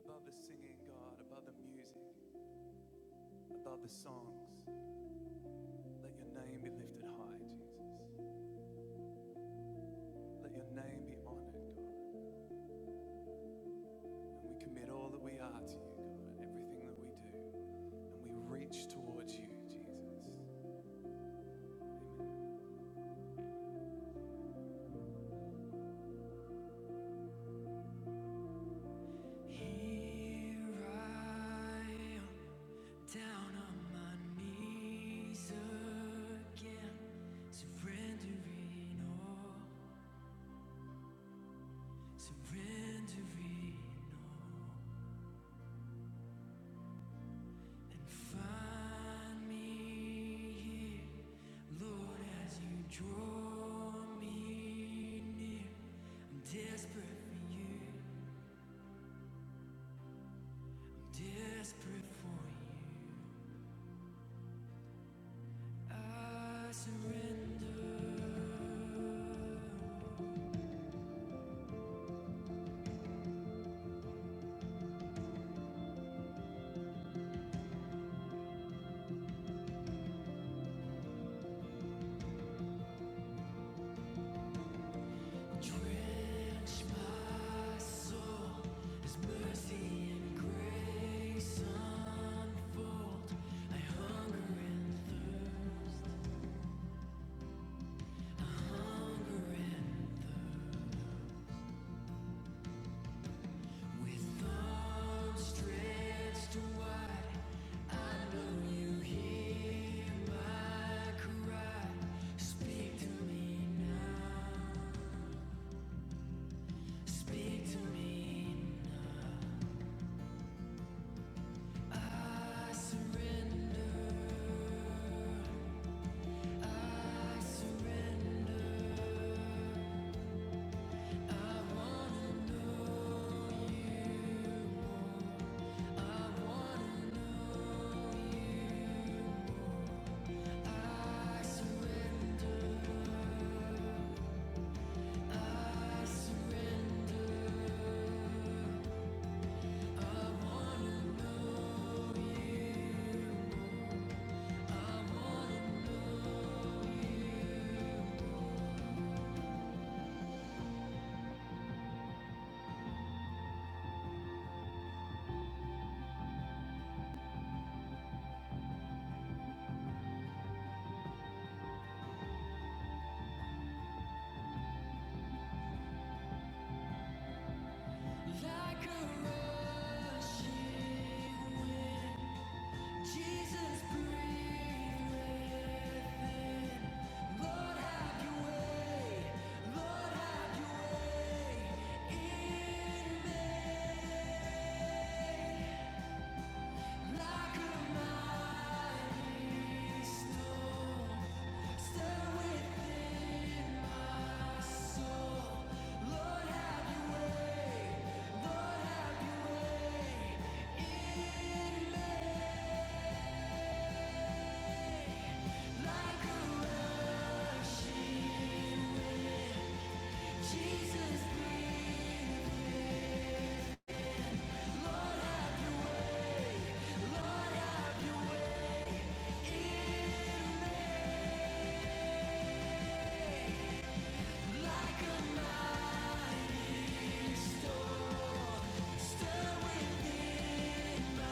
Above the singing, God, above the music, above the songs, let your name be lifted high, Jesus. Let your name be honored, God. And we commit all that we are to you, God, everything that we do. And we reach towards you, Jesus. Amen. Here I am, down on my knees again, surrendering all, surrendering all. And find me here, Lord, as you draw me near. I'm desperate for you, desperate for you. I surrender. Drench my soul, His mercy and grace. With arms stretched wide, I know you hear my cry. Speak to me now, speak to me. I surrender like a rushing wind. Jesus, breathe Lord, have your way. Lord, have your way in me like a mighty. Jesus, breathe in storm, stir within like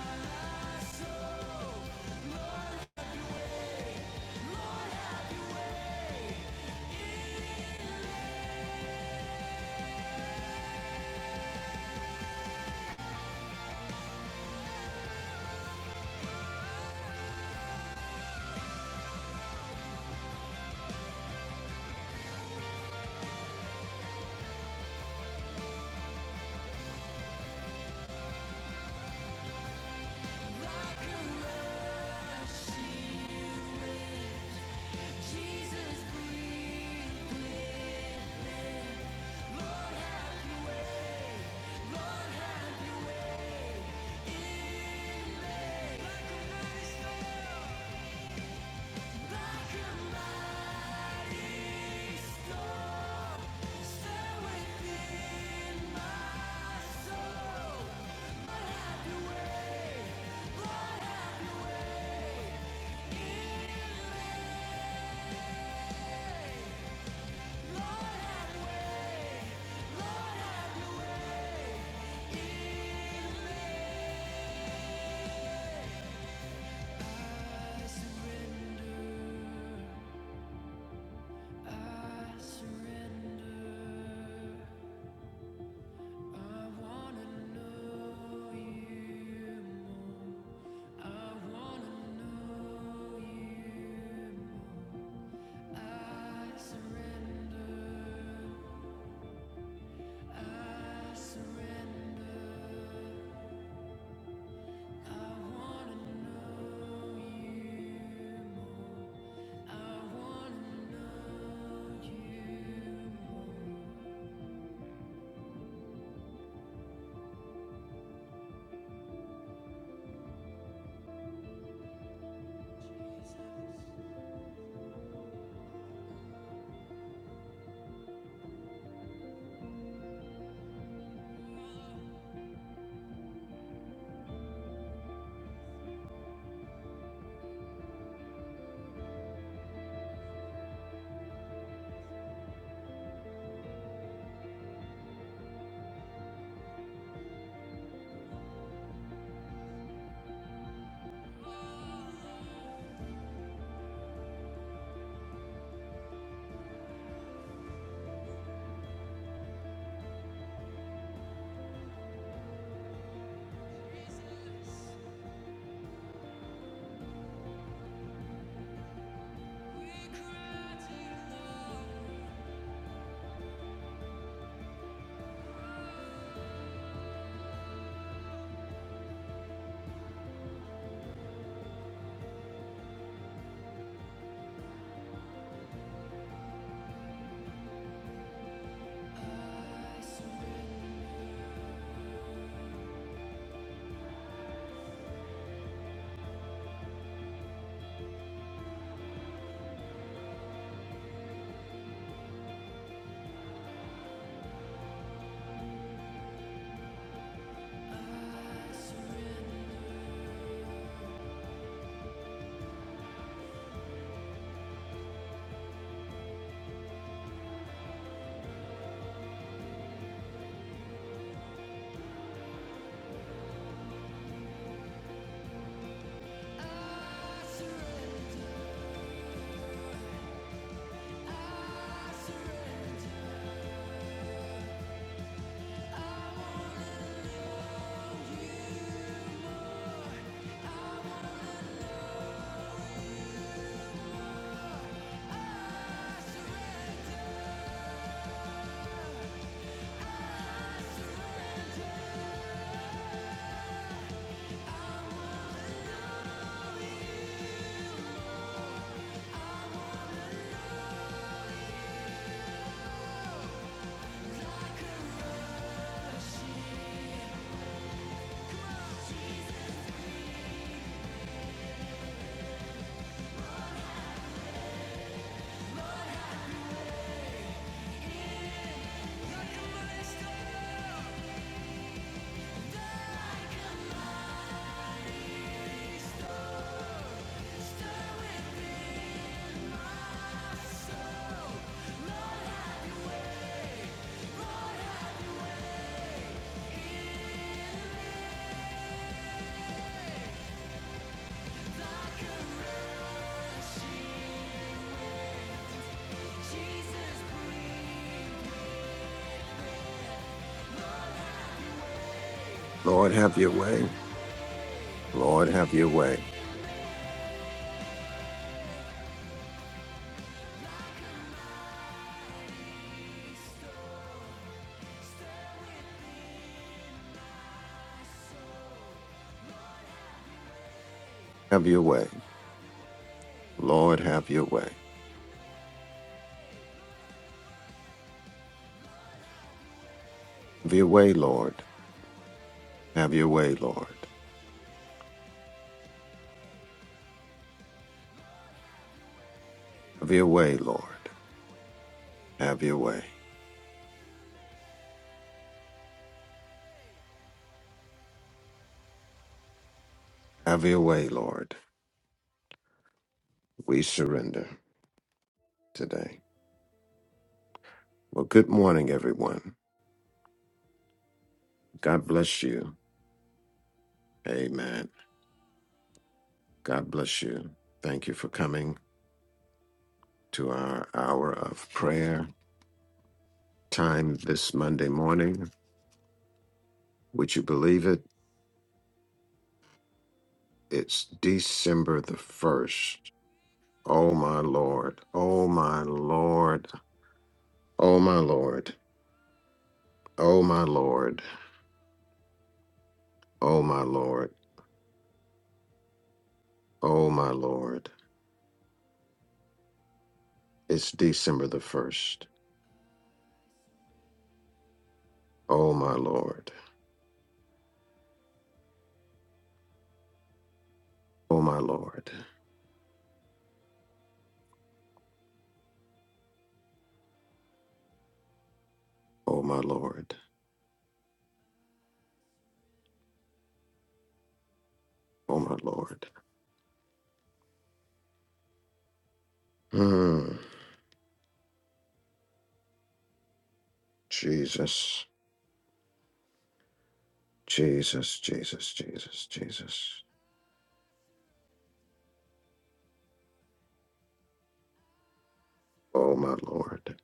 a rushing wind. Jesus, breathe Lord, have Your way. Lord, have Your way. I surrender. Jesus. Jesus, breathe, Lord, have your way. Lord, have your way. restore, stay with me. my soul. Hey, Have your way. hey, hey. Lord, have your way. Have your way, Lord. Have your way, Lord. Have your way, Lord. Have your way. Have your way, Lord. We surrender today. Well, good morning, everyone. God bless you. Amen. God bless you. Thank you for coming to our hour of prayer time this Monday morning. Would you believe it? It's December the 1st. Oh my Lord. Oh my Lord. Oh my Lord. Oh my Lord. Oh my Lord. Oh my Lord. It's December the 1st. Oh my Lord. Oh my Lord. Oh my Lord. Oh my Lord. Hmm. Jesus. Jesus. Jesus. Jesus. Jesus. Oh my Lord.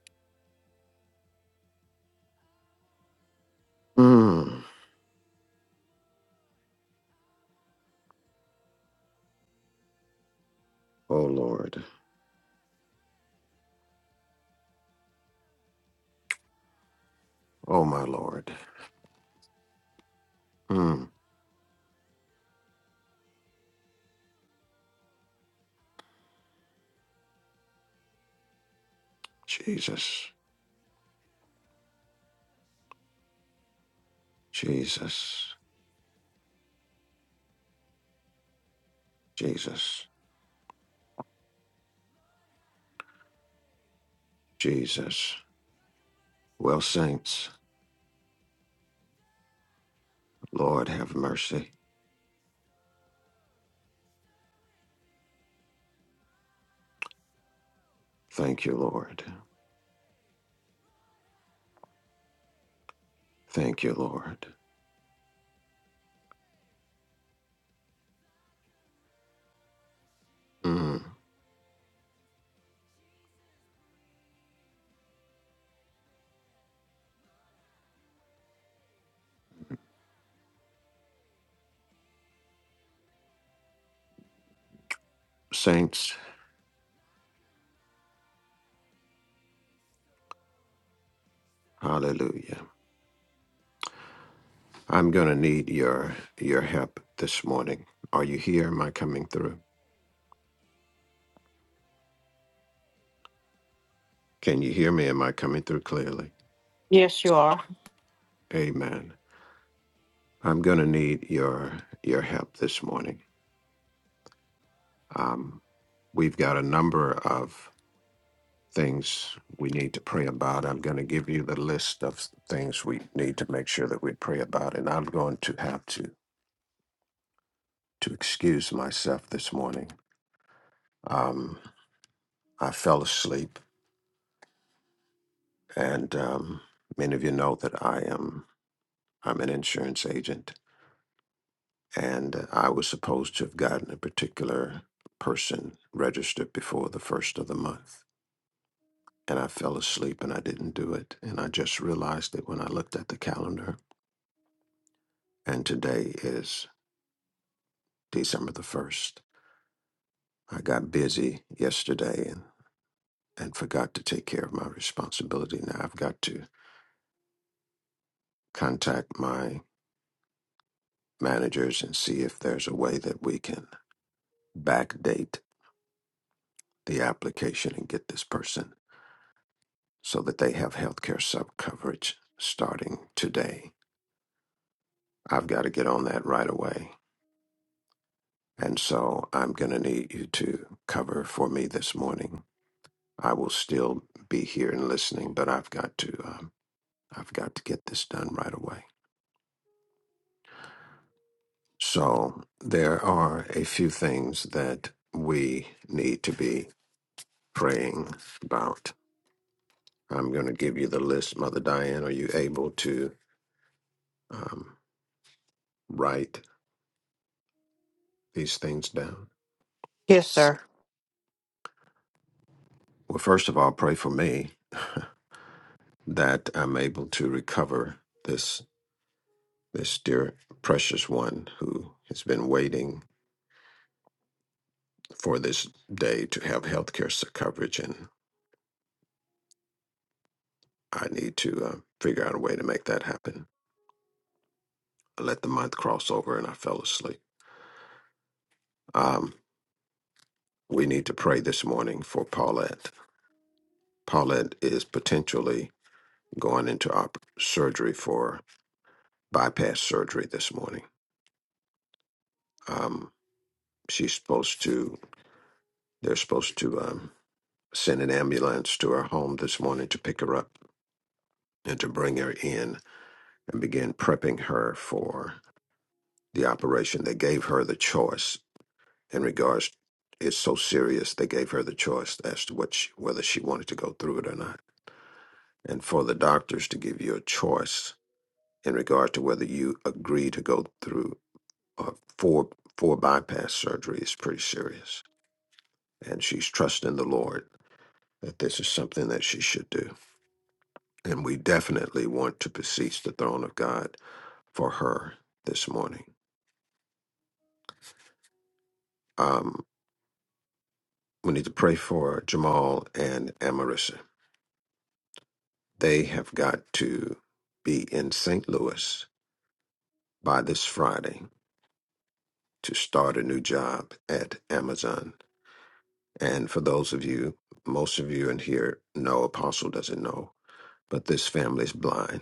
Hmm. Oh Lord. Oh my Lord. Hmm. Jesus. Jesus. Jesus. Jesus. Well, saints, Lord have mercy. Thank you, Lord. Thank you, Lord. Mm. Saints, hallelujah. I'm going to need your your help this morning. Are you here? Am I coming through? Can you hear me? Am I coming through clearly? Yes, you are. Amen. I'm going to need your your help this morning. Um, we've got a number of things we need to pray about. I'm going to give you the list of things we need to make sure that we pray about, and I'm going to have to to excuse myself this morning. Um, I fell asleep, and um, many of you know that I am I'm an insurance agent, and I was supposed to have gotten a particular person registered before the first of the month, and I fell asleep and I didn't do it, and I just realized it when I looked at the calendar, and today is December the first. I got busy yesterday and and forgot to take care of my responsibility. Now I've got to contact my managers and see if there's a way that we can backdate the application and get this person so that they have healthcare sub coverage starting today. I've got to get on that right away. And so I'm going to need you to cover for me this morning. I will still be here and listening, but I've got to um, I've got to get this done right away. So there are a few things that we need to be praying about I'm going to give you the list, Mother Diane. Are you able to um, write these things down? Yes, sir. Well, first of all, pray for me that I'm able to recover this this dear precious one who has been waiting for this day to have health care coverage, and I need to uh, figure out a way to make that happen. I let the month cross over, and I fell asleep. Um, we need to pray this morning for Paulette. Paulette is potentially going into op- surgery for bypass surgery this morning. Um, she's supposed to, they're supposed to um, send an ambulance to her home this morning to pick her up and to bring her in and begin prepping her for the operation. They gave her the choice in regards, it's so serious, they gave her the choice as to what she, whether she wanted to go through it or not. And for the doctors to give you a choice in regard to whether you agree to go through uh, for for bypass surgery is pretty serious, and she's trusting the Lord that this is something that she should do. And we definitely want to beseech the throne of God for her this morning. Um, we need to pray for Jamal and Amarissa. They have got to be in St. Louis by this Friday to start a new job at Amazon. And for those of you, most of you in here know Apostle doesn't know, but this family's blind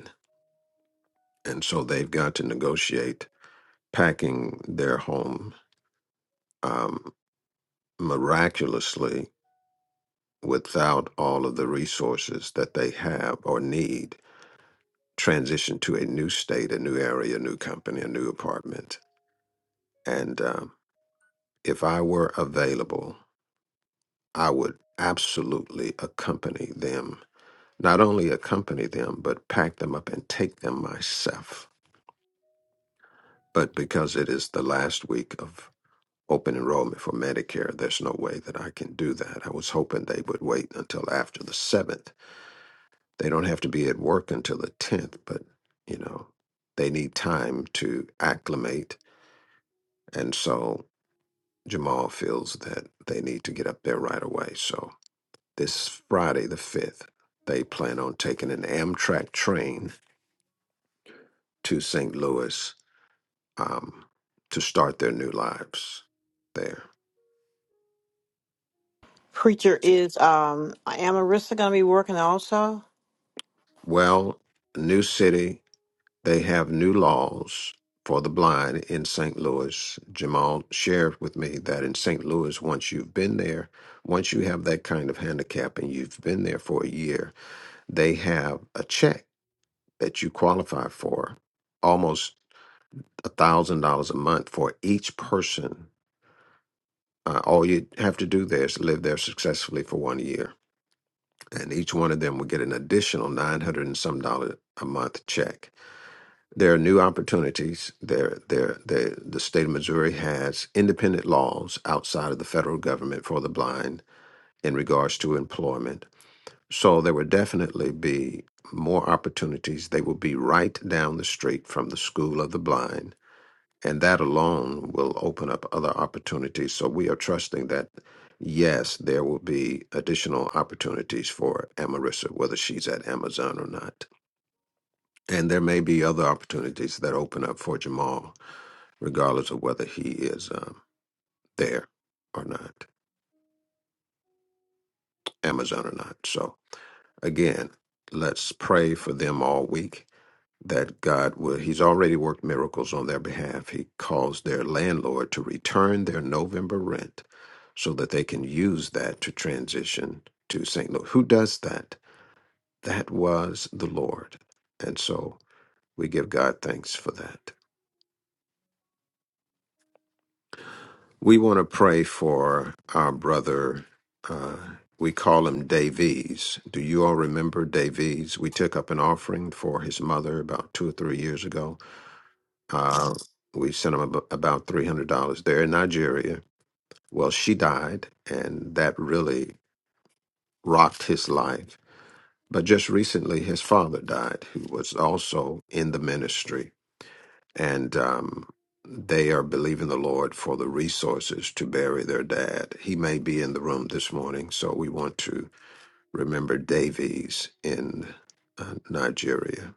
and so they've got to negotiate packing their home um, miraculously without all of the resources that they have or need transition to a new state a new area a new company a new apartment and um, if i were available i would absolutely accompany them not only accompany them but pack them up and take them myself but because it is the last week of. open enrollment for Medicare. There's no way that I can do that. I was hoping they would wait until after the 7th. They don't have to be at work until the 10th, but you know, they need time to acclimate. And so Jamal feels that they need to get up there right away. So this Friday, the 5th, they plan on taking an Amtrak train to St. Louis um, to start their new lives there. Preacher is um I am Arissa. gonna be working also? Well, new city, They have new laws for the blind in St. Louis. Jamal shared with me that in St. Louis, once you've been there, once you have that kind of handicap and you've been there for a year, they have a check that you qualify for, almost a thousand dollars a month for each person. Uh, all you have to do there is live there successfully for one year, and each one of them will get an additional nine hundred and some dollar a month check There are new opportunities. There, there, there, the state of Missouri has independent laws outside of the federal government for the blind in regards to employment. So there will definitely be more opportunities. They will be right down the street from the School of the Blind. And that alone will open up other opportunities. So we are trusting that, yes, there will be additional opportunities for Amarissa, whether she's at Amazon or not. And there may be other opportunities that open up for Jamal regardless of whether he is um, there or not, Amazon or not. So again, let's pray for them all week that God will. He's already worked miracles on their behalf. He calls their landlord to return their November rent so that they can use that to transition to St. Louis. Who does that? That was the Lord. And so we give God thanks for that. We want to pray for our brother. Uh, we call him Davies. Do you all remember Davies? We took up an offering for his mother about two or three years ago. Uh, we sent him ab- about $300 there in Nigeria. Well, she died, and that really rocked his life. But just recently, his father died, who was also in the ministry. and um, they are believing the Lord for the resources to bury their dad. He may be in the room this morning, so we want to remember Davies in uh, Nigeria.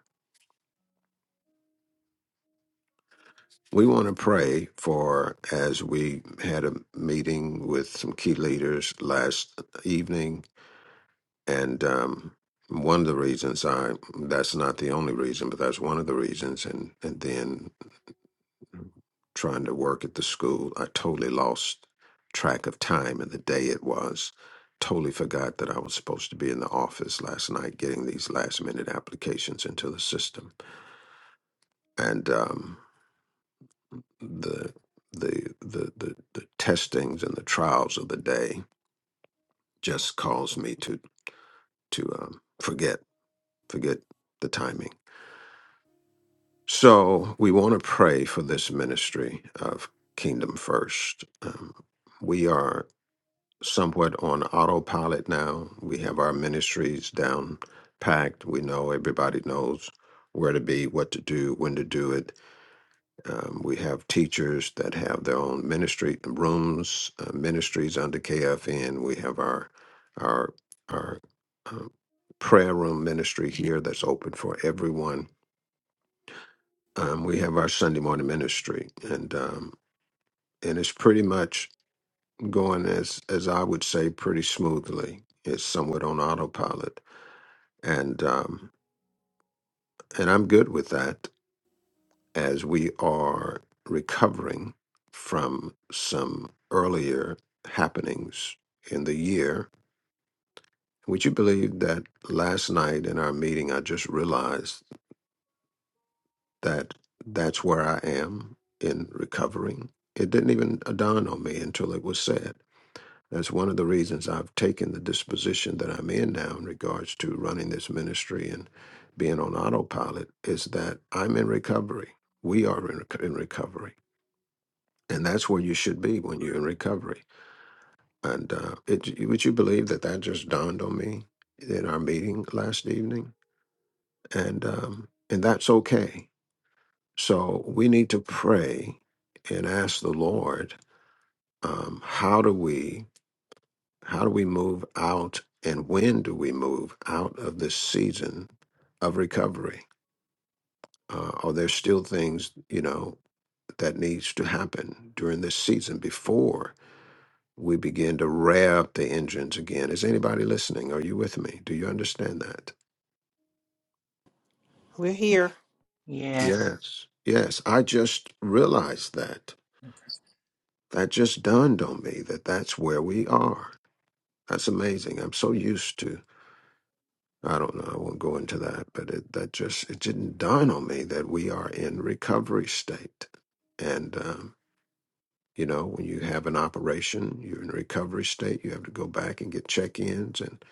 We want to pray for, as we had a meeting with some key leaders last evening, and um, one of the reasons I, that's not the only reason, but that's one of the reasons, and, and then trying to work at the school. I totally lost track of time and the day it was. Totally forgot that I was supposed to be in the office last night getting these last minute applications into the system. And um, the, the the the the testings and the trials of the day just caused me to to um, forget forget the timing. So we want to pray for this ministry of Kingdom First. Um, we are somewhat on autopilot now. We have our ministries down packed. We know everybody knows where to be, what to do, when to do it. Um, we have teachers that have their own ministry rooms, uh, ministries under KFN. We have our our our um, prayer room ministry here that's open for everyone. Um, we have our Sunday morning ministry, and um, and it's pretty much going as as I would say pretty smoothly. It's somewhat on autopilot, and um, and I'm good with that as we are recovering from some earlier happenings in the year. Would you believe that last night in our meeting, I just realized that that's where I am in recovering. It didn't even dawn on me until it was said. That's one of the reasons I've taken the disposition that I'm in now in regards to running this ministry and being on autopilot is that I'm in recovery. We are in, rec- in recovery. And that's where you should be when you're in recovery. And uh, it, would you believe that that just dawned on me in our meeting last evening? And, um, and that's okay. So we need to pray and ask the Lord, um, how do we How do we move out and when do we move out of this season of recovery? Uh, are there still things, you know, that needs to happen during this season before we begin to rev up the engines again? Is anybody listening? Are you with me? Do you understand that? We're here. Yes. Yes. Yes. I just realized that. That just dawned on me that that's where we are. That's amazing. I'm so used to I don't know. I won't go into that, but it that just it didn't dawn on me that we are in recovery state, and um, you know when you have an operation, you're in recovery state. You have to go back and get check-ins, and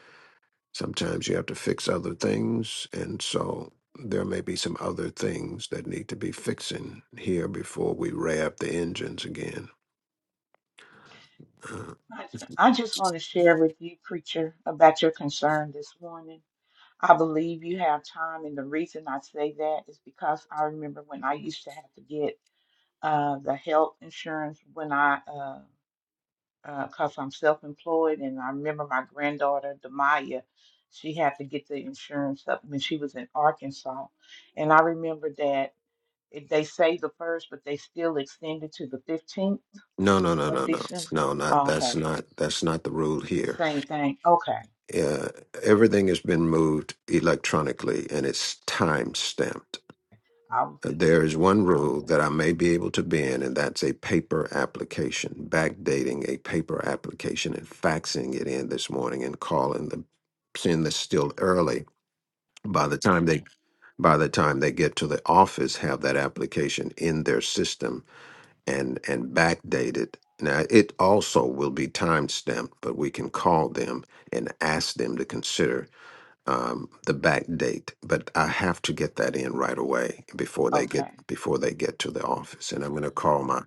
sometimes you have to fix other things, and so there may be some other things that need to be fixing here before we rev up the engines again. Uh, I, I just want to share with you, preacher, about your concern this morning. I believe you have time, and the reason I say that is because I remember when I used to have to get uh, the health insurance when I, because uh, uh 'cause I'm self-employed, and I remember my granddaughter, Demaya, she had to get the insurance up when she was in Arkansas, and I remember that it, they say the first, but they still extended to the 15th no, no, no, of no, no, December. no. Not Oh, okay. that's not that's not the rule here Same thing. Okay. uh, everything has been moved electronically and it's time stamped. I was good. There is one rule Mhm. that I may be able to bend, and that's a paper application, backdating a paper application and faxing it in this morning and calling them, seeing this still early. By the time they by the time they get to the office, have that application in their system and and backdated. Now it also will be time stamped, but we can call them and ask them to consider um, the back date, but I have to get that in right away before they get Okay. before they get to the office. And I'm going to call my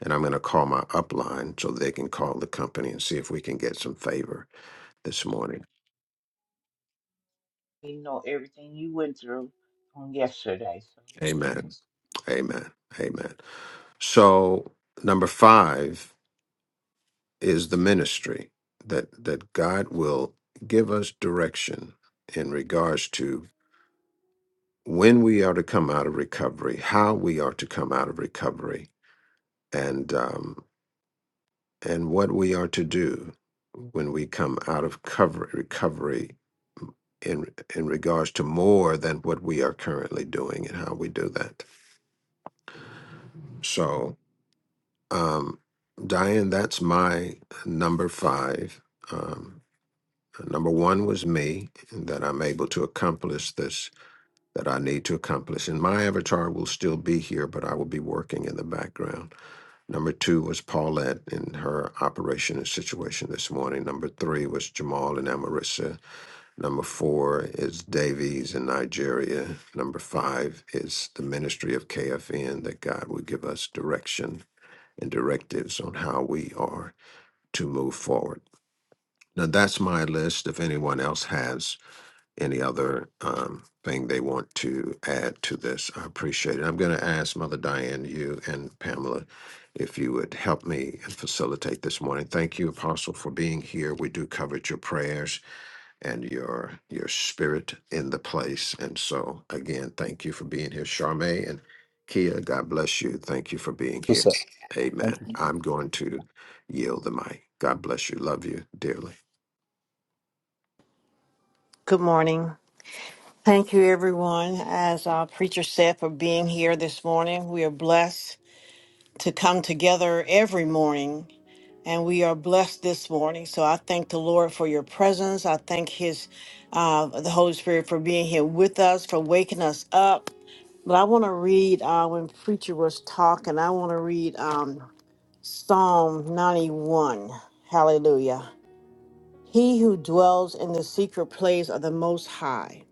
and I'm going to call my upline so they can call the company and see if we can get some favor this morning. You know everything you went through on yesterday. So Amen. Amen. Amen. So number five is the ministry that that God will give us direction in regards to when we are to come out of recovery, how we are to come out of recovery, and um, and what we are to do when we come out of cover, recovery in in regards to more than what we are currently doing and how we do that. So, um, Diane, that's my number five. Um, number one was me and that I'm able to accomplish this that I need to accomplish, and my avatar will still be here, but I will be working in the background. Number two was Paulette and her operation and situation this morning. Number three was Jamal and Amarissa. Number four is Davies in Nigeria. Number five is the ministry of KFN that God would give us direction and directives on how we are to move forward. Now, that's my list. If anyone else has any other um, thing they want to add to this. I appreciate it. I'm going to ask Mother Diane, you and Pamela, if you would help me and facilitate this morning. Thank you, Apostle, for being here. We do covet your prayers and your your spirit in the place. And so, again, thank you for being here, Charmaine and Kia. God bless you. Thank you for being you, here. sir. Amen. Thank you. I'm going to yield the mic. God bless you. Love you dearly. Good morning. Thank you everyone, as our Preacher said, for being here this morning. We are blessed to come together every morning and we are blessed this morning. So I thank the Lord for your presence. I thank his uh the Holy Spirit for being here with us, for waking us up. But I want to read uh when Preacher was talking, I want to read um Psalm 91. Hallelujah. He who dwells in the secret place of the Most High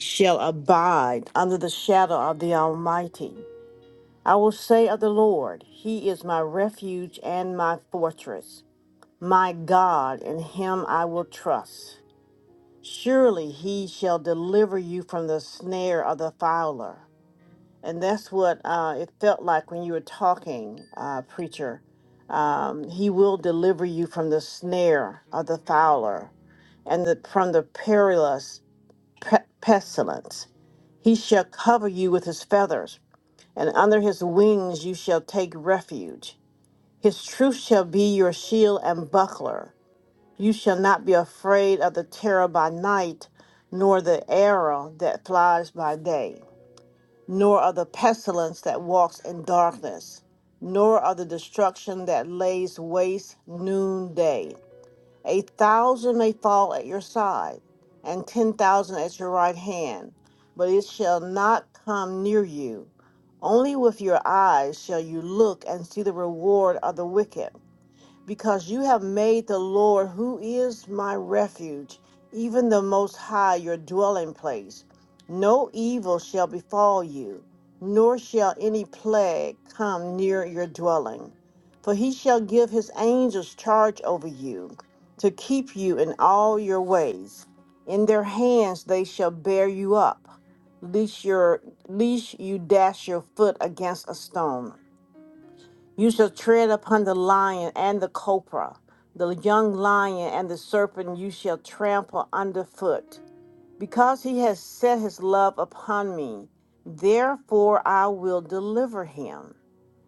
shall abide under the shadow of the Almighty. I will say of the Lord, He is my refuge and my fortress, my God, in Him I will trust. Surely He shall deliver you from the snare of the fowler And that's what uh, it felt like when you were talking, uh, preacher. Um, he will deliver you from the snare of the fowler and the, from the perilous pe- pestilence. He shall cover you with his feathers, and under his wings you shall take refuge. His truth shall be your shield and buckler. You shall not be afraid of the terror by night, nor the arrow that flies by day nor of the pestilence that walks in darkness, nor of the destruction that lays waste noonday. A thousand may fall at your side, and ten thousand at your right hand, but it shall not come near you. Only with your eyes shall you look and see the reward of the wicked because you have made the Lord, who is my refuge, even the Most High, your dwelling place. No evil shall befall you, nor shall any plague come near your dwelling. For he shall give his angels charge over you, to keep you in all your ways. In their hands they shall bear you up, lest, your, lest you dash your foot against a stone. You shall tread upon the lion and the cobra, the young lion and the serpent you shall trample underfoot. Because he has set his love upon me, therefore I will deliver him.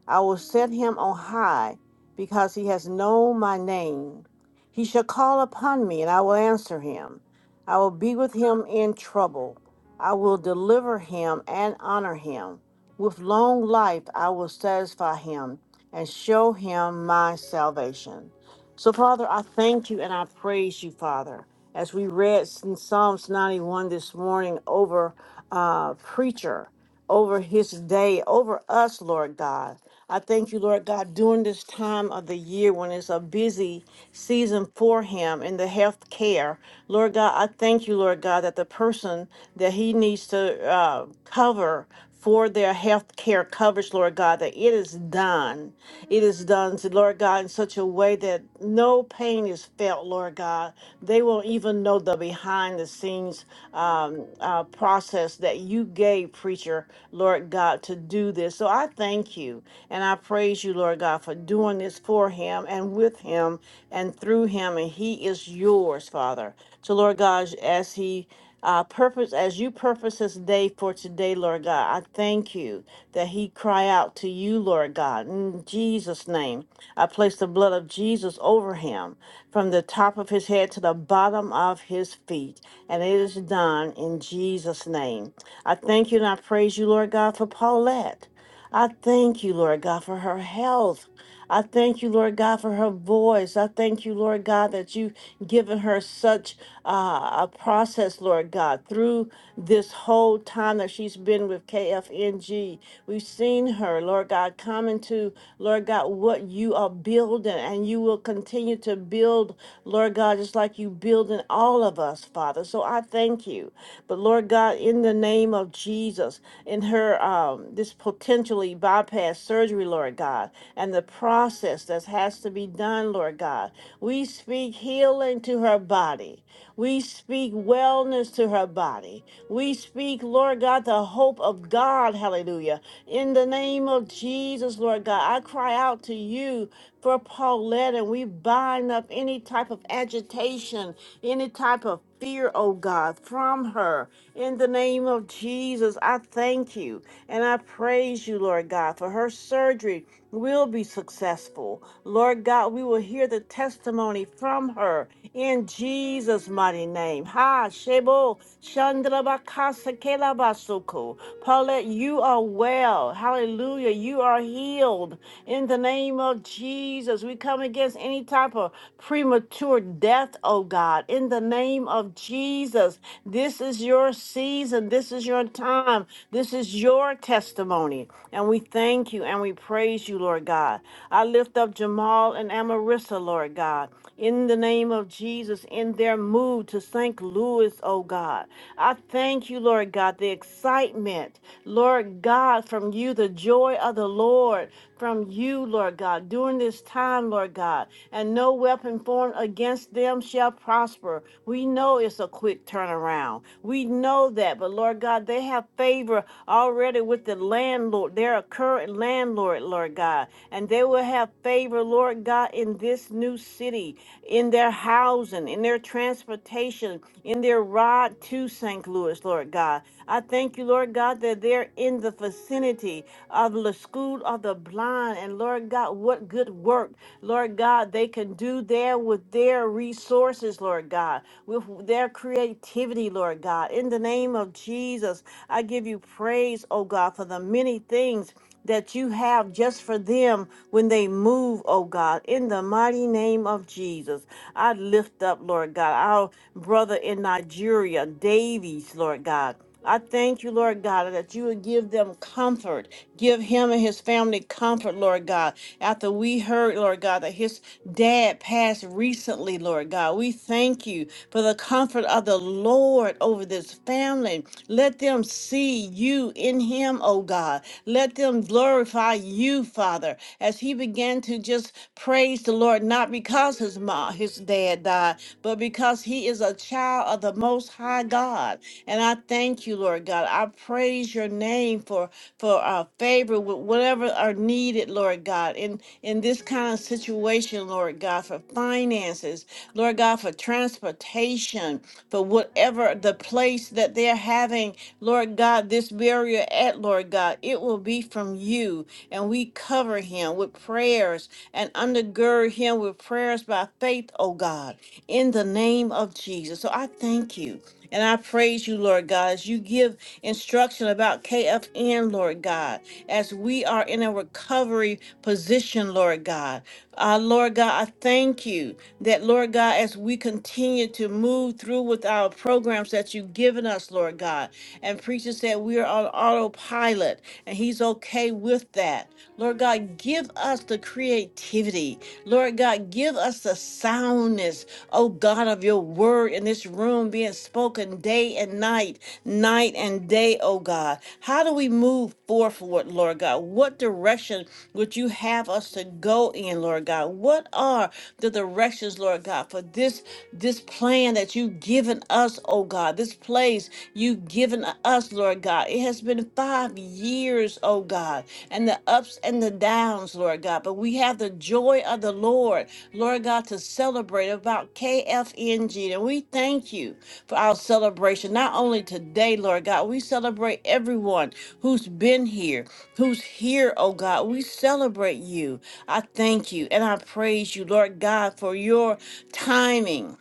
I will set him on high because he has known my name. He shall call upon me and I will answer him. I will be with him in trouble. I will deliver him and honor him. With long life I will satisfy him and show him my salvation. So, Father, I thank you and I praise you, Father as we read in Psalms 91 this morning over uh, preacher, over his day, over us, Lord God. I thank you, Lord God, during this time of the year when it's a busy season for him in the health care. Lord God, I thank you, Lord God, that the person that he needs to uh, cover for their health care coverage, Lord God, that it is done. It is done, to, Lord God, in such a way that no pain is felt, Lord God. They won't even know the behind the scenes um, uh, process that you gave, preacher, Lord God, to do this. So I thank you and I praise you, Lord God, for doing this for him and with him and through him. And he is yours, Father. So, Lord God, as he uh, purpose as you purpose this day for today, Lord God. I thank you that he cry out to you, Lord God. In Jesus' name, I place the blood of Jesus over him from the top of his head to the bottom of his feet. And it is done in Jesus' name. I thank you and I praise you, Lord God, for Paulette. I thank you, Lord God, for her health. I thank you, Lord God, for her voice. I thank you, Lord God, that you've given her such uh, a process, Lord God, through this whole time that she's been with KFNG. We've seen her, Lord God, come into, Lord God, what you are building, and you will continue to build, Lord God, just like you building all of us, Father. So I thank you. But Lord God, in the name of Jesus, Jesus in her um, this potentially bypass surgery, Lord God, and the process that has to be done, Lord God. We speak healing to her body. We speak wellness to her body. We speak, Lord God, the hope of God. Hallelujah. In the name of Jesus, Lord God, I cry out to you for Paulette and we bind up any type of agitation, any type of fear, oh God, from her. In the name of Jesus, I thank you and I praise you, Lord God, for her surgery will be successful. Lord God, we will hear the testimony from her in Jesus' mighty name. Ha, Shebo, Shandrabakasa Kelabasuko. Paulette, you are well. Hallelujah. You are healed in the name of Jesus. We come against any type of premature death, oh God, in the name name of Jesus. This is your season. This is your time. This is your testimony. And we thank you and we praise you, Lord God. I lift up Jamal and Amarissa, Lord God, in the name of Jesus, in their move to St. Louis, oh God. I thank you, Lord God, the excitement, Lord God, from you, the joy of the Lord, from you, Lord God, during this time, Lord God. And no weapon weapon formed against them shall prosper. We know it's a quick turnaround. We know that. But Lord God, they have favor already with the landlord, They're a current landlord, Lord God. And they will have favor, Lord God, in this new city, in their housing, in their transportation, in their ride to St. Louis, Lord God. I thank you, Lord God, that they're in the vicinity of the school of the blind. And Lord God, about what good work, Lord God, they can do there with their resources, Lord God, with their creativity, Lord God. In the name of Jesus, I give you praise, oh God, for the many things that you have just for them when they move, oh God, in the mighty name of Jesus. I lift up, Lord God, our brother in Nigeria, Davies, Lord God. I thank you, Lord God, that you would give them comfort. Give him and his family comfort, Lord God. After we heard, Lord God, that his dad passed recently, Lord God, we thank you for the comfort of the Lord over this family. Let them see you in him, oh God. Let them glorify you, Father, as he began to just praise the Lord, not because his mom, his dad died, but because he is a child of the Most High God. And I thank you, Lord God. I praise your name for for uh, favor with whatever are needed, Lord God, in in this kind of situation, Lord God, for finances, Lord God, for transportation, for whatever the place that they're having, Lord God, this barrier at, Lord God, it will be from you, and we cover him with prayers and undergird him with prayers by faith, oh God, in the name of Jesus. So I thank you. And I praise you, Lord God, as you give instruction about KFN, Lord God, as we are in a recovery position, Lord God. Uh, Lord God, I thank you that, Lord God, as we continue to move through with our programs that you've given us, Lord God, and preacher said we are on autopilot and he's okay with that. Lord God, give us the creativity week. Lord God, give us the soundness, oh God, of your word in this room being spoken day and night, night and day, oh God. How do we move forth, Lord Lord God? What direction would you have us to go in, Lord God? What are the directions, Lord God, for this this plan that you've given us, oh God, this place you've given us, Lord God? It has been been five years, oh God, and the ups and the downs, Lord God. But we have the joy of the Lord, Lord God, to celebrate about KFNG. And we thank you for our celebration, not only today, Lord God, we celebrate everyone who's been here, who's here, oh God. We celebrate you. I thank you and I praise you, Lord God, for your timing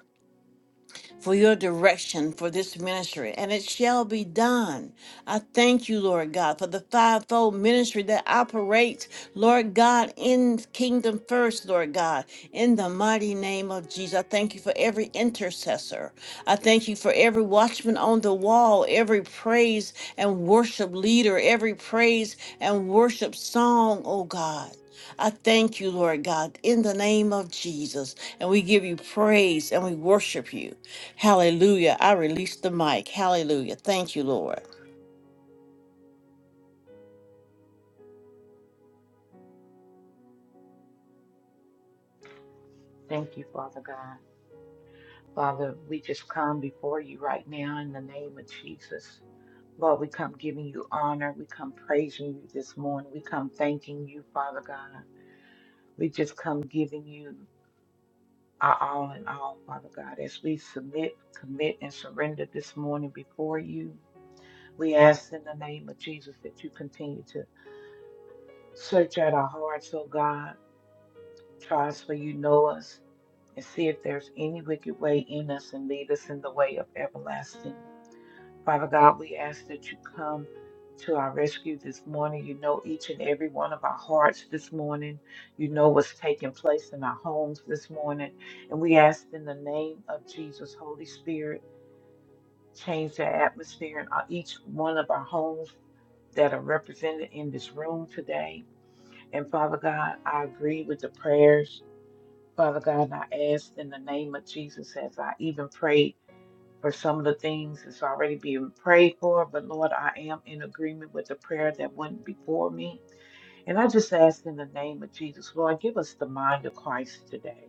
for your direction for this ministry, and it shall be done. I thank you, Lord God, for the fivefold ministry that operates, Lord God, in Kingdom First, Lord God, in the mighty name of Jesus. I thank you for every intercessor. I thank you for every watchman on the wall, every praise and worship leader, every praise and worship song, oh God. I thank you, Lord God, in the name of Jesus. And we give you praise and we worship you. Hallelujah. I release the mic. Hallelujah. Thank you, Lord. thank you, Father God. Father, we just come before you right now in the name of Jesus. Lord, we come giving you honor. We come praising you this morning. We come thanking you, Father God. We just come giving you our all in all, Father God, as we submit, commit, and surrender this morning before you. We ask in the name of Jesus that you continue to Search out our hearts, O God. Try us, for you know us, and see if there's any wicked way in us, and lead us in the way of everlasting. Father God, we ask that you come to our rescue this morning. You know each and every one of our hearts this morning. You know what's taking place in our homes this morning. And we ask in the name of Jesus, Holy Spirit, change the atmosphere in our- each one of our homes that are represented in this room today. And Father God, I agree with the prayers. Father God, I ask in the name of Jesus as I even pray for some of the things that's already being prayed for. But Lord, I am in agreement with the prayer that went before me. And I just ask in the name of Jesus, Lord, give us the mind of Christ today.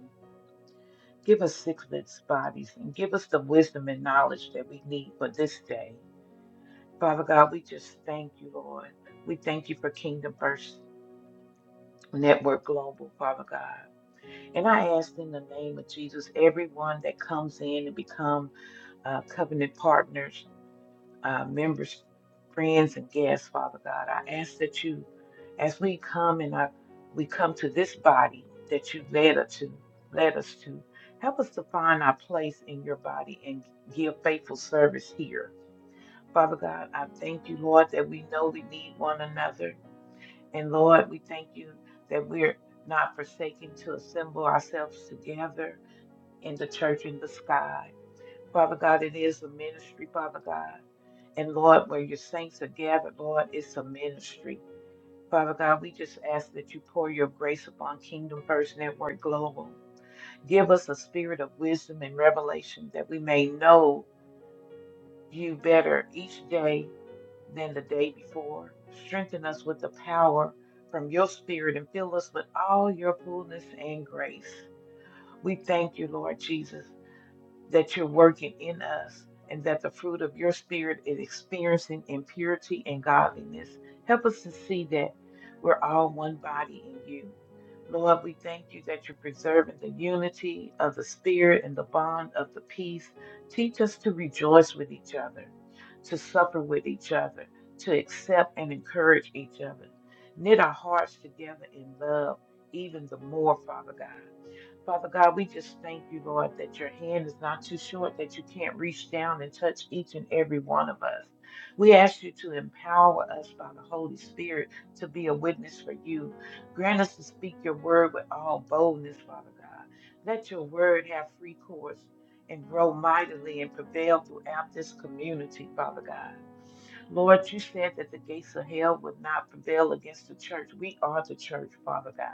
Give us sickless bodies and give us the wisdom and knowledge that we need for this day. Father God, we just thank you, Lord. We thank you for Kingdom First Network Global, Father God. And I ask in the name of Jesus, everyone that comes in and become uh, covenant partners, uh, members, friends, and guests, Father God, I ask that you, as we come and I, we come to this body that you led us to, led us to, help us to find our place in your body and give faithful service here. Father God, I thank you, Lord, that we know we need one another. And Lord, we thank you that we're not forsaken to assemble ourselves together in the church in the sky. Father God, it is a ministry, Father God. And Lord, where your saints are gathered, Lord, it's a ministry. Father God, we just ask that you pour your grace upon Kingdom First Network Global. Give us a spirit of wisdom and revelation that we may know you better each day than the day before. Strengthen us with the power from your spirit and fill us with all your fullness and grace. We thank you, Lord Jesus. that you're working in us and that the fruit of your spirit is experiencing in purity and godliness. Help us to see that we're all one body in you. Lord, we thank you that you're preserving the unity of the spirit and the bond of the peace. Teach us to rejoice with each other, to suffer with each other, to accept and encourage each other. Knit our hearts together in love even the more, Father God. Father God, we just thank you, Lord, that your hand is not too short, that you can't reach down and touch each and every one of us. We ask you to empower us by the Holy Spirit to be a witness for you. Grant us to speak your word with all boldness, Father God. Let your word have free course and grow mightily and prevail throughout this community, Father God. Lord, you said that the gates of hell would not prevail against the church. We are the church, Father God.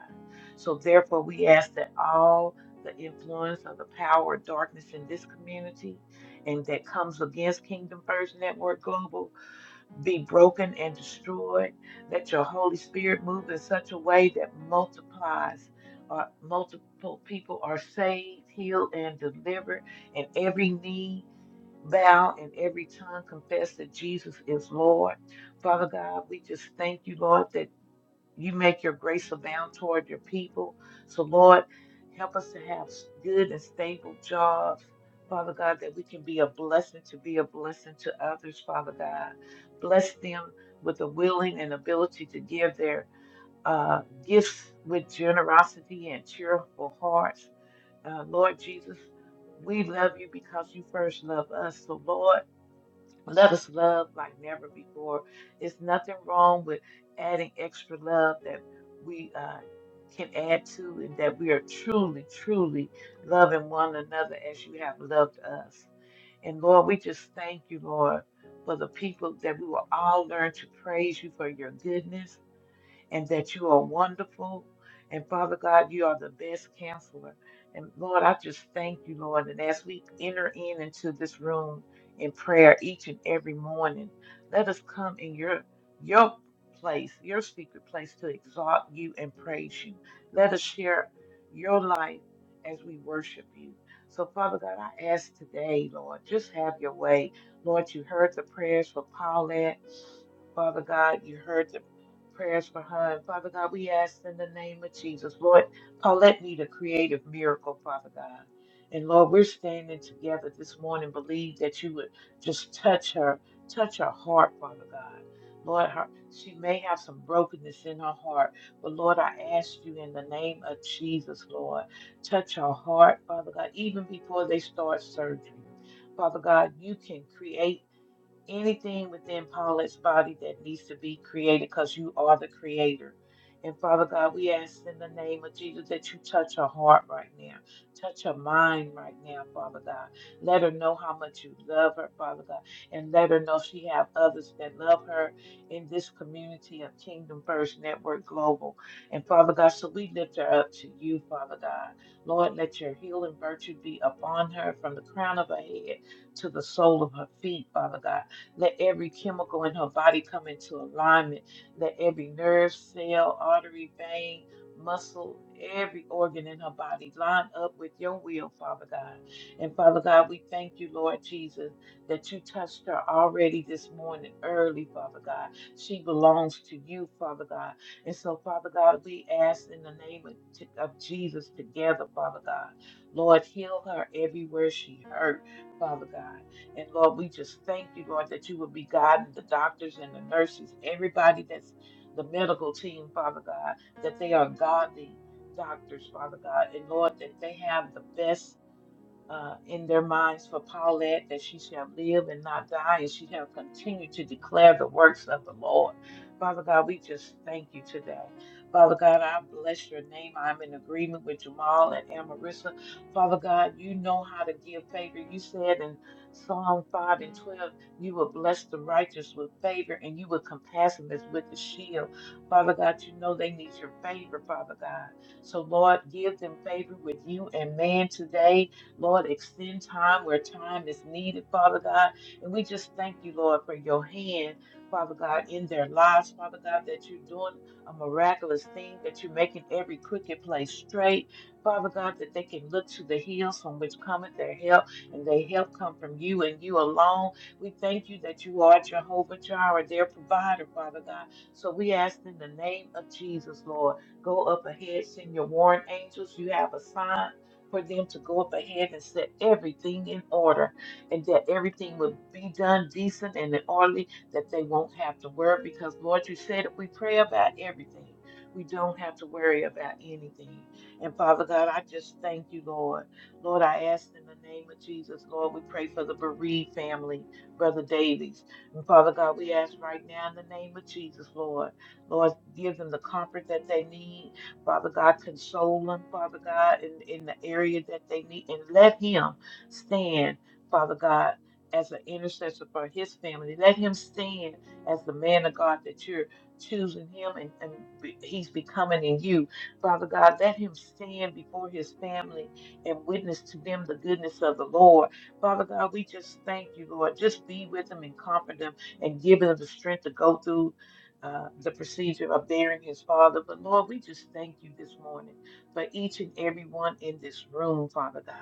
So therefore, we ask that all the influence of the power of darkness in this community and that comes against Kingdom First Network Global be broken and destroyed. Let your Holy Spirit move in such a way that multiplies. Uh, multiple people are saved, healed, and delivered, and every need bow and every tongue confess that Jesus is Lord. Father God, we just thank you, Lord, that you make your grace abound toward your people. So, Lord, help us to have s- good and stable jobs. Father God, that we can be a blessing to be a blessing to others, Father God. Bless them with the willing and ability to give their uh, gifts with generosity and cheerful hearts. Uh, Lord Jesus, we love you because you first love us. So, Lord, let us love like never before. There's nothing wrong with adding extra love that we uh, can add to, and that we are truly, truly loving one another as you have loved us. And Lord, we just thank you, Lord, for the people that we will all learn to praise you for your goodness and that you are wonderful. And Father God, you are the best counselor. And Lord, I just thank you, Lord. And as we enter in into this room in prayer each and every morning, let us come in your your place, your secret place to exalt you and praise you. Let us share your life as we worship you. So, Father God, I ask today, Lord, just have your way. Lord, you heard the prayers for Paulette. Father God, you heard the prayers for her. Father God, we ask in the name of Jesus, Lord, Paulette need a creative miracle, Father God. And Lord, we're standing together this morning, believe that you would just touch her, touch her heart, Father God. Lord, her, she may have some brokenness in her heart, but Lord, I ask you in the name of Jesus, Lord, touch her heart, Father God, even before they start surgery. Father God, you can create anything within Paulette's body that needs to be created because you are the creator. And Father God, we ask in the name of Jesus that you touch her heart right now, touch her mind right now, Father God. Let her know how much you love her, Father God, and let her know she have others that love her in this community of Kingdom First Network Global. And Father God, so we lift her up to you, Father God. Lord, let your healing virtue be upon her from the crown of her head to the sole of her feet, Father God. Let every chemical in her body come into alignment. Let every nerve, cell, artery, vein, muscle, every organ in her body line up with your will, Father God. And Father God, we thank you, Lord Jesus, that you touched her already this morning early, Father God. She belongs to you, Father God. And so, Father God, we ask in the name of, t- of Jesus together, Father God. Lord, heal her everywhere she hurt, Father God. And Lord, we just thank you, Lord, that you would be guiding the doctors and the nurses, everybody that's the medical team, Father God, that they are godly doctors, Father God. And Lord, that they have the best uh, in their minds for Paulette that she shall live and not die, and she shall continue to declare the works of the Lord. Father God, we just thank you today. Father God, I bless your name. I'm in agreement with Jamal and Amarissa. Father God, you know how to give favor. You said in Psalm 5 and 12, you will bless the righteous with favor and you will compass them as with a shield. Father God, you know they need your favor, Father God. So, Lord, give them favor with you and man today Lord, extend time where time is needed, Father God. And we just thank you, Lord, for your hand, Father God, in their lives, Father God, that you're doing a miraculous thing, that you're making every crooked place straight, Father God, that they can look to the hills from which cometh their help, and their help come from you and you alone. We thank you that you are Jehovah Jireh, their provider, Father God. So we ask in the name of Jesus, Lord, go up ahead, send your warrant angels. You have a sign for them to go up ahead and set everything in order and that everything will be done decent and in orderly that they won't have to worry because Lord, you said if we pray about everything, we don't have to worry about anything. And Father God, I just thank you, Lord. Lord, I ask in the name of Jesus, Lord, we pray for the bereaved family, Brother Davies. And Father God, we ask right now in the name of Jesus, Lord, Lord, give them the comfort that they need Father God, console them, Father God, in, in the area that they need, and let him stand, Father God, as an intercessor for his family. Let him stand as the man of God that you're choosing him and, and be- he's becoming in you. Father God, let him stand before his family and witness to them the goodness of the Lord. Father God, we just thank you, Lord. Just be with them and comfort them and give them the strength to go through uh, the procedure of burying his father. But Lord, we just thank you this morning for each and every one in this room, Father God.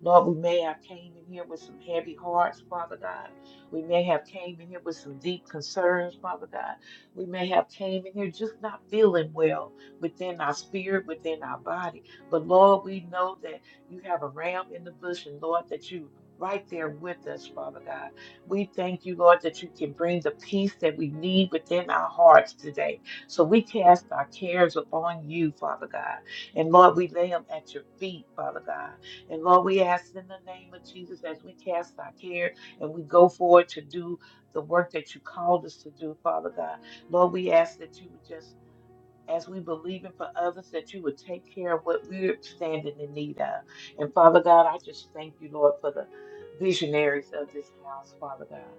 Lord, we may have came in here with some heavy hearts, Father God. We may have came in here with some deep concerns, Father God. We may have came in here just not feeling well within our spirit, within our body. But Lord, we know that you have a ram in the bush, and Lord, that you right there with us, Father God. We thank you, Lord, that you can bring the peace that we need within our hearts today. So we cast our cares upon you, Father God. And Lord, we lay them at your feet, Father God. And Lord, we ask in the name of Jesus as we cast our care and we go forward to do the work that you called us to do, Father God. Lord, we ask that you would just as we believe in for others, that you would take care of what we're standing in need of. And Father God, I just thank you, Lord, for the visionaries of this house, Father God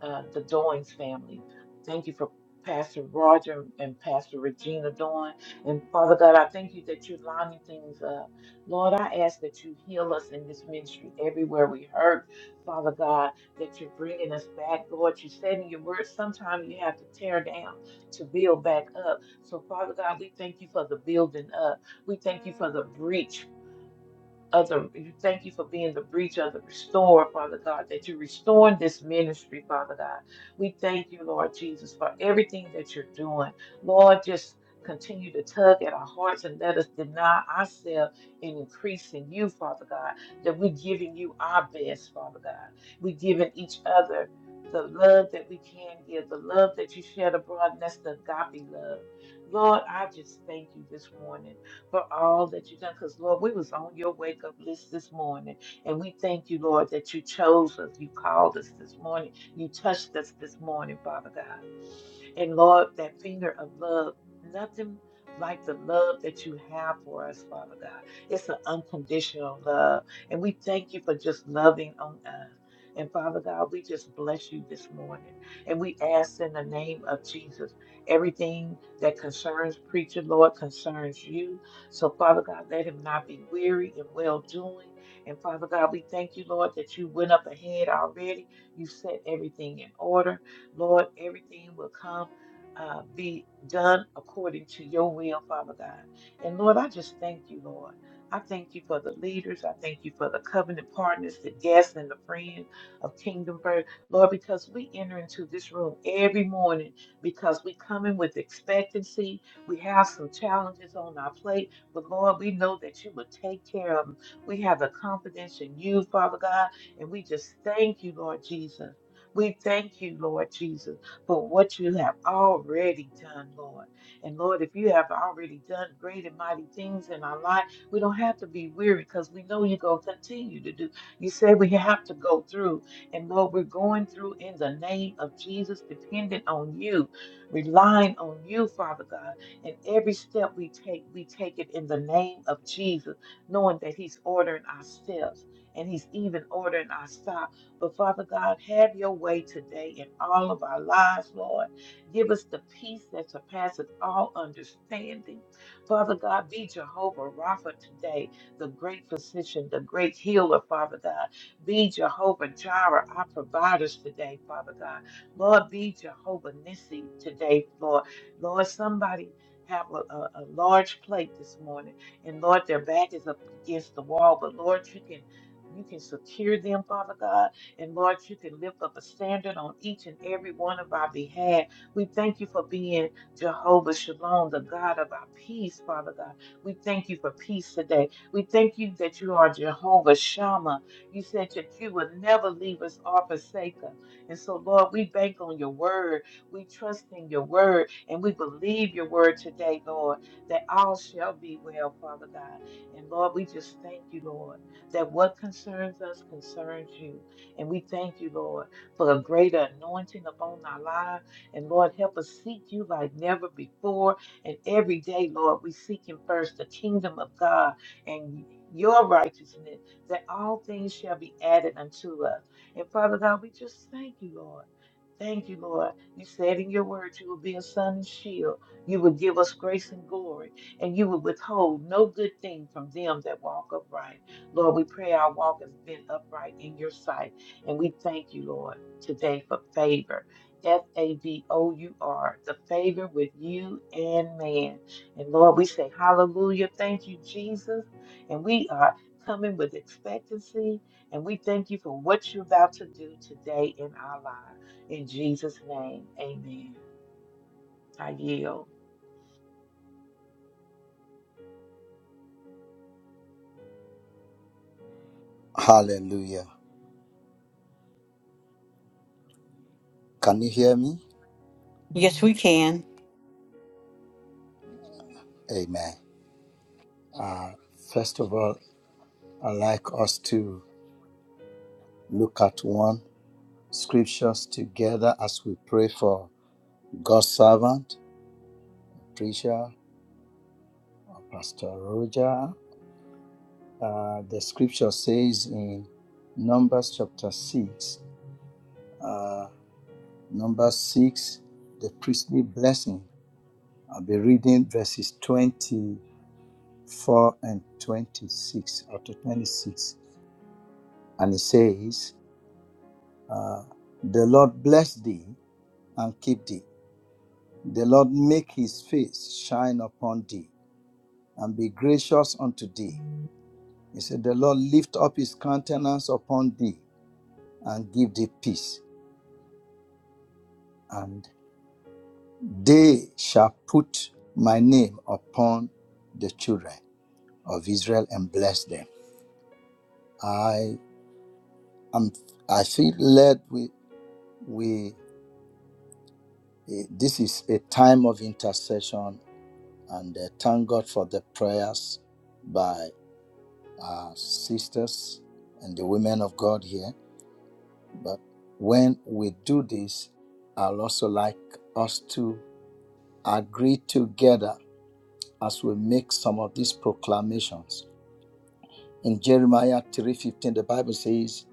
uh, the Doings family. Thank you for Pastor Roger and Pastor Regina Doing. And Father God, I thank you that you're lining things up. Lord, I ask that you heal us in this ministry everywhere we hurt. Father God, that you're bringing us back. Lord, you said in your word, sometimes you have to tear down to build back up. So, Father God, we thank you for the building up. We thank you for the breach of the you thank you for being the breach of the restorer, Father God, that you're restoring this ministry, Father God. We thank you, Lord Jesus, for everything that you're doing. Lord, just continue to tug at our hearts and let us deny ourselves and increase in you, Father God, that we're giving you our best, Father God. We're giving each other the love that we can give, the love that you shed abroad, and that's the agape love. Lord, I just thank you this morning for all that you've done. Because, Lord, we was on your wake up list this morning. And we thank you, Lord, that you chose us. You called us this morning. You touched us this morning, Father God. And Lord, that finger of love, nothing like the love that you have for us, Father God. It's an unconditional love. And we thank you for just loving on us. And Father God, we just bless you this morning. And we ask in the name of Jesus, everything that concerns preacher, Lord, concerns you. So, Father God, let him not be weary in well doing. And Father God, we thank you, Lord, that you went up ahead already. You set everything in order. Lord, everything will come, uh, be done according to your will, Father God. And Lord, I just thank you, Lord. I thank you for the leaders. I thank you for the covenant partners, the guests, and the friends of Kingdom Birth, Lord, because we enter into this room every morning because we come in with expectancy. We have some challenges on our plate, but Lord, we know that you will take care of them. We have the confidence in you, Father God, and we just thank you, Lord Jesus. We thank you, Lord Jesus, for what you have already done, Lord. And Lord, if you have already done great and mighty things in our life, we don't have to be weary because we know you're going to continue to do. You say we have to go through. And Lord, we're going through in the name of Jesus, dependent on you, relying on you, Father God. And every step we take, we take it in the name of Jesus, knowing that He's ordering our steps and He's even ordering our stops. But Father God, have your way today in all of our lives, Lord. Give us the peace that surpasses all understanding. Father God, be Jehovah Rapha today, the great physician, the great healer, Father God. Be Jehovah Jireh, our providers today, Father God. Lord, be Jehovah Nissi today, Lord. Lord, somebody have a, a, a large plate this morning, and Lord, their back is up against the wall, but Lord, you can you can secure them, Father God and Lord, you can lift up a standard on each and every one of our behalf. We thank you for being Jehovah Shalom, the God of our peace, Father God. We thank you for peace today. We thank you that you are Jehovah Shammah. You said that you would never leave us or forsake us. And so, Lord, we bank on your word. We trust in your word and we believe your word today, Lord, that all shall be well, Father God. And Lord, we just thank you, Lord, that what concerns us concerns you. And we thank you, Lord, for a greater anointing upon our lives. And Lord, help us seek you like never before. And every day, Lord, we seek Him first, the kingdom of God and your righteousness, that all things shall be added unto us. And Father God, we just thank you, Lord. Thank you, Lord. You said in your word you will be a sun and shield. You will give us grace and glory, and you will withhold no good thing from them that walk upright. Lord, we pray our walk has been upright in your sight. And we thank you, Lord, today for favor. F A V O U R, the favor with you and man. And Lord, we say hallelujah. Thank you, Jesus. And we are coming with expectancy. And we thank you for what you're about to do today in our lives. In Jesus' name, amen. I yield. Hallelujah. Can you hear me? Yes, we can. Amen. Uh, first of all, I'd like us to look at one scriptures together as we pray for God's servant, preacher, or Pastor Roger. Uh, the scripture says in Numbers chapter 6, uh, number 6, the priestly blessing. I'll be reading verses 24 and 26 up to 26. and it says, uh, The Lord bless thee and keep thee. The Lord make his face shine upon thee and be gracious unto thee. He said, The Lord lift up his countenance upon thee and give thee peace. And they shall put my name upon the children of Israel and bless them. I am I feel led we we eh, this is a time of intercession and uh, thank God for the prayers by our sisters and the women of God here. But when we do this, I'll also like us to agree together as we make some of these proclamations. In Jeremiah 3:15, the Bible says,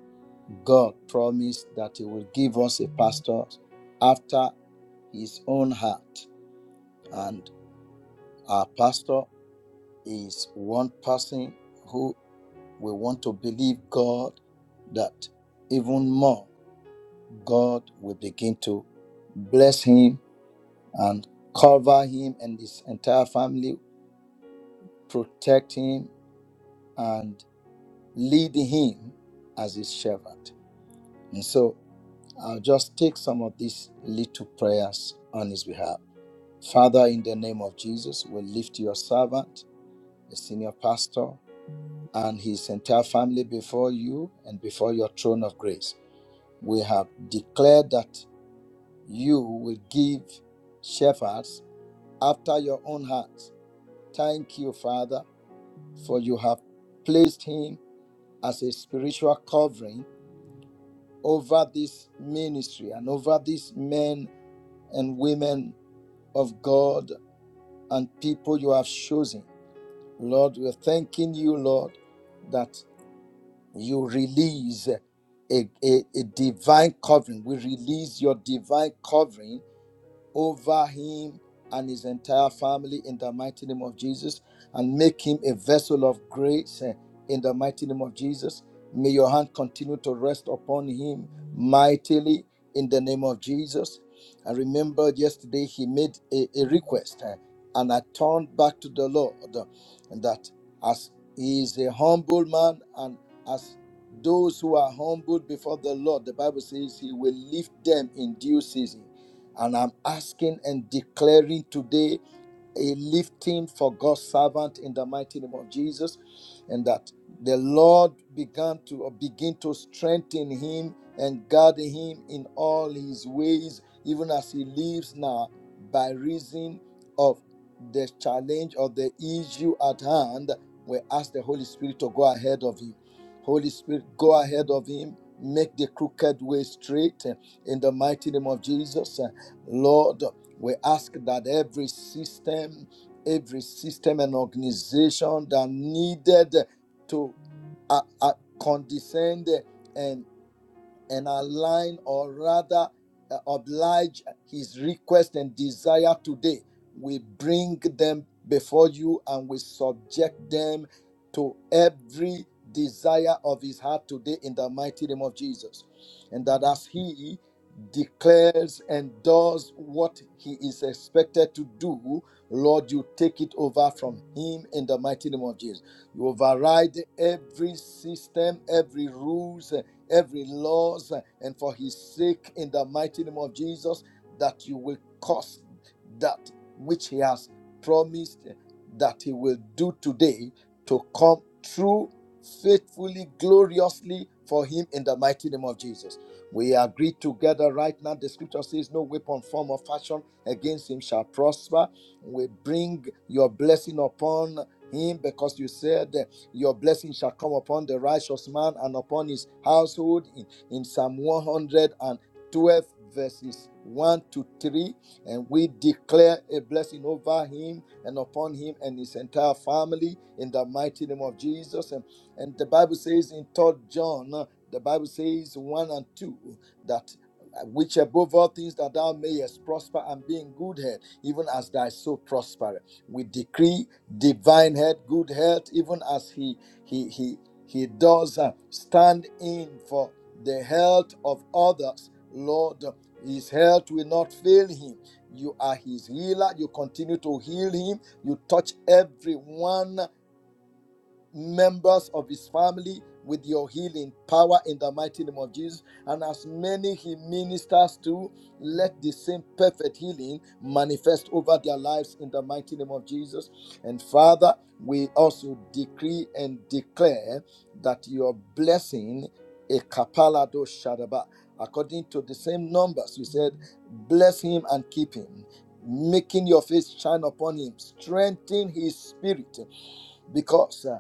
God promised that He will give us a pastor after His own heart. And our pastor is one person who. we want to believe God that even more God will begin to bless him and cover him and his entire family, protect him and lead him as his servant. And so I'll just take some of these little prayers on his behalf. Father, in the name of Jesus, we lift your servant, the senior pastor, and his entire family before you and before your throne of grace. we have declared that you will give shepherds after your own hearts. Thank you, Father, for you have placed him as a spiritual covering over this ministry and over these men and women of God and people you have chosen. Lord, we're thanking you, Lord, that you release a, a, a divine covering. We release your divine covering over him and his entire family in the mighty name of Jesus and make him a vessel of grace eh, in the mighty name of Jesus. May your hand continue to rest upon him mightily in the name of Jesus. I remember yesterday he made a, a request uh, and I turned back to the Lord uh, and that as he is a humble man and as those who are humble before the Lord, the Bible says he will lift them in due season. And I'm asking and declaring today a lifting for God's servant in the mighty name of Jesus, and that the Lord began to or begin to strengthen him and guard him in all his ways, even as he lives now, by reason of the challenge or the issue at hand. We ask the Holy Spirit to go ahead of him. Holy Spirit, go ahead of him. Make the crooked way straight eh, in the mighty name of Jesus. eh. Lord, we ask that every system, every system and organization that needed to uh, uh, condescend and and align or rather uh, oblige his request and desire today. We bring them before you and we subject them to every desire of his heart today in the mighty name of Jesus. And that as he declares and does what he is expected to do, Lord, you take it over from him in the mighty name of Jesus. You override every system, every rules, every loss, uh, and for his sake, in the mighty name of Jesus, that you will cause that which he has promised uh, that he will do today to come true faithfully, gloriously for him in the mighty name of Jesus. We agree together right now. The scripture says, No weapon, form, or fashion against him shall prosper. We bring your blessing upon him because you said your blessing shall come upon the righteous man and upon his household in, in Psalm 112, verses 1 to 3. And we declare a blessing over him and upon him and his entire family in the mighty name of Jesus. And, and the Bible says in Third John, uh, the Bible says 1 and 2, that uh, which above all things that thou mayest prosper and be in good health, even as thy soul prospereth. We decree divine health, good health, even as he he he he does uh, stand in for the health of others. Lord, his health will not fail him. You are his healer. You continue to heal him. You touch everyone members of his family with your healing power in the mighty name of Jesus. And as many he ministers to, let the same perfect healing manifest over their lives in the mighty name of Jesus. And Father, we also decree and declare that your blessing, a kapalado shadaba, according to the same numbers you said, bless him and keep him. Making your face shine upon him, strengthen his spirit, because uh,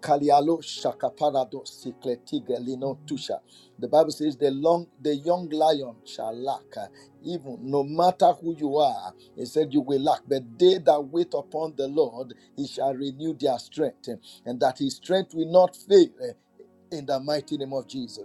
Kalialo shakaparado sikletige lino tusha. The Bible says the long the young lion shall lack. uh, Even no matter who you are, it said you will lack. But they that wait upon the Lord, he shall renew their strength, uh, and that his strength will not fail. uh, In the mighty name of Jesus.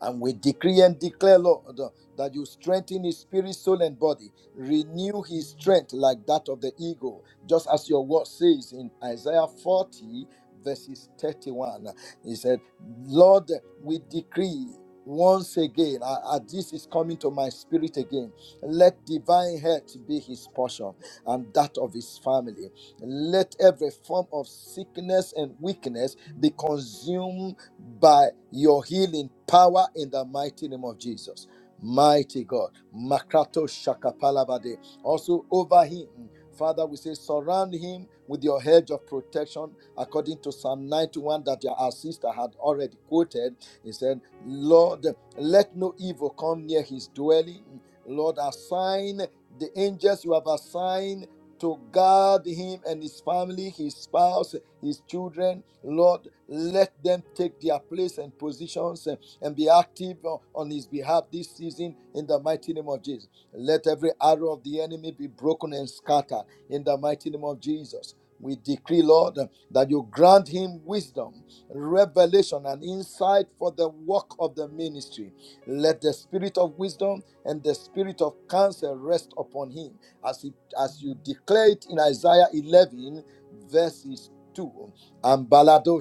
And we decree and declare, Lord, uh, that you strengthen his spirit, soul, and body. Renew his strength like that of the eagle, just as your word says in Isaiah 40, verses 31. He said, Lord, we decree once again, uh, uh, this is coming to my spirit again, let divine health be his portion and that of his family. Let every form of sickness and weakness be consumed by your healing power in the mighty name of Jesus. Mighty God. Makrato Shakapalabade. Also over him. Father, we say, surround him with your hedge of protection, according to Psalm 91 that your- our sister had already quoted. He said, Lord, let no evil come near his dwelling. Lord, assign the angels you have assigned to guard him and his family, his spouse, his children. Lord, let them take their place and positions eh, and be active on on his behalf this season in the mighty name of Jesus. Let every arrow of the enemy be broken and scattered in the mighty name of Jesus. We decree, Lord, eh, that you grant him wisdom, revelation, and insight for the work of the ministry let the spirit of wisdom and the spirit of counsel rest upon him, as it, as you declare it in Isaiah 11 verses 2. And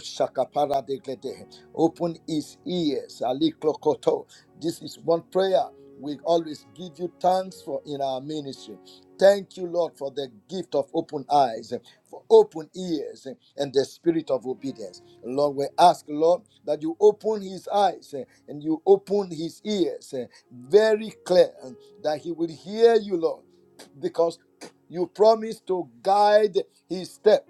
shakapara de glede. Open his ears. Ali klokoto. This is one prayer. We always give you thanks for in our ministry. Thank you, Lord, for the gift of open eyes, for open ears, and the spirit of obedience. Lord, we ask, Lord, that you open his eyes and you open his ears very clear, that he will hear you, Lord, because you promise to guide his step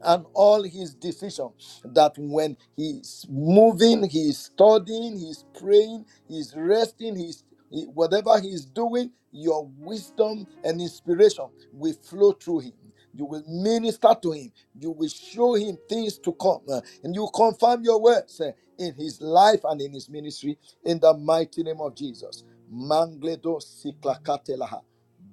and all his decisions that when he's moving he's studying he's praying he's resting he's he- whatever he's doing your wisdom and inspiration will flow through him you will minister to him you will show him things to come uh, and you confirm your words uh, in his life and in his ministry in the mighty name of jesus mangledo siklakatelaha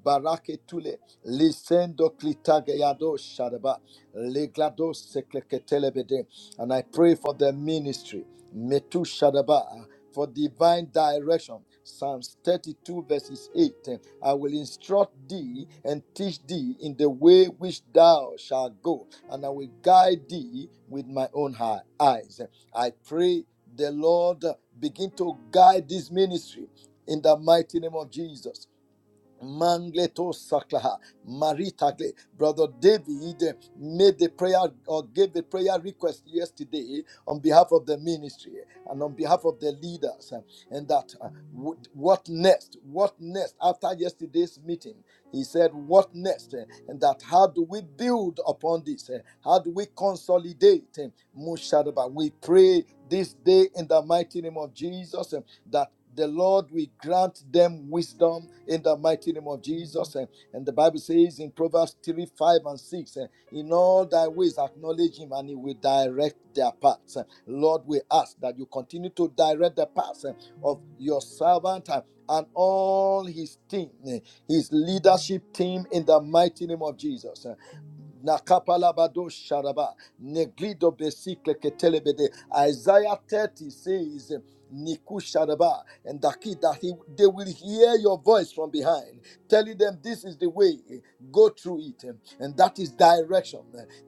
baraketule lisendo klitageyado shadaba Leglado sekleketelebede. And I pray for their ministry. Metu Shadaba. uh, For divine direction. Psalms 32, verses 8. I will instruct thee and teach thee in the way which thou shalt go, and I will guide thee with my own hi- eyes. I pray the Lord begin to guide this ministry in the mighty name of Jesus. Mangleto Saklaha Maritagle. Brother David made the prayer or gave the prayer request yesterday on behalf of the ministry and on behalf of the leaders. uh, And that uh, what next? What next? After yesterday's meeting, he said, What next? Uh, And that how do we build upon this? Uh, How do we consolidate? Uh, We pray this day in the mighty name of Jesus that the Lord will grant them wisdom in the mighty name of Jesus. And, and the Bible says in Proverbs 3 5 and 6, eh, In all thy ways acknowledge him, and he will direct their paths. Eh, Lord, we ask that you continue to direct the paths eh, of your servant. eh, And all his team, eh, his leadership team, in the mighty name of Jesus. Eh, Nakapalabado Sharaba, Neglido Besikle Ketelebede. Isaiah 30 says, Nikushadaba and Daki that he, they will hear your voice from behind, telling them this is the way, go through it, and that is direction.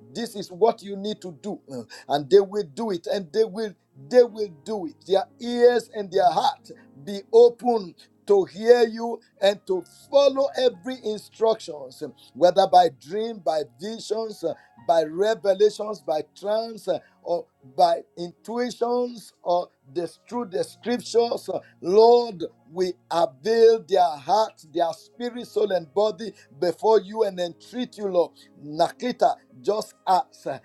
This is what you need to do, and they will do it, and they will they will do it. Their ears and their heart be open to hear you and to follow every instructions, whether by dream, by visions, by revelations, by trance or by intuitions or this, through the scriptures. Uh, Lord, we avail their hearts, their spirit, soul, and body before you and entreat you, Lord. Nakita, just as uh,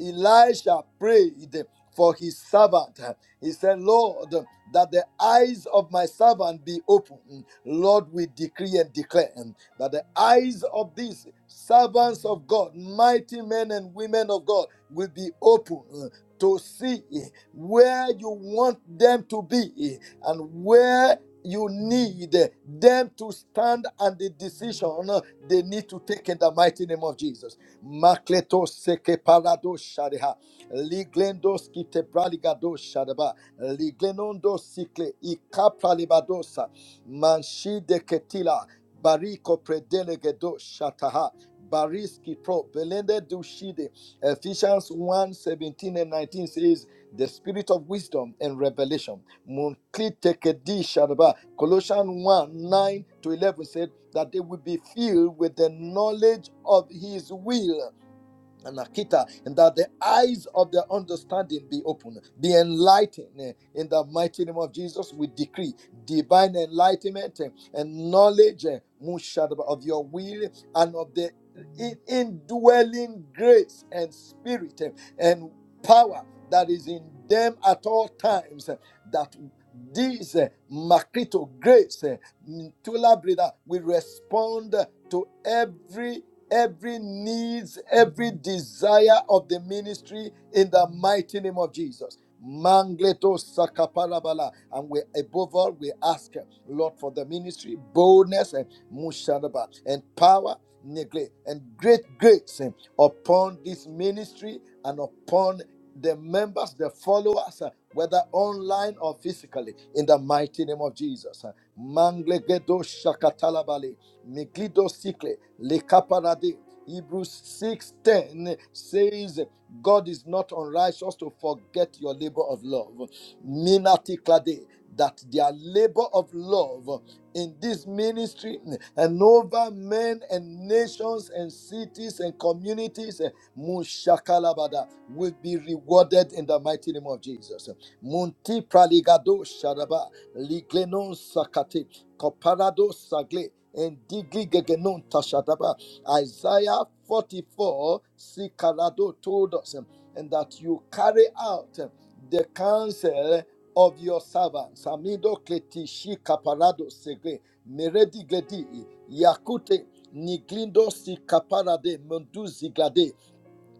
Elisha prayed for his servant. He said, Lord, that the eyes of my servant be open. Lord, we decree and declare that the eyes of these servants of God, mighty men and women of God, will be open uh, to see uh, where you want them to be uh, and where you need uh, them to stand and the decision uh, they need to take in the mighty name of Jesus. Makleto seke parado shariha. Liglendo skite praligado shadaba. Liglenondo sikle ikapralibadosa. Manshi de ketila. Bariko predelegedo shataha. Bariski pro belende dushide. Ephesians one 17 and 19 says, The spirit of wisdom and revelation. Munkitekedi shadaba. Colossians 1 9 to 11 said that they will be filled with the knowledge of his will and Akita, and that the eyes of their understanding be open, be enlightened. eh, In the mighty name of Jesus, we decree divine enlightenment eh, and knowledge eh, of your will and of the indwelling grace and spirit eh, and power that is in them at all times. eh, That these eh, Makrito grace, eh, Brida, will respond to every every needs, every desire of the ministry in the mighty name of Jesus. Mangleto sakaparabala. And we above all we ask uh, Lord for the ministry, boldness and musharaba and power, neglect, and great grace uh, upon this ministry and upon the members, the followers, uh, whether online or physically, in the mighty name of Jesus. Uh, Manglegedo shakatalabale. Megido Sikle, Le Kaparade. Hebrews 6:10 says, God is not unrighteous to forget your labor of love. Minati Klade, that their labor of love in this ministry and over men and nations and cities and communities, Mushakalabada, will be rewarded in the mighty name of Jesus. Munti praligado sharaba liglenon Sakate, Koparado Sagle and Digli Gegenon Tashadaba. Isaiah 44, Sikarado told us, um, and that you carry out um, the counsel of your servants. Amido Kletishi Kaparado Segre, Meredi Gledi, Yakute, Niglindo Sikaparade, Mundu Ziglade.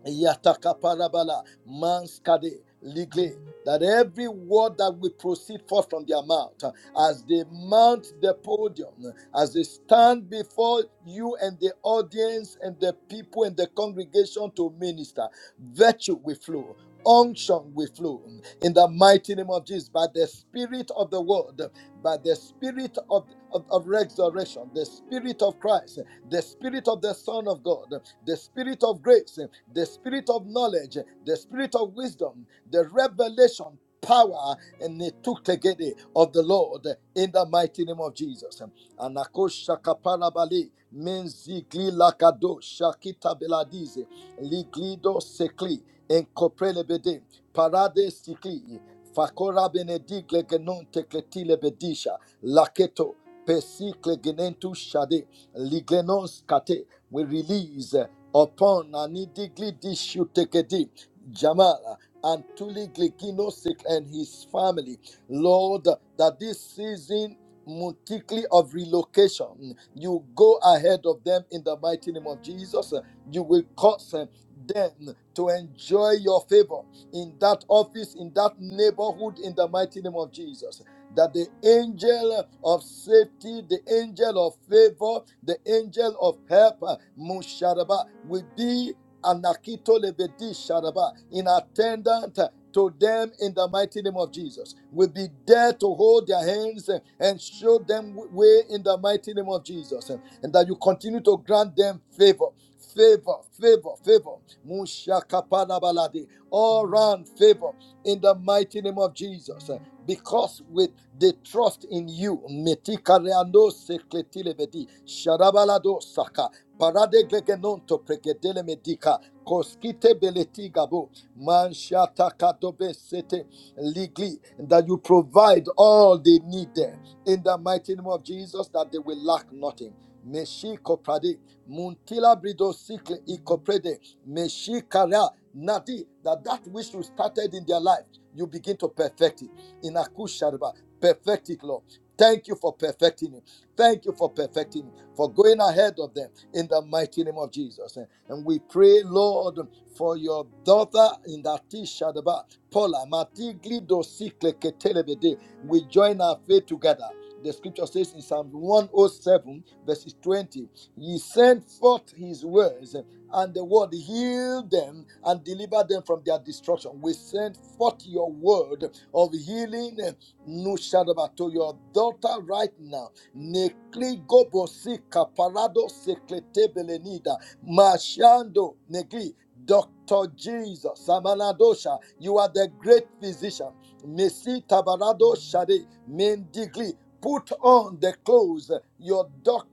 Yatakaparabala, Manskade, Ligle, that every word that will proceed forth from their mouth, uh, as they mount the podium, uh, as they stand before you and the audience and the people and the congregation to minister, virtue will flow. Unction will flow in the mighty name of Jesus by the Spirit of the Word by the spirit of, of, of resurrection, the spirit of Christ, the spirit of the Son of God, the spirit of grace, the spirit of knowledge, the spirit of wisdom, the revelation power and the tuktegede of the Lord in the mighty name of Jesus. Anakosha kaparabali menzigli lakado shakita beladize liglido sekli enkoprelebede parade sikli Fakora benedigle genonte cletile bedisha. Laketo pesicle genentu shade. Liglenos kate. We release upon anidigli dishu tekedi. Jamala. And Tuli Gliginosik and his family, Lord, that this season multiply of relocation. You go ahead of them in the mighty name of Jesus. You will cause uh, them to enjoy your favor in that office, in that neighborhood, in the mighty name of Jesus. That the angel of safety, the angel of favor, the angel of help, uh, Musharaba, will be Anakito Lebedi Sharaba in attendant uh, to them in the mighty name of Jesus. Will be there to hold their hands uh, and show them w- way in the mighty name of Jesus. uh, And that you continue to grant them favor favor, favor, favor. Mushakapanabalade. All round favor in the mighty name of Jesus. Uh, Because with the trust in you, metikareando sekletilebedi, sharabalado saka, parade glegenonto pregedele medika, koskite beleti gabo, manshata kadobe sete ligli, that you provide all they need there. In the mighty name of Jesus, that they will lack nothing. Meshiko Prade Muntila brido sikle ikoprede meshikara nadi that that which you started in their life, you begin to perfect it. In Akusharba, perfect it, Lord. Thank you for perfecting it. Thank you for perfecting it, for going ahead of them in the mighty name of Jesus. And we pray, Lord, for your daughter in that Shadaba, Paula, Matigli dosikle ketelebede. We join our faith together. The scripture says in Psalm 107, verses 20, he sent forth his words, and the word healed them and delivered them from their destruction. We sent forth your word of healing, Nushadaba, to your daughter right now. Nekli gobosi kaparado seklete belenida. Mashando negli. Dr. Jesus, Samanadosha, you are the great physician. Messi Tabarado Shade, Mendigli, Put on the clothes, your doctor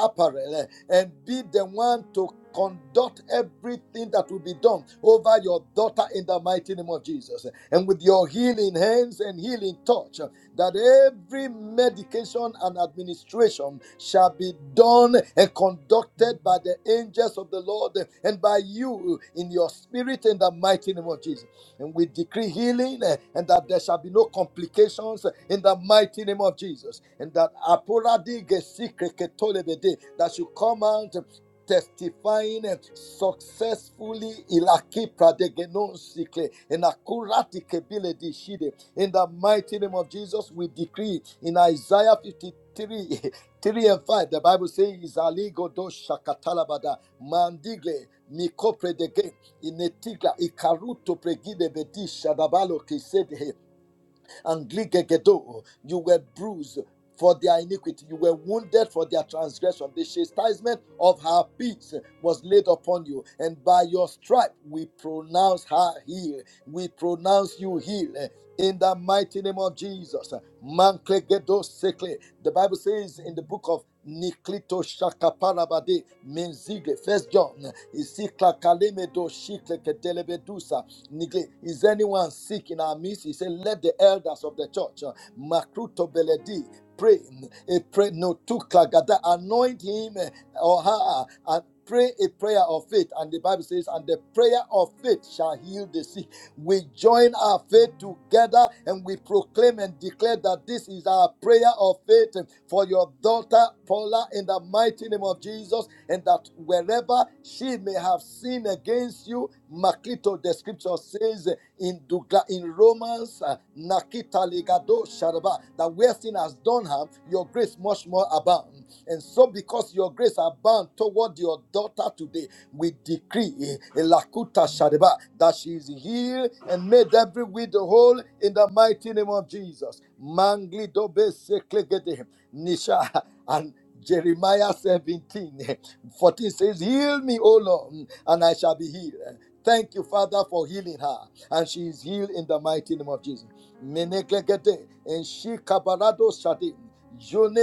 apparel, and be the one to conduct everything that will be done over your daughter in the mighty name of Jesus. And with your healing hands and healing touch, that every medication and administration shall be done and conducted by the angels of the Lord and by you in your spirit in the mighty name of Jesus and we decree healing eh, and that there shall be no complications eh, in the mighty name of Jesus. And that apuradi gesikreketolebede, that should come out eh, testifying eh, successfully ilaki pradegenonsikle and akurati kebile di shide in the mighty name of Jesus we decree in Isaiah 53 3 and 5 the Bible says is aligodo shakatalabada mandigle mikopredege inetiga ikaruto pregide bedisha dabalo kisede Angligegedo. You were bruised for their iniquity. You were wounded for their transgression. The chastisement of our peace was laid upon you, and by your stripe we pronounce her healed. We pronounce you healed. In the mighty name of Jesus, Manklegedo Sekle. The Bible says in the book of Niklito Shakaparabade Menzigle, First John, Isikla Kalemedo Shikle Kedelebedusa neglect. Is anyone sick in our midst? He said, Let the elders of the church, uh, Makruto Beledi, pray. A pray no to Klagada, anoint him uh, or her uh, and pray a prayer of faith. And the Bible says, And the prayer of faith shall heal the sick we join our faith together and we proclaim and declare that this is our prayer of faith for your daughter Paula in the mighty name of Jesus, and that wherever she may have sinned against you, Makito, the scripture says in Dugla, in Romans, uh, Nakita Ligado Sharaba, that where sin has done her, your grace much more abound. And so, because your grace abound toward your daughter today, we decree eh, eh, Lakuta Shadeba that she is healed and made every widow whole in the mighty name of Jesus. Mangli dobe seklegede. Nisha and Jeremiah 17:14 says, Heal me, O Lord, and I shall be healed. Thank you, Father, for healing her. And she is healed in the mighty name of Jesus. Meneglegede, and she kabarado shadi, jone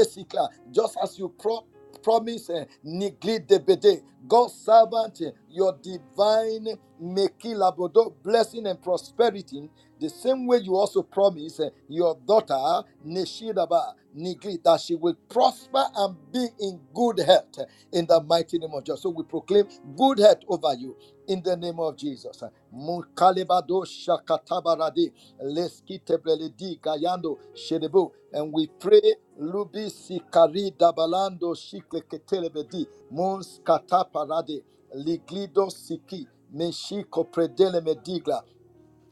Just as you pro promise eh, Niglidebede, God's servant, eh, your divine Mekilabodo blessing and prosperity, the same way you also promise eh, your daughter Neshidaba Nigli that she will prosper and be in good health eh, in the mighty name of Jesus. So we proclaim good health over you in the name of Jesus. Eh, Mukalebado Shakatabarade leskitebledi gayando shedebu. And we pray, Lubi sikari dabalando shikleketelebedi, mons kataparade, liglido siki, meshiko predele medigla,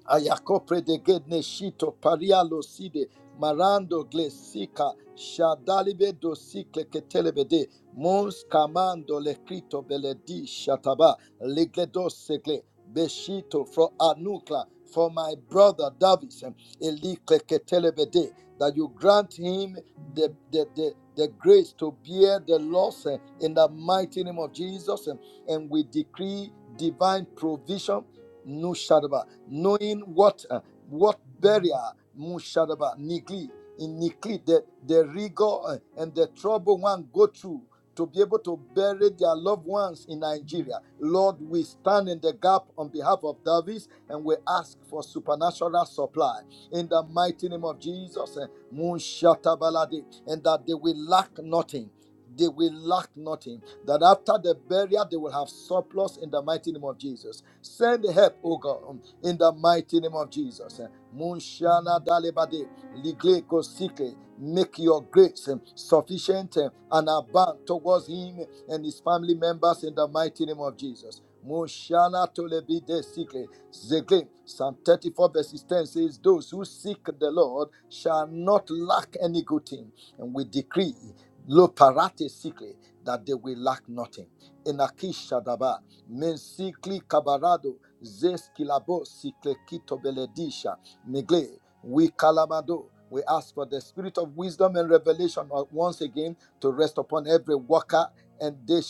Ayakopre de Gedneshito, Parialo Side, Marando Glesica, Shadalibe dosicle Ketelebede, Mons Camando Lecrito Beledi Shataba, Ligledo Segle, Beshito, for Anukla, for my brother Davis, Elicle Ketelebede, that you grant him the, the, the, the grace to bear the loss eh, in the mighty name of Jesus. eh, And we decree divine provision Nushadaba, knowing what uh, what barrier Mushadaba neglect in neglect the, the rigor uh, and the trouble one go through to be able to bury their loved ones in Nigeria. Lord, we stand in the gap on behalf of Davis and we ask for supernatural supply in the mighty name of Jesus. uh, Mushatabalade, and that they will lack nothing they will lack nothing. That after the burial, they will have surplus in the mighty name of Jesus. Send help, O God, in the mighty name of Jesus. Eh, Munshana dalebade, ligle kosike. Make your grace eh, sufficient eh, and abound towards him and his family members in the mighty name of Jesus. Mushana tolebide sikle. Zegle, Psalm 34 verses 10 says, Those who seek the Lord shall not lack any good thing. And we decree Lo parate sikle, that they will lack nothing. Enakishadaba, mensikli kabarado, zeskilabo sikle kito beledisha, migle, we kalamado. We ask for the spirit of wisdom and revelation uh, once again to rest upon every worker and they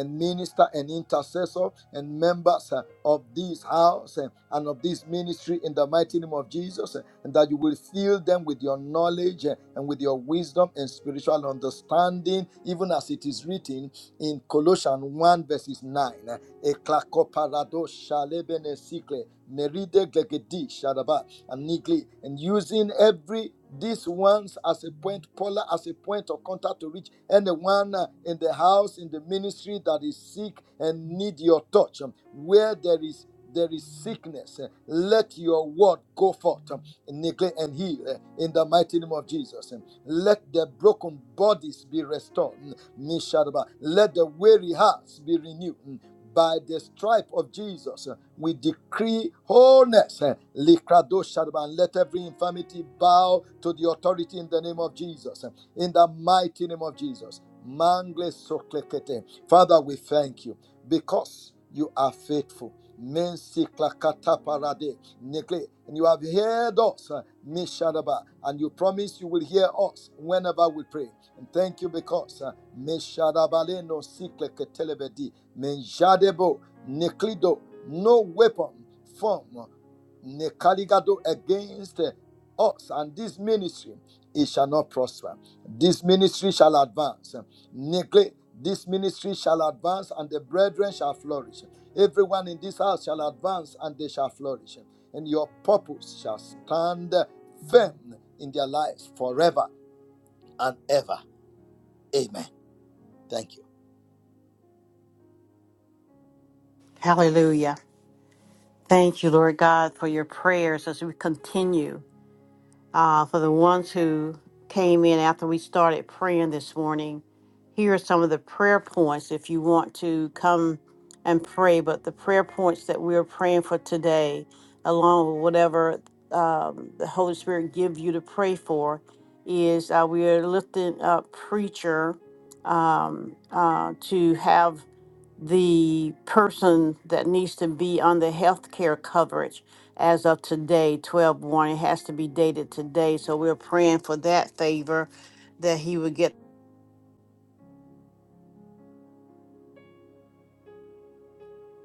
and minister and intercessor and members uh, of this house uh, and of this ministry in the mighty name of Jesus, uh, and that you will fill them with your knowledge uh, and with your wisdom and spiritual understanding, even as it is written in Colossians 1, verses 9. Eklakoparado shalebene sikle, meride glegedi shadaba, and nigli, and using every these ones as a point polar as a point of contact to reach anyone uh, in the house in the ministry that is sick and need your touch um, where there is there is sickness, eh, let your word go forth eh, and heal eh, in the mighty name of Jesus. eh. Let the broken bodies be restored. mm, Let the weary hearts be renewed. mm. By the stripe of Jesus, eh, we decree wholeness. eh, let every infirmity bow to the authority in the name of Jesus. eh, In the mighty name of Jesus. Father, we thank you because you are faithful. And you have heard us, Meshadaba, and you promise you will hear us whenever we pray. And thank you because uh, Mishadabale no sikle ketelebedi menjadebo neklido no weapon form uh, nekaligado against uh, us and this ministry it shall not prosper. This ministry shall advance. Neglect this ministry shall advance and the brethren shall flourish. Everyone in this house shall advance and they shall flourish, and your purpose shall stand firm in their lives forever and ever. Amen. Thank you. Hallelujah. Thank you, Lord God, for your prayers as we continue. Uh, for the ones who came in after we started praying this morning, here are some of the prayer points if you want to come and pray. But the prayer points that we're praying for today, along with whatever um, the Holy Spirit give you to pray for, is uh, we are lifting up preacher um, uh, to have the person that needs to be on the health care coverage as of today, twelve one, It has to be dated today. So we're praying for that favor that he would get.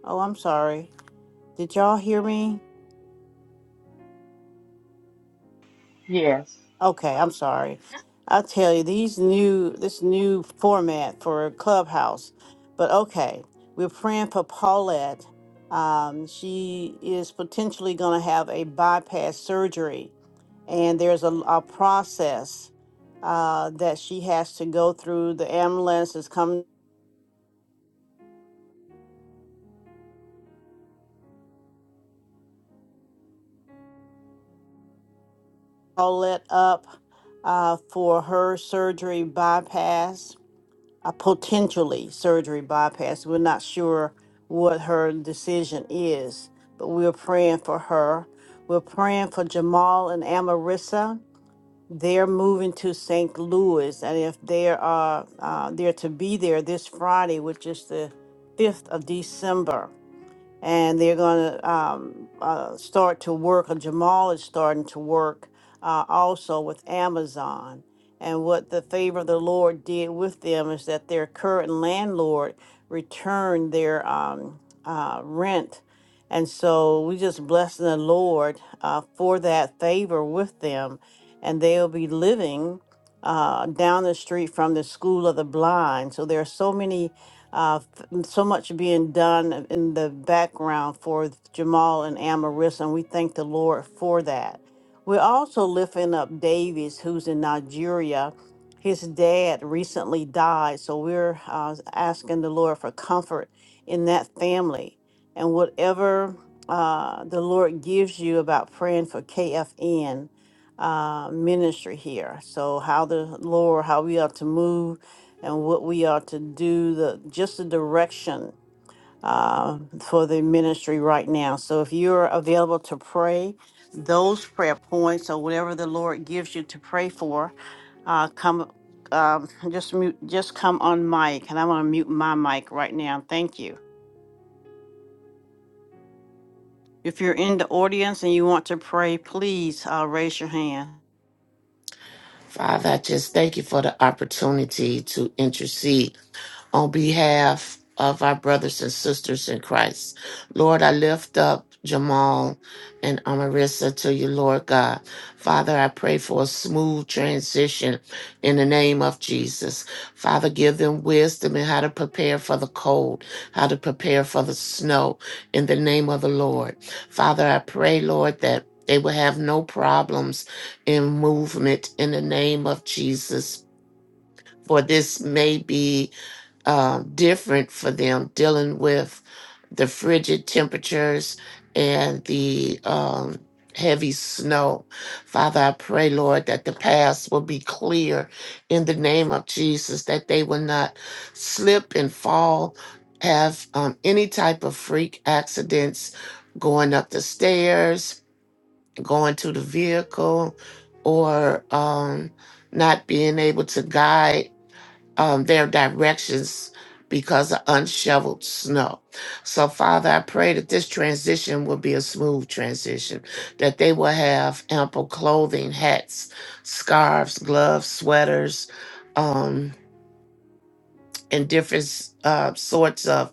Oh, I'm sorry. Did y'all hear me? Yes. Okay, I'm sorry. I tell you, these new this new format for Clubhouse. But okay, we're praying for Paulette. Um, she is potentially going to have a bypass surgery and there's a, a process uh, that she has to go through. The ambulance is coming all lit up uh, for her surgery bypass, a potentially surgery bypass. We're not sure what her decision is, but we're praying for her. We're praying for Jamal and Amarissa. They're moving to St. Louis, and if they are uh, they're to be there this Friday, which is the fifth of December, and they're going to um, uh, start to work, or Jamal is starting to work uh, also with Amazon. And what the favor of the Lord did with them is that their current landlord returned their um, uh, rent. And so we just bless the Lord uh, for that favor with them. And they'll be living uh, down the street from the School of the Blind. So there are so many uh, so much being done in the background for Jamal and Amaris, and we thank the Lord for that. We're also lifting up Davies, who's in Nigeria. His dad recently died, so we're uh, asking the Lord for comfort in that family. And whatever uh, the Lord gives you about praying for KFN uh, ministry here, so how the Lord, how we are to move and what we are to do, the just the direction uh, for the ministry right now. So if you're available to pray those prayer points or whatever the Lord gives you to pray for, uh, come um, just mute, just come on mic, and I'm gonna mute my mic right now. Thank you. If you're in the audience and you want to pray, please uh, raise your hand. Father, I just thank you for the opportunity to intercede on behalf of our brothers and sisters in Christ. Lord, I lift up Jamal and Amarissa to you, Lord God. Father, I pray for a smooth transition in the name of Jesus. Father, give them wisdom in how to prepare for the cold, how to prepare for the snow in the name of the Lord. Father, I pray, Lord, that they will have no problems in movement in the name of Jesus. For this may be um, different for them dealing with the frigid temperatures and the um, heavy snow. Father, I pray, Lord, that the paths will be clear in the name of Jesus, that they will not slip and fall, have um, any type of freak accidents going up the stairs, going to the vehicle, or um, not being able to guide um, their directions because of unshoveled snow. So, Father, I pray that this transition will be a smooth transition, that they will have ample clothing, hats, scarves, gloves, sweaters, um, and different s- uh, sorts of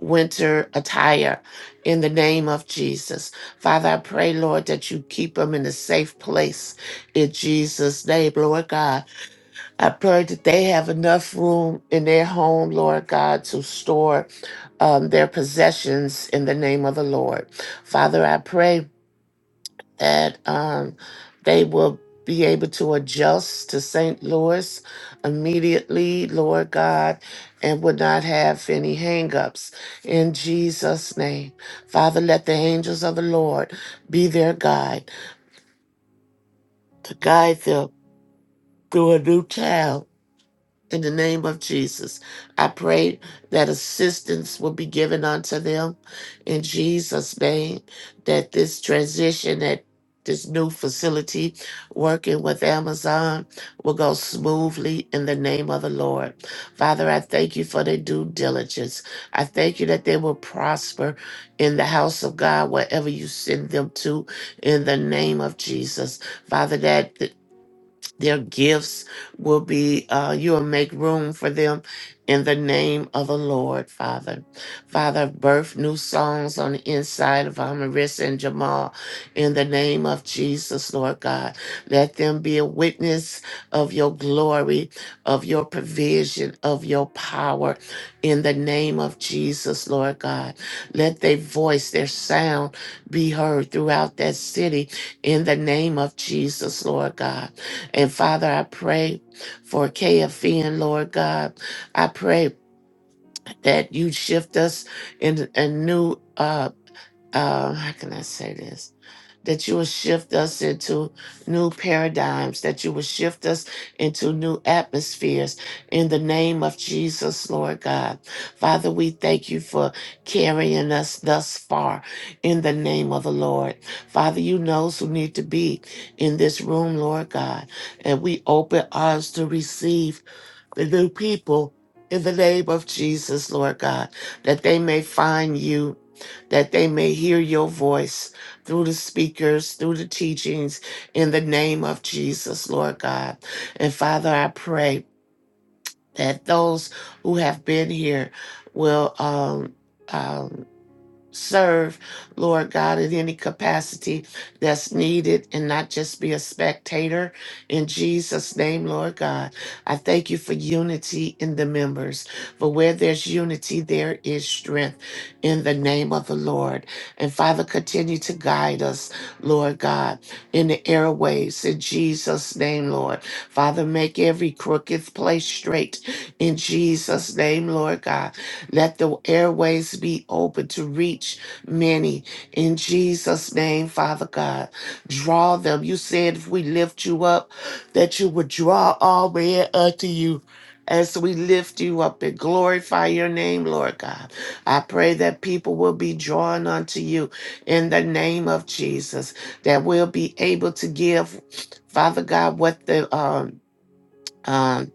winter attire in the name of Jesus. Father, I pray, Lord, that you keep them in a safe place in Jesus' name, Lord God. I pray that they have enough room in their home, Lord God, to store um, their possessions in the name of the Lord. Father, I pray that um, they will be able to adjust to St. Louis immediately, Lord God, and would not have any hangups. In Jesus' name, Father, let the angels of the Lord be their guide to guide them through a new town in the name of Jesus. I pray that assistance will be given unto them in Jesus' name, that this transition at this new facility working with Amazon will go smoothly in the name of the Lord. Father, I thank you for their due diligence. I thank you that they will prosper in the house of God, wherever you send them to, in the name of Jesus. Father, that their gifts will be, uh, you will make room for them in the name of the Lord, Father. Father, birth new songs on the inside of Amarissa and Jamal in the name of Jesus, Lord God. Let them be a witness of your glory, of your provision, of your power in the name of Jesus, Lord God. Let their voice, their sound be heard throughout that city in the name of Jesus, Lord God. And Father, I pray for KFN, Lord God. I pray that you shift us in a new uh um, how can I say this? That you will shift us into new paradigms, that you will shift us into new atmospheres in the name of Jesus, Lord God. Father, we thank you for carrying us thus far in the name of the Lord. Father, you know who need to be in this room, Lord God. And we open ours to receive the new people in the name of Jesus, Lord God, that they may find you, that they may hear your voice through the speakers, through the teachings, in the name of Jesus, Lord God. And Father, I pray that those who have been here will um, um, serve, Lord God, in any capacity that's needed and not just be a spectator. In Jesus' name, Lord God, I thank you for unity in the members. For where there's unity, there is strength in the name of the Lord. And Father, continue to guide us, Lord God, in the airways. In Jesus' name, Lord. Father, make every crooked place straight. In Jesus' name, Lord God. Let the airways be open to reach many. In Jesus' name, Father God, draw them. You said if we lift you up, that you would draw all men unto you. As we lift you up and glorify your name, Lord God, I pray that people will be drawn unto you in the name of Jesus, that we'll be able to give, Father God, what the um, um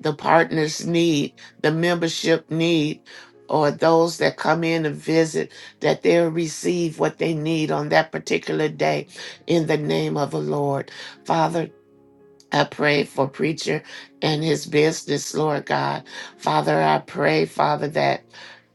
the partners need, the membership need, or those that come in and visit, that they'll receive what they need on that particular day in the name of the Lord. Father, I pray for preacher and his business, Lord God. Father, I pray, Father, that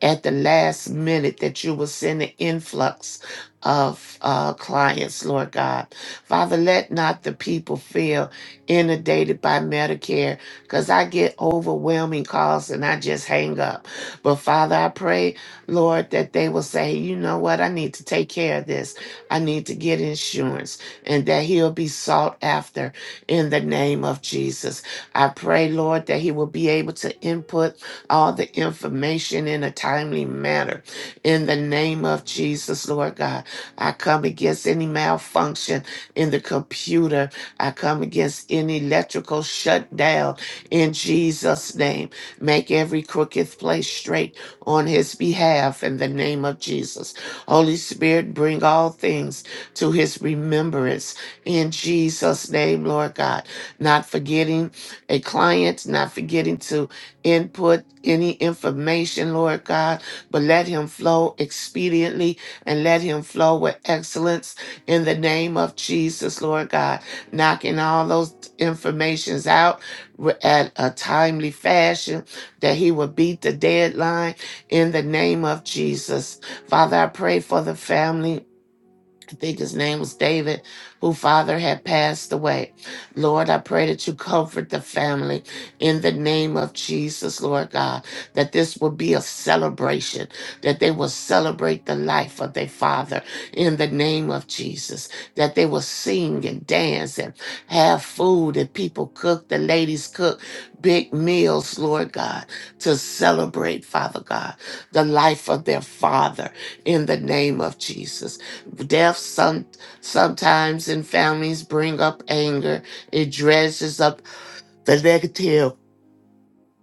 at the last minute that you will send an influx of uh, clients, Lord God. Father, let not the people feel inundated by Medicare because I get overwhelming calls and I just hang up. But Father, I pray, Lord, that they will say, you know what, I need to take care of this. I need to get insurance and that he'll be sought after in the name of Jesus. I pray, Lord, that he will be able to input all the information in a timely manner in the name of Jesus, Lord God. I come against any malfunction in the computer. I come against any electrical shutdown in Jesus' name. Make every crooked place straight on his behalf in the name of Jesus. Holy Spirit, bring all things to his remembrance in Jesus' name, Lord God. Not forgetting a client, not forgetting to input any information, Lord God, but let him flow expediently and let him flow with excellence in the name of Jesus, Lord God. Knocking all those informations out wi- at a timely fashion that he will beat the deadline in the name of Jesus. Father, I pray for the family I think his name was David, who father had passed away. Lord, I pray that you comfort the family in the name of Jesus, Lord God, that this will be a celebration, that they will celebrate the life of their father in the name of Jesus, that they will sing and dance and have food and people cook, the ladies cook big meals, Lord God, to celebrate, Father God, the life of their father in the name of Jesus. Death some sometimes in families bring up anger. It dredges up the negative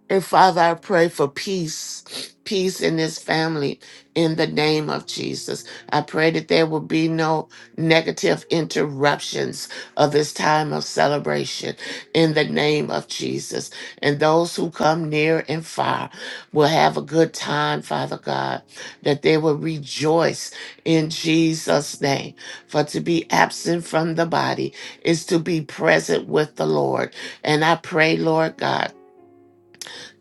and Father, I pray for peace, peace in this family in the name of Jesus. I pray that there will be no negative interruptions of this time of celebration in the name of Jesus. And those who come near and far will have a good time, Father God, that they will rejoice in Jesus' name. For to be absent from the body is to be present with the Lord. And I pray, Lord God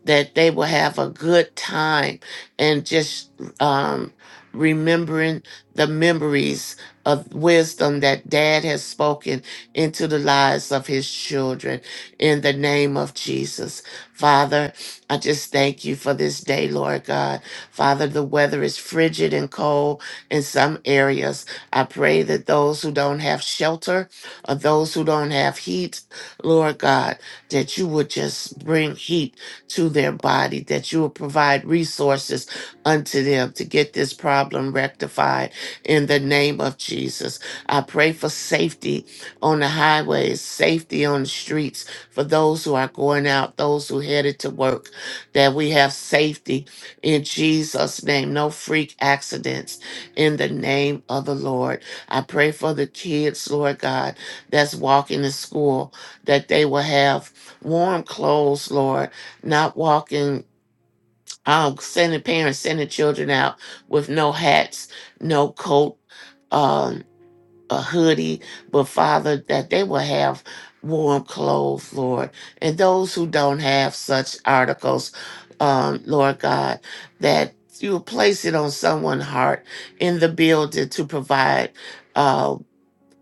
that they will have a good time and just um, remembering the memories of wisdom that dad has spoken into the lives of his children in the name of Jesus. Father, I just thank you for this day, Lord God. Father, the weather is frigid and cold in some areas. I pray that those who don't have shelter or those who don't have heat, Lord God, that you would just bring heat to their body, that you will provide resources unto them to get this problem rectified in the name of Jesus. I pray for safety on the highways, safety on the streets for those who are going out, those who headed to work, that we have safety in Jesus' name. No freak accidents in the name of the Lord. I pray for the kids, Lord God, that's walking to school, that they will have warm clothes, Lord not walking, um, sending parents, sending children out with no hats, no coat, um, a hoodie, but Father, that they will have warm clothes, Lord. And those who don't have such articles, um, Lord God, that you will place it on someone's heart in the building to provide. uh,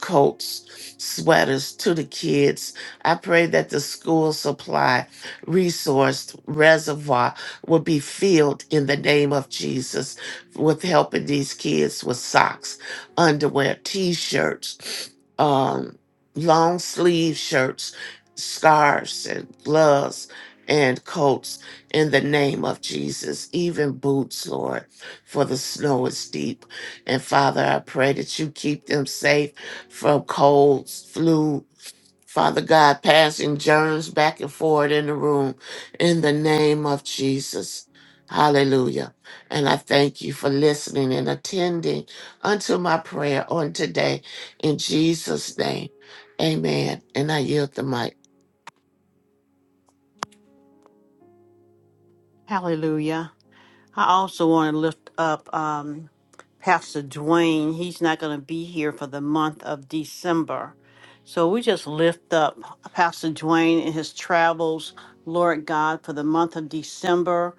coats, sweaters to the kids. I pray that the school supply resource reservoir will be filled in the name of Jesus with helping these kids with socks, underwear, t-shirts, um, long sleeve shirts, scarves and gloves and coats in the name of Jesus, even boots, Lord, for the snow is deep. And Father, I pray that you keep them safe from colds, flu, Father God, passing germs back and forth in the room in the name of Jesus. Hallelujah. And I thank you for listening and attending unto my prayer on today in Jesus' name. Amen. And I yield the mic. Hallelujah. I also want to lift up um, Pastor Dwayne. He's not going to be here for the month of December. So we just lift up Pastor Dwayne and his travels, Lord God, for the month of December.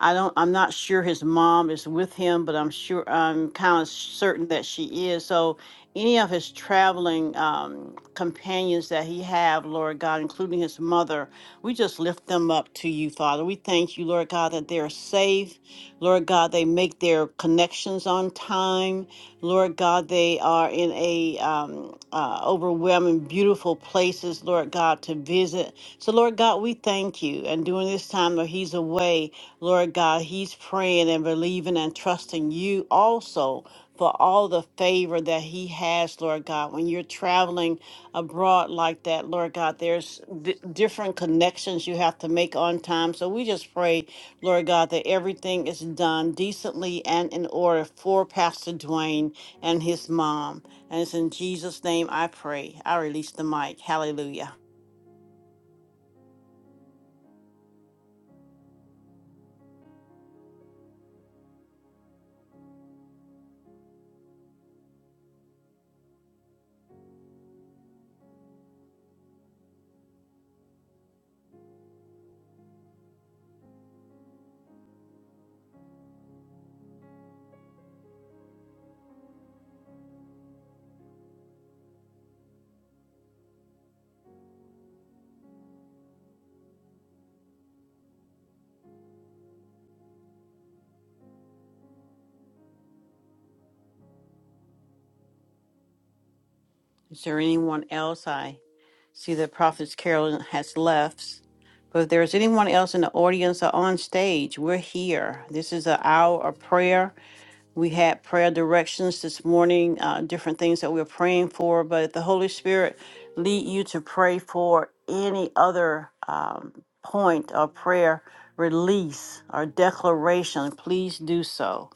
I don't I'm not sure his mom is with him, but I'm sure I'm kind of certain that she is. So any of his traveling um, companions that he have, Lord God, including his mother, we just lift them up to you, Father. We thank you, Lord God, that they're safe Lord God, they make their connections on time. Lord God, they are in a um, uh, overwhelming, beautiful places, Lord God, to visit. So, Lord God, we thank you. And during this time that he's away, Lord God, he's praying and believing and trusting you also for all the favor that he has, Lord God. When you're traveling abroad like that, Lord God, there's di different connections you have to make on time. So we just pray Lord God, that everything is done decently and in order for Pastor Dwayne and his mom. And it's in Jesus' name I pray. I release the mic. Hallelujah. Is there anyone else? I see that Prophetess Carolyn has left. But if there's anyone else in the audience or on stage, we're here. This is an hour of prayer We had prayer directions this morning, uh, different things that we were praying for, but if the Holy Spirit lead you to pray for any other um, point of prayer release or declaration, please do so.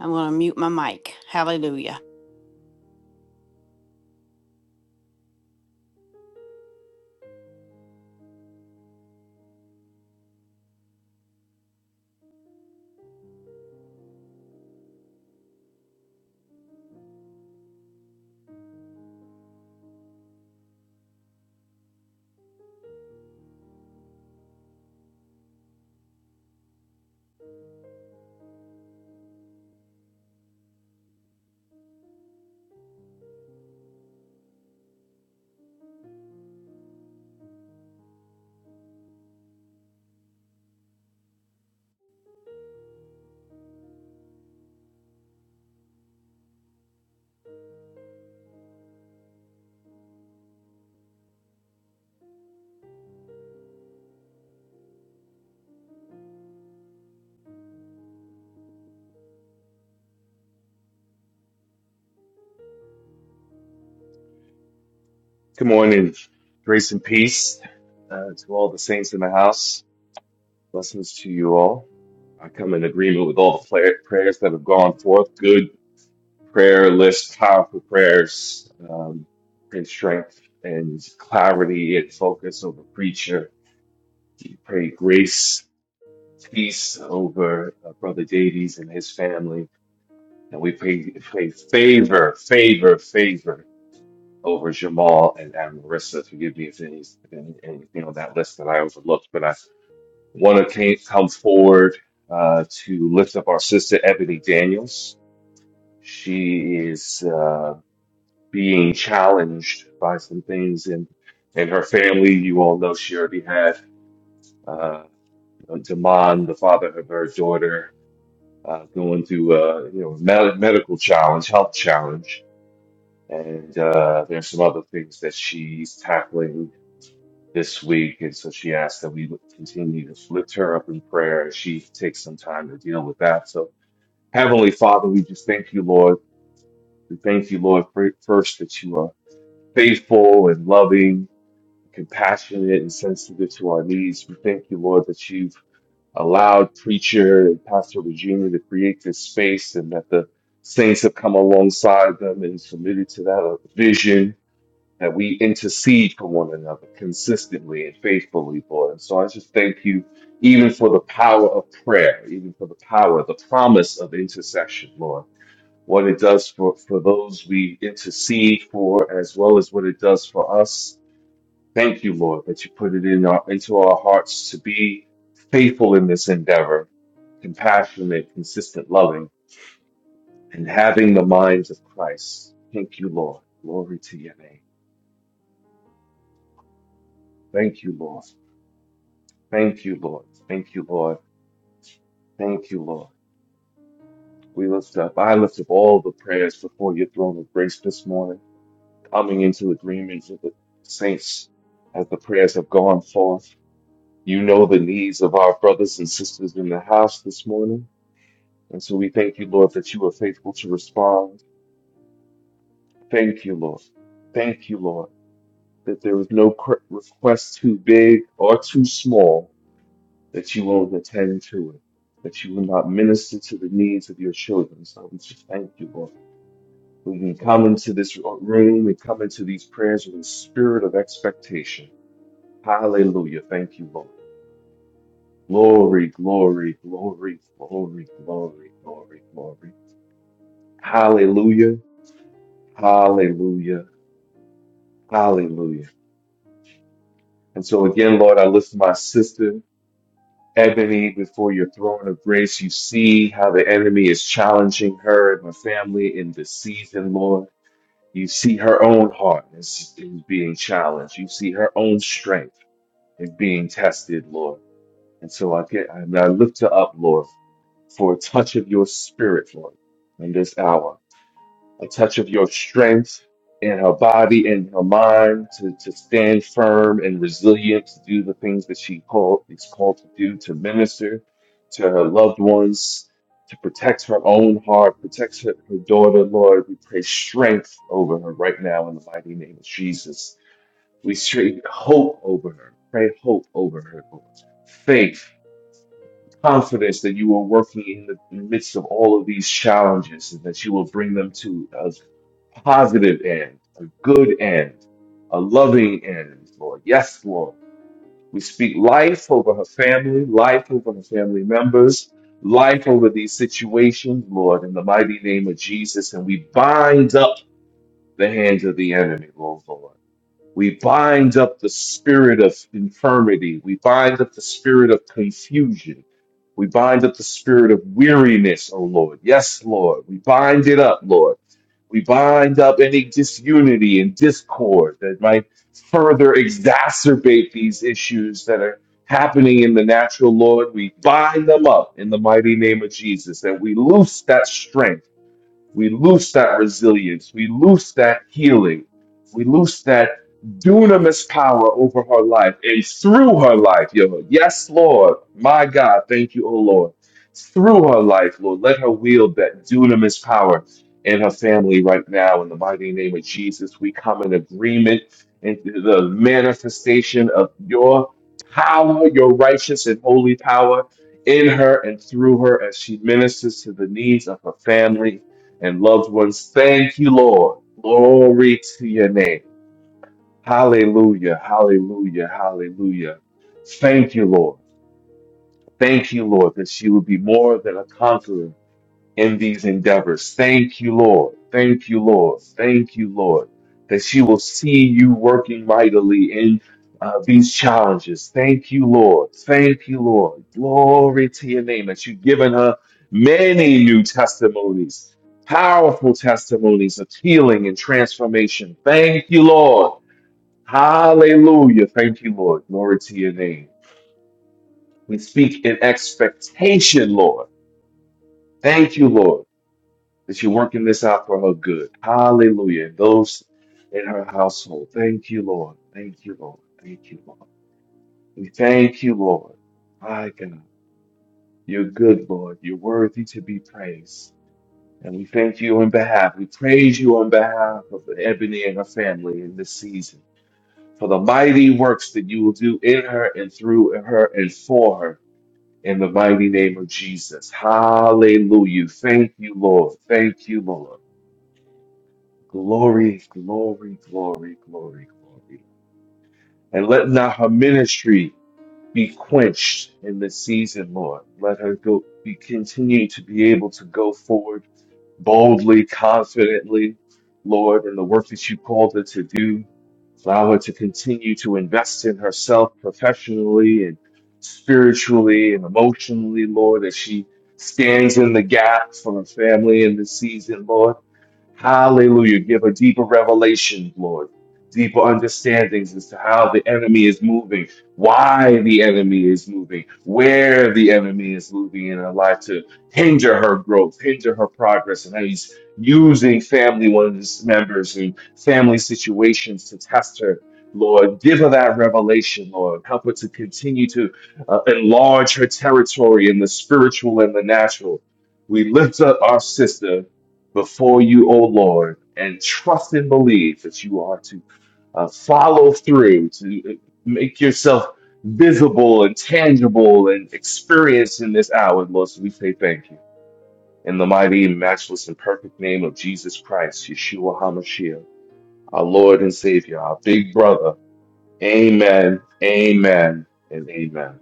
I'm going to mute my mic. Hallelujah. Good morning. Grace and peace uh, to all the saints in the house. Blessings to you all. I come in agreement with all the pla- prayers that have gone forth. Good prayer list, powerful prayers, um, and strength and clarity and focus over preacher. We pray grace, peace over uh, Brother Davies and his family. And we pray, pray favor, favor, favor over Jamal and, and Marissa. Forgive me if any, if any, anything on that list that I overlooked, but I want to come forward uh, to lift up our sister Ebony Daniels. She is uh, being challenged by some things in in her family. You all know she already had uh, Damon, the father of her daughter, uh, going through a you know med- medical challenge, health challenge. And uh, there's some other things that she's tackling this week. And so she asked that we would continue to lift her up in prayer as she takes some time to deal with that. So, Heavenly Father, we just thank you, Lord. We thank you, Lord, for, first that you are faithful and loving, compassionate, and sensitive to our needs. We thank you, Lord, that you've allowed preacher and Pastor Regina to create this space and that the saints have come alongside them and submitted to that vision that we intercede for one another consistently and faithfully, Lord. And so I just thank you even for the power of prayer, even for the power, the promise of intercession, Lord. What it does for, for those we intercede for, as well as what it does for us. Thank you, Lord, that you put it in our, into our hearts to be faithful in this endeavor, compassionate, consistent, loving, and having the minds of Christ. Thank you, Lord. Glory to your name. Thank you, Lord. Thank you, Lord. Thank you, Lord. Thank you, Lord. We lift up, I lift up all the prayers before your throne of grace this morning, coming into agreement with the saints as the prayers have gone forth. You know the needs of our brothers and sisters in the house this morning. And so we thank you, Lord, that you are faithful to respond. Thank you, Lord. Thank you, Lord, that there is no cr- request too big or too small that you won't attend to it, that you will not minister to the needs of your children. So we just thank you, Lord. We can come into this room, we come into these prayers with a spirit of expectation. Hallelujah. Thank you, Lord. Glory, glory, glory, glory, glory, glory, glory. Hallelujah. Hallelujah. Hallelujah. And so again, Lord, I lift my sister. Ebony, before your throne of grace, you see how the enemy is challenging her and her family in this season, Lord. You see her own heart is, is being challenged. You see her own strength is being tested, Lord. And so I get, and I lift her up, Lord, for a touch of your spirit, Lord, in this hour a touch of your strength in her body and her mind to, to stand firm and resilient to do the things that she called is called to do to minister to her loved ones to protect her own heart protect her, her daughter lord we pray strength over her right now in the mighty name of jesus we pray hope over her pray hope over her lord faith confidence that you are working in the midst of all of these challenges and that you will bring them to a positive end, a good end, a loving end, Lord. Yes, Lord. We speak life over her family, life over her family members, life over these situations, Lord, in the mighty name of Jesus. And we bind up the hands of the enemy, Lord, Lord. We bind up the spirit of infirmity. We bind up the spirit of confusion. We bind up the spirit of weariness, oh Lord. Yes, Lord. We bind it up, Lord. We bind up any disunity and discord that might further exacerbate these issues that are happening in the natural, Lord. We bind them up in the mighty name of Jesus and we loose that strength we loose that resilience. We loose that healing. We loose that dunamis power over her life and through her life, Yo, Yes, Lord. My God. Thank you, O Lord. Through her life, Lord. Let her wield that dunamis power in her family right now. In the mighty name of Jesus, we come in agreement into the manifestation of your power, your righteous and holy power in her and through her as she ministers to the needs of her family and loved ones. Thank you, Lord. Glory to your name. Hallelujah, hallelujah, hallelujah. Thank you, Lord. Thank you, Lord, that she would be more than a conqueror in these endeavors. Thank you, Lord. Thank you, Lord. Thank you, Lord, that she will see you working mightily in uh, these challenges. Thank you, Lord. Thank you, Lord. Glory to your name that you've given her many new testimonies, powerful testimonies of healing and transformation. Thank you, Lord. Hallelujah. Thank you, Lord. Glory to your name. We speak in expectation, Lord. Thank you, Lord that you're working this out for her good. Hallelujah. And those in her household. Thank you, Lord. Thank you, Lord. Thank you, Lord. We thank you, Lord. My God. You're good, Lord. You're worthy to be praised. And we thank you on behalf. We praise you on behalf of Ebony and her family in this season for the mighty works that you will do in her and through her and for her in the mighty name of Jesus. Hallelujah. Thank you, Lord. Thank you, Lord. Glory, glory, glory, glory, glory. And let not her ministry be quenched in this season, Lord. Let her go be continue to be able to go forward boldly, confidently, Lord, in the work that you called her to do. Allow her to continue to invest in herself professionally and spiritually and emotionally, Lord, as she stands in the gap for her family in this season, Lord. Hallelujah. Give her deeper revelations, Lord, deeper understandings as to how the enemy is moving why the enemy is moving, where the enemy is moving in her life to hinder her growth, hinder her progress, and how he's using family one's members and family situations to test her. Lord, give her that revelation, Lord. Help her to continue to uh, enlarge her territory in the spiritual and the natural. We lift up our sister before you, O Lord, and trust and believe that you are to uh, follow through, to Make yourself visible and tangible and experienced in this hour, Lord. So we say thank you. In the mighty, matchless, and perfect name of Jesus Christ, Yeshua HaMashiach, our Lord and Savior, our big brother. Amen, amen, and amen.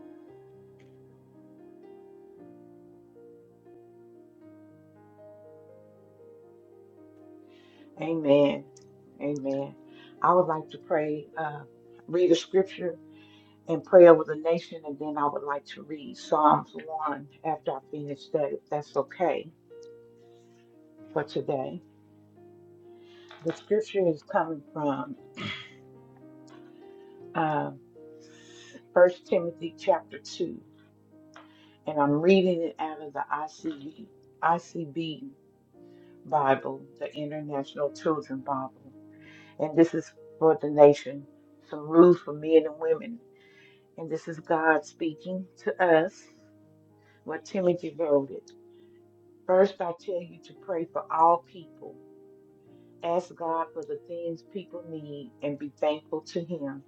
Amen. Amen. I would like to pray, uh, read a scripture and pray over the nation, and then I would like to read Psalms 1 after I finish that, if that's okay for today. The scripture is coming from uh, 1 Timothy chapter 2, and I'm reading it out of the ICB, ICB Bible, the International Children Bible. And this is for the nation, some rules for men and women. And this is God speaking to us, what Timothy wrote it. First, I tell you to pray for all people Ask God for the things people need and be thankful to Him.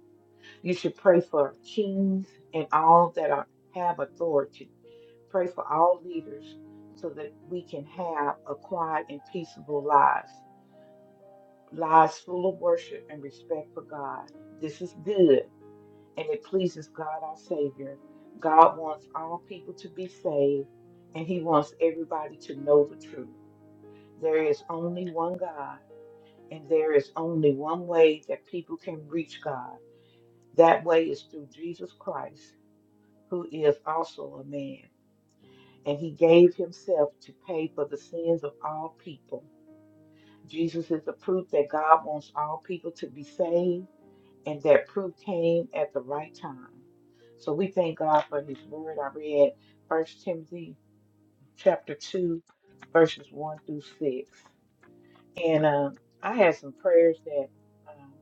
You should pray for kings and all that are, have authority. Pray for all leaders so that we can have a quiet and peaceable lives, lives full of worship and respect for God. This is good and it pleases God our Savior. God wants all people to be saved and He wants everybody to know the truth. There is only one God And there is only one way that people can reach God. That way is through Jesus Christ, who is also a man. And he gave himself to pay for the sins of all people. Jesus is the proof that God wants all people to be saved, and that proof came at the right time. So we thank God for his word. I read First Timothy chapter 2, verses 1 through 6. And um, I had some prayers that. um,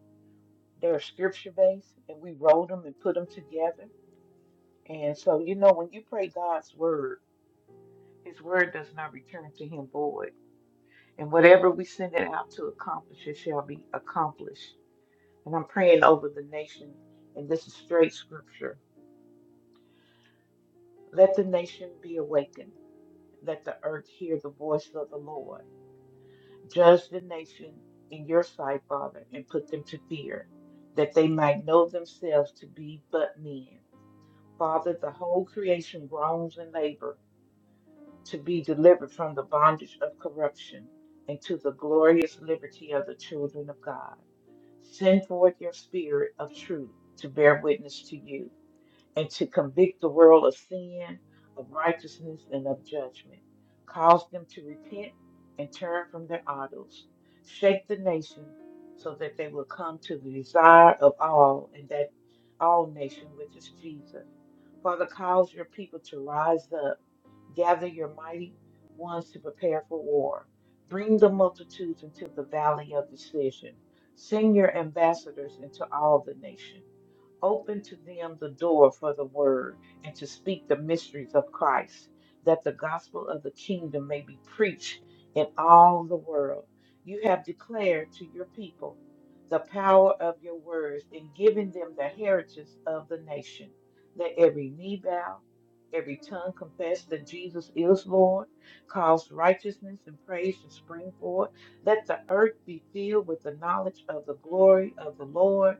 They're scripture based, and we wrote them and put them together. And so, you know, when you pray God's word, His word does not return to Him void. And whatever we send it out to accomplish, it shall be accomplished. And I'm praying over the nation, and this is straight scripture. Let the nation be awakened. Let the earth hear the voice of the Lord. Judge the nation in your sight, Father, and put them to fear, that they might know themselves to be but men Father, the whole creation groans in labor to be delivered from the bondage of corruption into the glorious liberty of the children of God. Send forth your spirit of truth to bear witness to you and to convict the world of sin, of righteousness, and of judgment. Cause them to repent and turn from their idols. Shake the nation so that they will come to the desire of all and that all nation, which is Jesus. Father, cause your people to rise up. Gather your mighty ones to prepare for war. Bring the multitudes into the valley of decision. Send your ambassadors into all the nation. Open to them the door for the word and to speak the mysteries of Christ, that the gospel of the kingdom may be preached in all the world. You have declared to your people the power of your words in giving them the heritage of the nations. Let every knee bow, every tongue confess that Jesus is Lord. Cause righteousness and praise to spring forth. Let the earth be filled with the knowledge of the glory of the Lord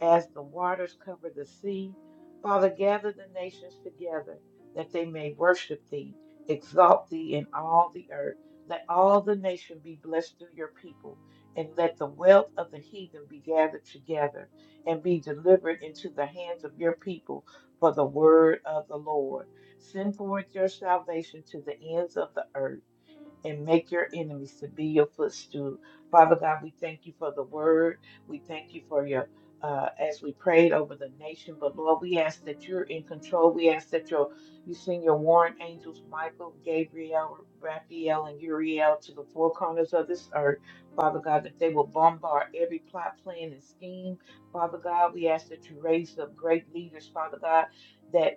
as the waters cover the sea, Father, gather the nations together that they may worship thee, exalt thee in all the earth. Let all the nation be blessed through your people, and let the wealth of the heathen be gathered together and be delivered into the hands of your people for the word of the Lord. Send forth your salvation to the ends of the earth and make your enemies to be your footstool. Father God, we thank you for the word. We thank you for your, uh, as we prayed over the nation. But Lord, we ask that you're in control. We ask that your, you send your warrant angels, Michael, Gabriel, Raphael, and Uriel to the four corners of this earth. Father God, that they will bombard every plot, plan, and scheme. Father God, we ask that you raise up great leaders, Father God, that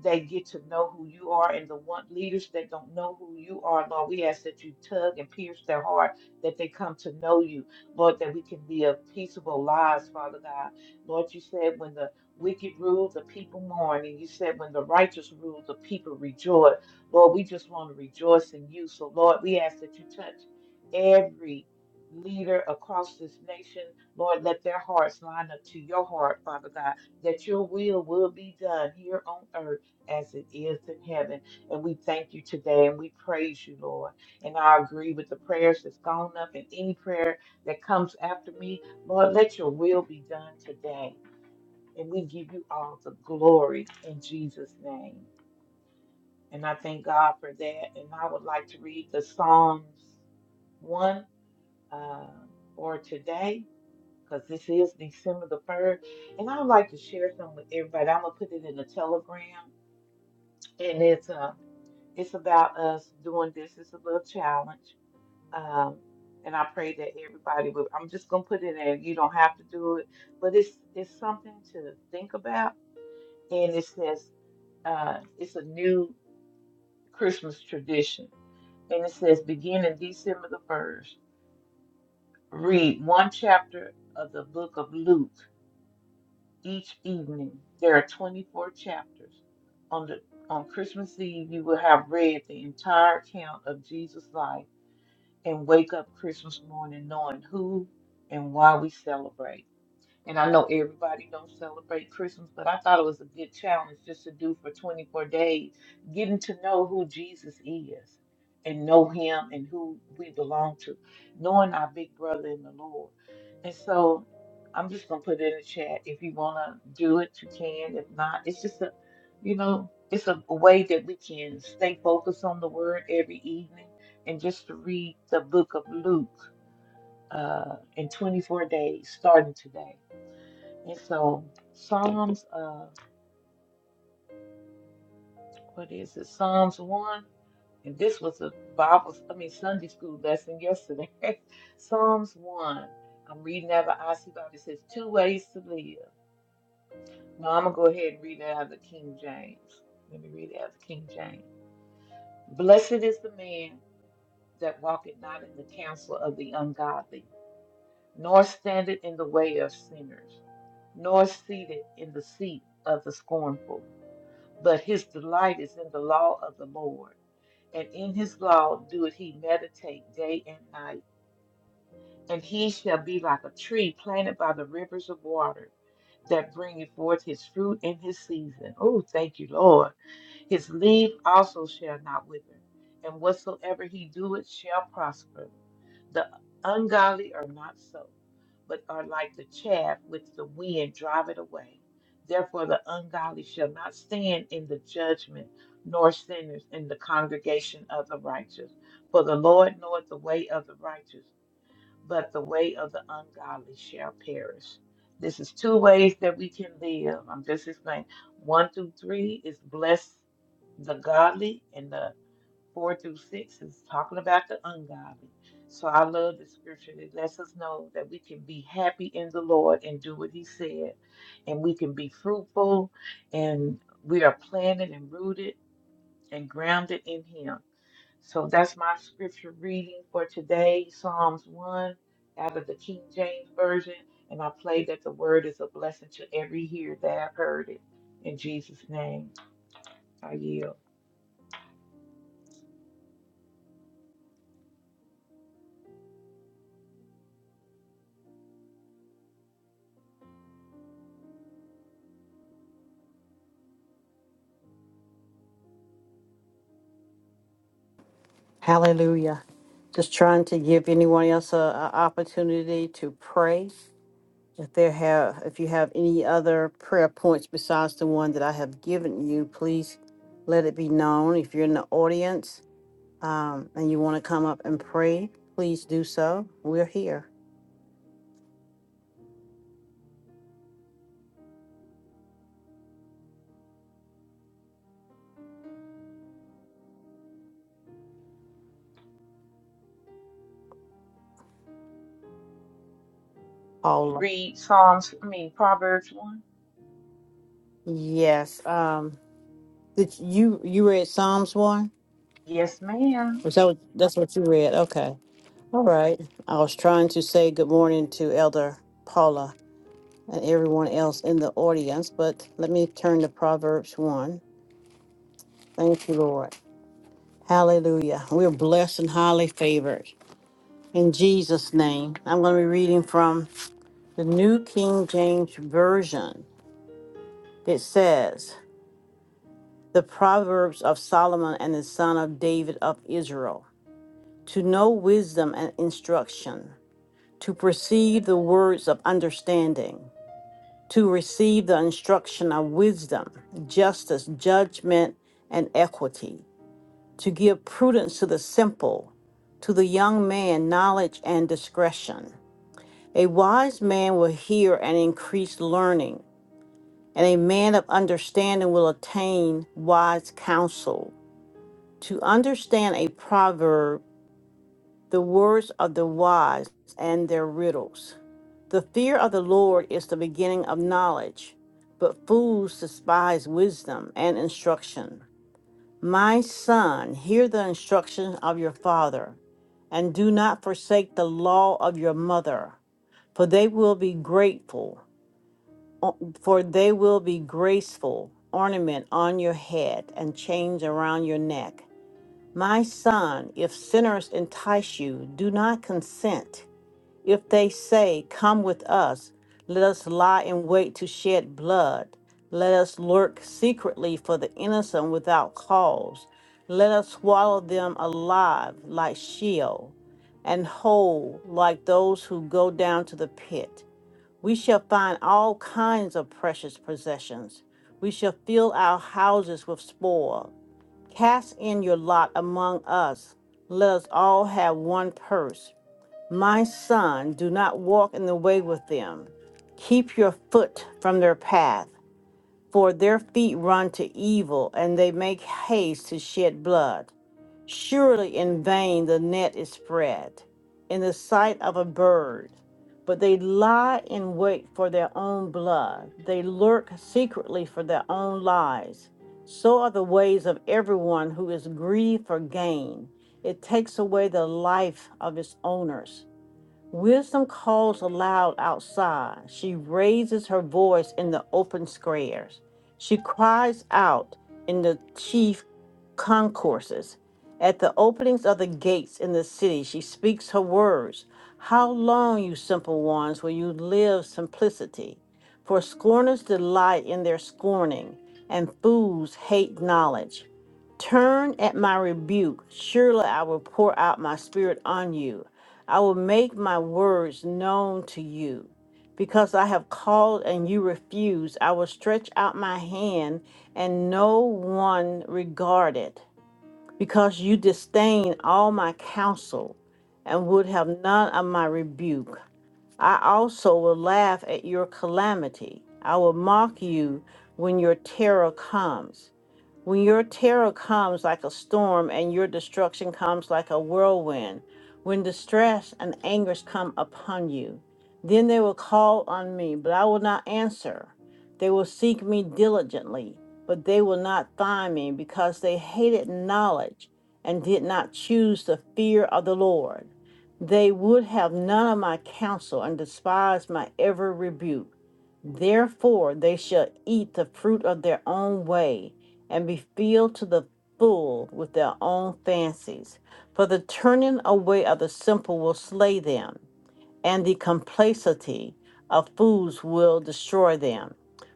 they get to know who you are and the one leaders that don't know who you are lord we ask that you tug and pierce their heart that they come to know you lord that we can live peaceable lives father god lord you said when the wicked rule the people mourn and you said when the righteous rule the people rejoice lord we just want to rejoice in you so lord we ask that you touch every leader across this nation lord let their hearts line up to your heart father god that your will will be done here on earth as it is in heaven. And we thank you today and we praise you, Lord. And I agree with the prayers that's gone up and any prayer that comes after me. Lord, let your will be done today. And we give you all the glory in Jesus' name. And I thank God for that. And I would like to read the Psalms 1 uh, for today because this is December the 3rd. And I would like to share some with everybody. I'm going to put it in the telegram. And it's uh, It's about us doing this. It's a little challenge. Um, and I pray that everybody will. I'm just gonna put it in. there. You don't have to do it, but it's it's something to think about. And it says uh, it's a new Christmas tradition. And it says beginning December the first, read one chapter of the book of Luke each evening. There are 24 chapters. On the on Christmas Eve, you will have read the entire account of Jesus' life and wake up Christmas morning knowing who and why we celebrate. And I know everybody don't celebrate Christmas, but I thought it was a good challenge just to do for 24 days, getting to know who Jesus is and know him and who we belong to, knowing our big brother in the Lord. And so I'm just gonna put it in the chat. If you wanna do it, you can. If not, it's just a you know, it's a, a way that we can stay focused on the word every evening and just to read the book of Luke uh in 24 days starting today. And so Psalms, uh, what is it? Psalms one. And this was a Bible, I mean Sunday school lesson yesterday. Psalms one. I'm reading out of the IC Bible. It says two ways to live. Now I'm gonna go ahead and read it out of the King James. Let me read it out of the King James. Blessed is the man that walketh not in the counsel of the ungodly, nor standeth in the way of sinners, nor seated in the seat of the scornful. But his delight is in the law of the Lord, and in his law doeth he meditate day and night. And he shall be like a tree planted by the rivers of water that bringeth forth his fruit in his season. Oh, thank you, Lord. His leaf also shall not wither, and whatsoever he doeth shall prosper. The ungodly are not so, but are like the chaff which the wind driveth away. Therefore, the ungodly shall not stand in the judgment, nor sinners in the congregation of the righteous. For the Lord knoweth the way of the righteous, but the way of the ungodly shall perish. This is two ways that we can live. I'm just explaining. One through three is bless the godly, and the four through six is talking about the ungodly. So I love the scripture. It lets us know that we can be happy in the Lord and do what He said, and we can be fruitful, and we are planted and rooted and grounded in Him. So that's my scripture reading for today, Psalms 1 out of the King James Version. And I pray that the word is a blessing to every hearer that have heard it. In Jesus' name, I yield. Hallelujah. Just trying to give anyone else an opportunity to pray. If there have, if you have any other prayer points besides the one that I have given you, please let it be known. If you're in the audience um, and you want to come up and pray, please do so. We're here. Paula. Read Psalms, I mean, Proverbs 1. Yes. Um, did you you read Psalms one? Yes, ma'am. Was that what, that's what you read? Okay. All right. I was trying to say good morning to Elder Paula and everyone else in the audience, but let me turn to Proverbs 1. Thank you, Lord. Hallelujah. We're blessed and highly favored. In Jesus' name, I'm going to be reading from the New King James Version. It says, The Proverbs of Solomon and the son of David of Israel. To know wisdom and instruction, to perceive the words of understanding to receive the instruction of wisdom, justice, judgment, and equity, to give prudence to the simple, to the young man, knowledge and discretion. A wise man will hear and increase learning, and a man of understanding will attain wise counsel. To understand a proverb the words of the wise and their riddles. The fear of the Lord is the beginning of knowledge, but fools despise wisdom and instruction. My son, hear the instruction of your father, and do not forsake the law of your mother, for they will be grateful, o- for they will be graceful ornament on your head and chains around your neck. My son, if sinners entice you, do not consent. If they say, Come with us, let us lie in wait to shed blood. Let us lurk secretly for the innocent without cause. Let us swallow them alive like Sheol, and whole like those who go down to the pit. We shall find all kinds of precious possessions. We shall fill our houses with spoil. Cast in your lot among us. Let us all have one purse. My son, do not walk in the way with them. Keep your foot from their path for their feet run to evil, and they make haste to shed blood. Surely in vain the net is spread in the sight of a bird, but they lie in wait for their own blood. They lurk secretly for their own lives. So are the ways of everyone who is greedy for gain. It takes away the life of its owners Wisdom calls aloud outside. She raises her voice in the open squares. She cries out in the chief concourses. At the openings of the gates in the city, she speaks her words. How long, you simple ones, will you live simplicity? For scorners delight in their scorning, and fools hate knowledge. Turn at my rebuke. Surely I will pour out my spirit on you. I will make my words known to you. Because I have called and you refuse, I will stretch out my hand and no one regard it. Because you disdain all my counsel and would have none of my rebuke. I also will laugh at your calamity. I will mock you when your terror comes. When your terror comes like a storm and your destruction comes like a whirlwind, when distress and anguish come upon you, then they will call on me, but I will not answer. They will seek me diligently, but they will not find me because they hated knowledge and did not choose the fear of the Lord. They would have none of my counsel and despised my every rebuke. Therefore, they shall eat the fruit of their own way and be filled to the full with their own fancies. For the turning away of the simple will slay them, and the complacency of fools will destroy them.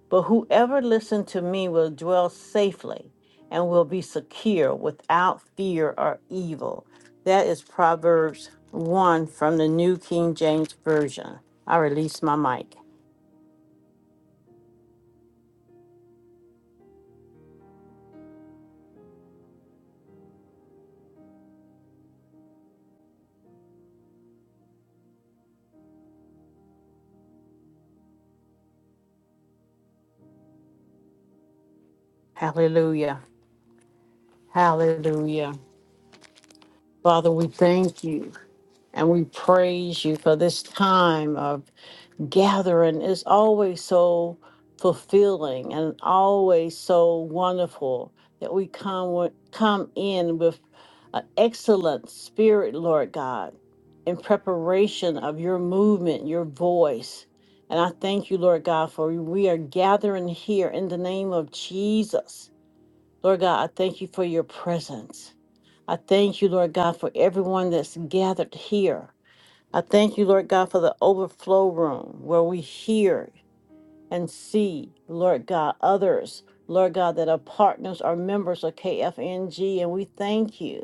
But whoever listens to me will dwell safely and will be secure without fear or evil. That is Proverbs 1 from the New King James Version. I release my mic. Hallelujah. Hallelujah. Father, we thank you. And we praise you for this time of gathering. It's always so fulfilling and always so wonderful that we come wi- come in with an excellent spirit, Lord God, in preparation of your movement, your voice. And I thank you, Lord God, for we are gathering here in the name of Jesus. Lord God, I thank you for your presence. I thank you, Lord God, for everyone that's gathered here. I thank you, Lord God, for the overflow room where we hear and see, Lord God, others, Lord God, that are partners or members of KFNG. And we thank you.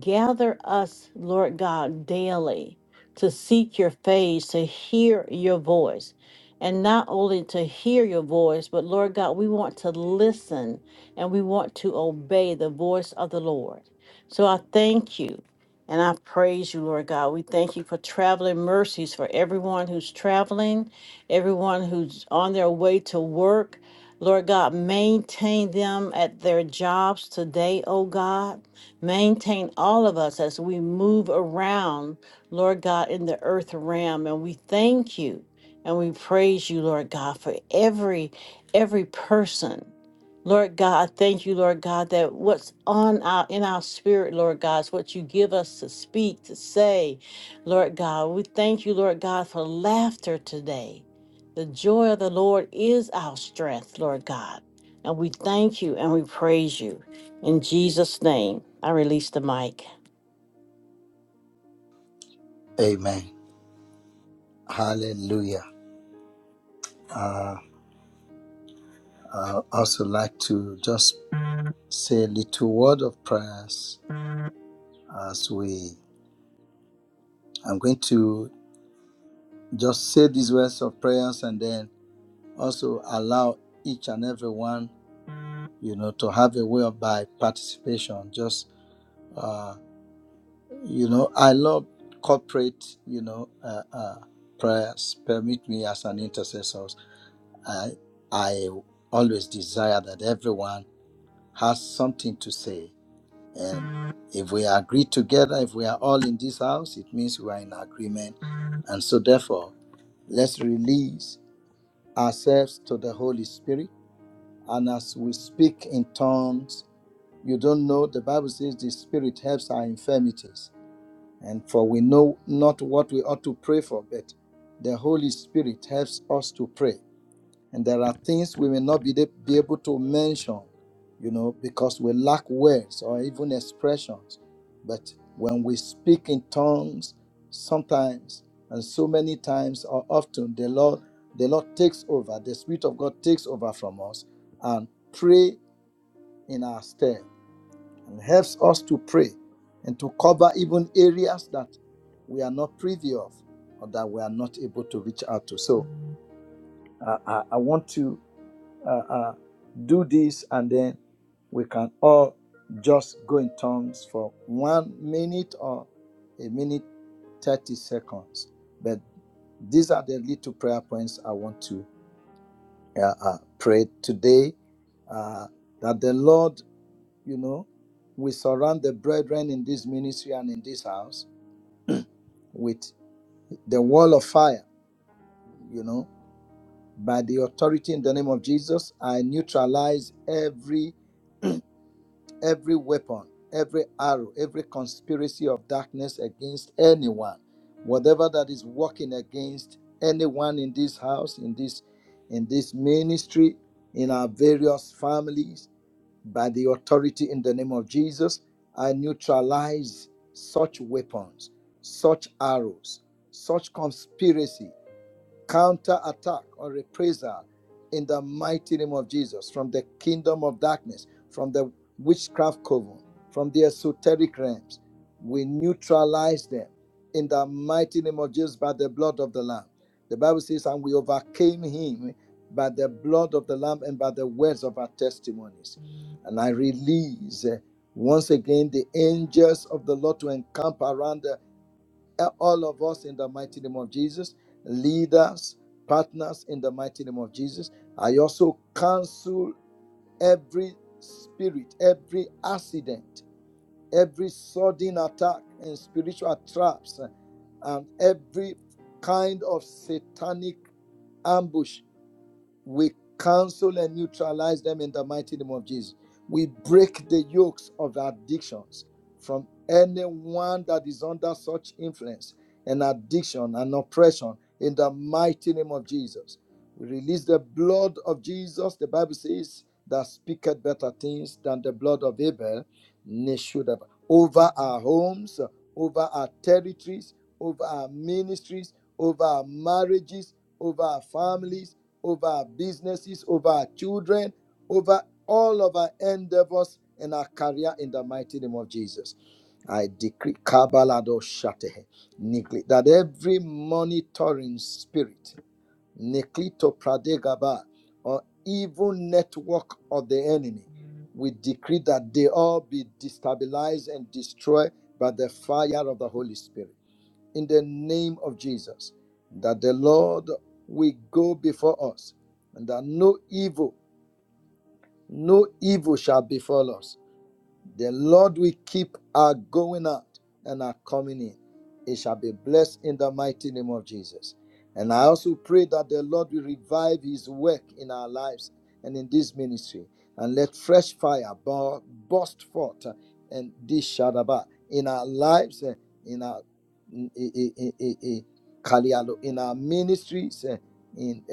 Gather us, Lord God, daily to seek your face, to hear your voice. And not only to hear your voice, but Lord God, we want to listen and we want to obey the voice of the Lord. So I thank you and I praise you, Lord God. We thank you for traveling mercies for everyone who's traveling, everyone who's on their way to work. Lord God, maintain them at their jobs today, oh God. Maintain all of us as we move around, Lord God, in the earth realm. And we thank you and we praise you, Lord God, for every every person. Lord God, I thank you, Lord God, that what's on our in our spirit, Lord God, is what you give us to speak, to say, Lord God. We thank you, Lord God, for laughter today. The joy of the Lord is our strength, Lord God. And we thank you and we praise you. In Jesus' name, I release the mic. Amen. Hallelujah. Uh, I also like to just say a little word of prayers as we. I'm going to just say these words of prayers and then also allow each and every one, you know, to have a way of by participation. Just uh, You know, I love corporate, you know, uh, uh, prayers. Permit me as an intercessor. I, I always desire that everyone has something to say. And if we agree together, if we are all in this house, it means we are in agreement. And so, therefore, let's release ourselves to the Holy Spirit. And as we speak in tongues, you don't know, the Bible says the Spirit helps our infirmities. And for we know not what we ought to pray for, but the Holy Spirit helps us to pray. And there are things we may not be, be able to mention, you know, because we lack words or even expressions. But when we speak in tongues, sometimes and so many times or often, the Lord, the Lord takes over, the Spirit of God takes over from us and pray in our stead and helps us to pray and to cover even areas that we are not privy of or that we are not able to reach out to. So uh, I, I want to uh, uh, do this and then we can all just go in tongues for one minute or a minute 30 seconds. But these are the little prayer points I want to uh, uh, pray today. Uh, that the Lord you know, we surround the brethren in this ministry and in this house with the wall of fire, you know, by the authority in the name of Jesus, I neutralize every every weapon, every arrow, every conspiracy of darkness against anyone, whatever that is working against anyone in this house, in this in this ministry, in our various families, By the authority in the name of Jesus, I neutralize such weapons, such arrows, such conspiracy Counterattack or reprisal in the mighty name of Jesus from the kingdom of darkness, from the witchcraft coven, from the esoteric realms. We neutralize them in the mighty name of Jesus by the blood of the Lamb. The Bible says, and we overcame him by the blood of the Lamb and by the words of our testimonies. Mm. And I release eh, once again the angels of the Lord to encamp around uh, uh, all of us in the mighty name of Jesus, leaders, partners in the mighty name of Jesus. I also cancel every spirit, every accident, every sudden attack and spiritual traps, uh, and every kind of satanic ambush we cancel and neutralize them in the mighty name of Jesus. We break the yokes of addictions from anyone that is under such influence and addiction and oppression in the mighty name of Jesus. We release the blood of Jesus, the Bible says, that speaketh better things than the blood of Abel, nay, should have, over our homes, over our territories, over our ministries, over our marriages, over our families over our businesses, over our children, over all of our endeavors and our career in the mighty name of Jesus. I decree Kabalado Shatehe, that every monitoring spirit, Niklito Pradegaba, or evil network of the enemy, we decree that they all be destabilized and destroyed by the fire of the Holy Spirit in the name of Jesus, that the Lord will go before us, and that no evil, no evil shall befall us the Lord will keep our going out and our coming in. It shall be blessed in the mighty name of Jesus. And I also pray that the Lord will revive his work in our lives and in this ministry. And let fresh fire burst forth uh, and this shadaba in our lives, uh, in our in, Kalialo, in our ministries, uh, in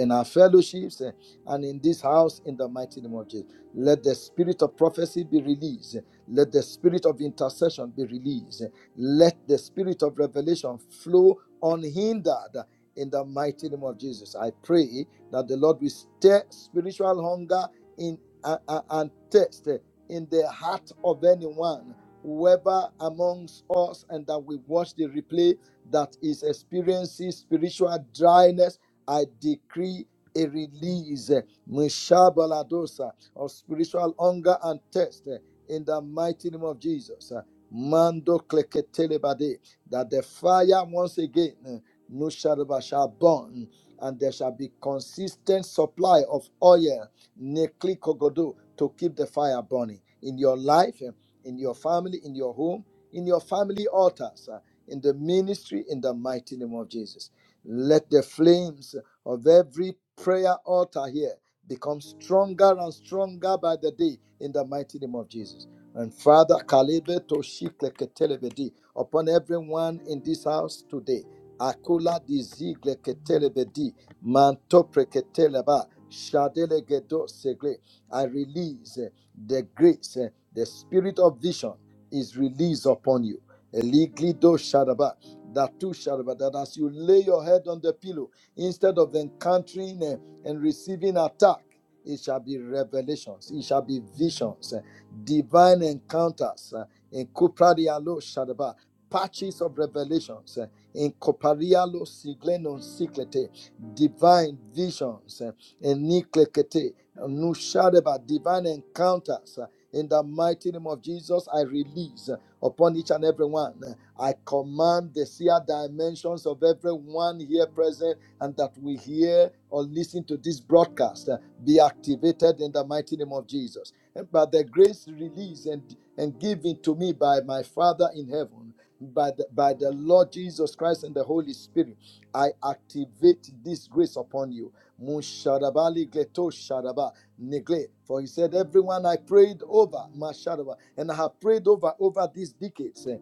in our fellowships, uh, and in this house in the mighty name of Jesus. Let the spirit of prophecy be released. Let the spirit of intercession be released. Let the spirit of revelation flow unhindered in the mighty name of Jesus. I pray that the Lord will stir spiritual hunger in uh, uh, and thirst in the heart of anyone, whoever amongst us, and that we watch the replay that is experiencing spiritual dryness. I decree a release. Mishabaladosa of spiritual hunger and thirst eh, in the mighty name of Jesus. eh. Mando kleketelebade, that the fire once again eh, no shadaba shall burn, and there shall be consistent supply of oil, nekli kogodo, to keep the fire burning in your life, eh, in your family, in your home, in your family altars, eh, in the ministry, in the mighty name of Jesus. Let the flames of every prayer altar here become stronger and stronger by the day in the mighty name of Jesus. And Father, Kalebe Toshikle Ketelebedi, upon everyone in this house today, Akula Dizigle Ketelebedi, Mantopre Keteleba, Shadele Gedo Segre, I release eh, the grace, eh, the spirit of vision is released upon you. Eliglido Shadaba, that too Shadaba, that as you lay your head on the pillow, instead of encountering eh, and receiving attack, it shall be revelations, it shall be visions, eh, divine encounters eh, in Kupradialo Shadaba, patches of revelations eh, in Koparialo Siglenon Siklete, divine visions eh, in Niklekete, Nushadaba, divine encounters. eh, In the mighty name of Jesus, I release eh, upon each and every one. eh, I command the seer dimensions of everyone here present and that we hear or listen to this broadcast uh, be activated in the mighty name of Jesus. And by the grace released and, and given to me by my Father in heaven, by the, by the Lord Jesus Christ and the Holy Spirit, I activate this grace upon you. Mushadabali gleto shadaba For he said, Everyone I prayed over, Mashadaba, and I have prayed over over these decades, eh,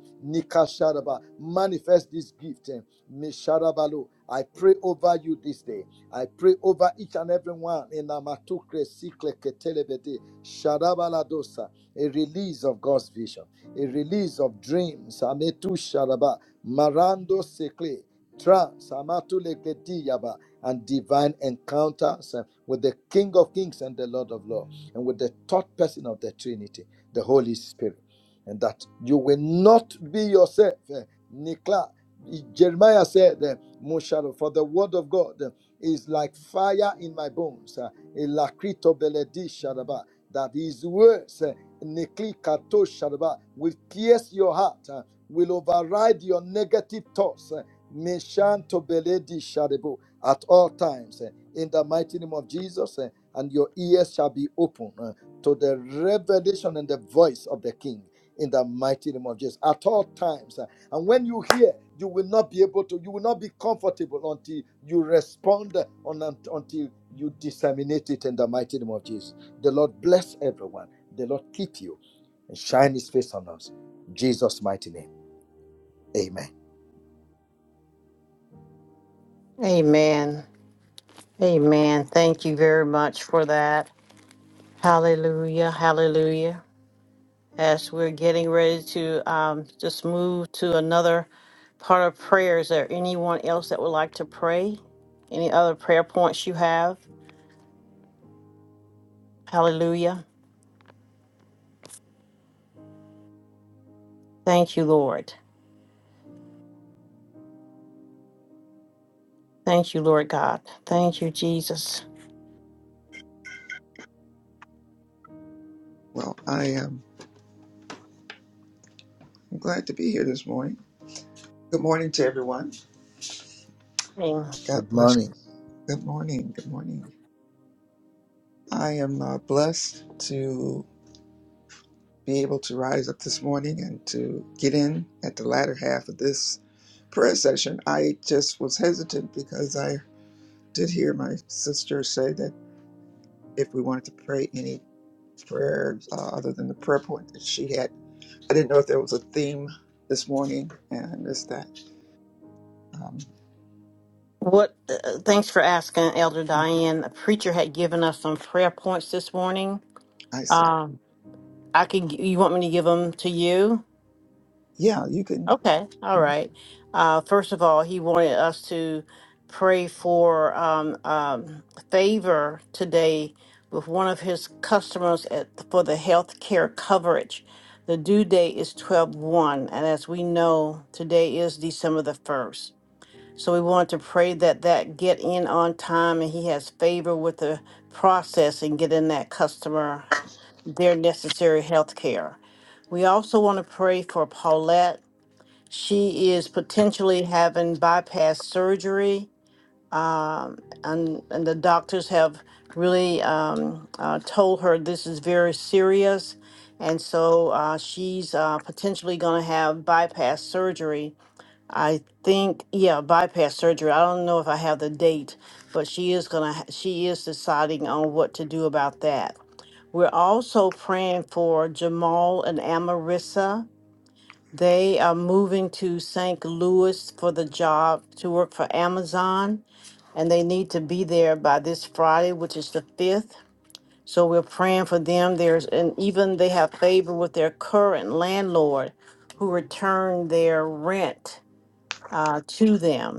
manifest this gift. eh, Misharabalu. I pray over you this day. I pray over each and every one in Amatukre Sikleke Telebede Sharabaladosa. A release of God's vision, a release of dreams. Ametu Sharaba Marando Sekle. Trance, Amatu Legedi Yaba, and divine encounters uh, with the King of Kings and the Lord of Lords, and with the third person of the Trinity, the Holy Spirit and that you will not be yourself. uh, Nikla Jeremiah said, uh, for the word of God uh, is like fire in my bones. uh, That his words, uh, will pierce your heart, uh, will override your negative thoughts. uh, At all times, uh, in the mighty name of Jesus, uh, and your ears shall be open uh, to the revelation and the voice of the King in the mighty name of Jesus. At all times, eh, and when you hear, you will not be able to, you will not be comfortable until you respond on, until you disseminate it in the mighty name of Jesus. The Lord bless everyone. The Lord keep you and shine his face on us. In Jesus' mighty name. Amen. Amen. Amen. Thank you very much for that. Hallelujah. Hallelujah. As we're getting ready to um, just move to another part of prayer, is there anyone else that would like to pray? Any other prayer points you have? Hallelujah. Thank you, Lord. Thank you, Lord God. Thank you, Jesus. Well, I am I'm glad to be here this morning. Good morning to everyone. Amen. God Good bless morning. you. Good morning. Good morning. I am uh, blessed to be able to rise up this morning and to get in at the latter half of this prayer session. I just was hesitant because I did hear my sister say that if we wanted to pray any prayers uh, other than the prayer point that she had, I didn't know if there was a theme this morning, and I missed that. Um, What? Uh, thanks for asking, Elder Diane. The preacher had given us some prayer points this morning I see. Um, I can. g- You want me to give them to you? Yeah, you can. Okay. All right. Uh, first of all, he wanted us to pray for um, um, favor today with one of his customers at for the health care coverage. The due date is twelve one, and as we know, today is December the 1st. So we want to pray that that get in on time and he has favor with the process and getting that customer their necessary health care. We also want to pray for Paulette. She is potentially having bypass surgery, um, and, and the doctors have really um, uh, told her this is very serious. And so uh, she's uh, potentially going to have bypass surgery. I think, yeah, bypass surgery. I don't know if I have the date, but she is going to, she is deciding on what to do about that. We're also praying for Jamal and Amarissa. They are moving to St. Louis for the job to work for Amazon, and they need to be there by this Friday, which is the 5th. So we're praying for them. There's and even they have favor with their current landlord who returned their rent uh, to them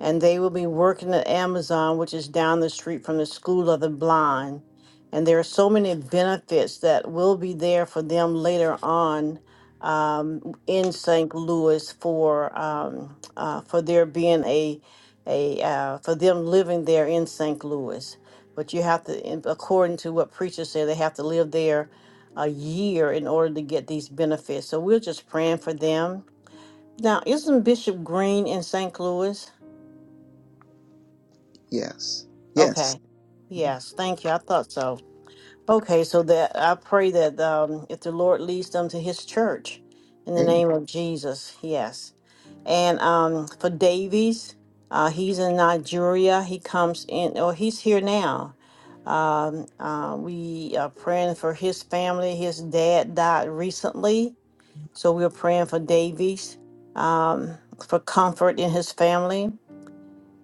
and they will be working at Amazon, which is down the street from the School of the Blind. And there are so many benefits that will be there for them later on um, in St. Louis for um, uh, for there being a a uh, for them living there in St. Louis. But you have to, in- according to what preachers say, they have to live there a year in order to get these benefits. So we're just praying for them. Now, isn't Bishop Green in St. Louis? Yes. Yes. Okay. Mm-hmm. Yes, thank you. I thought so. Okay, so that I pray that um, if the Lord leads them to His church, in the Amen. name of Jesus, yes. And um, for Davies, uh, he's in Nigeria. He comes in, or he's here now. Um, uh, we are praying for his family. His dad died recently, so we're praying for Davies um, for comfort in his family.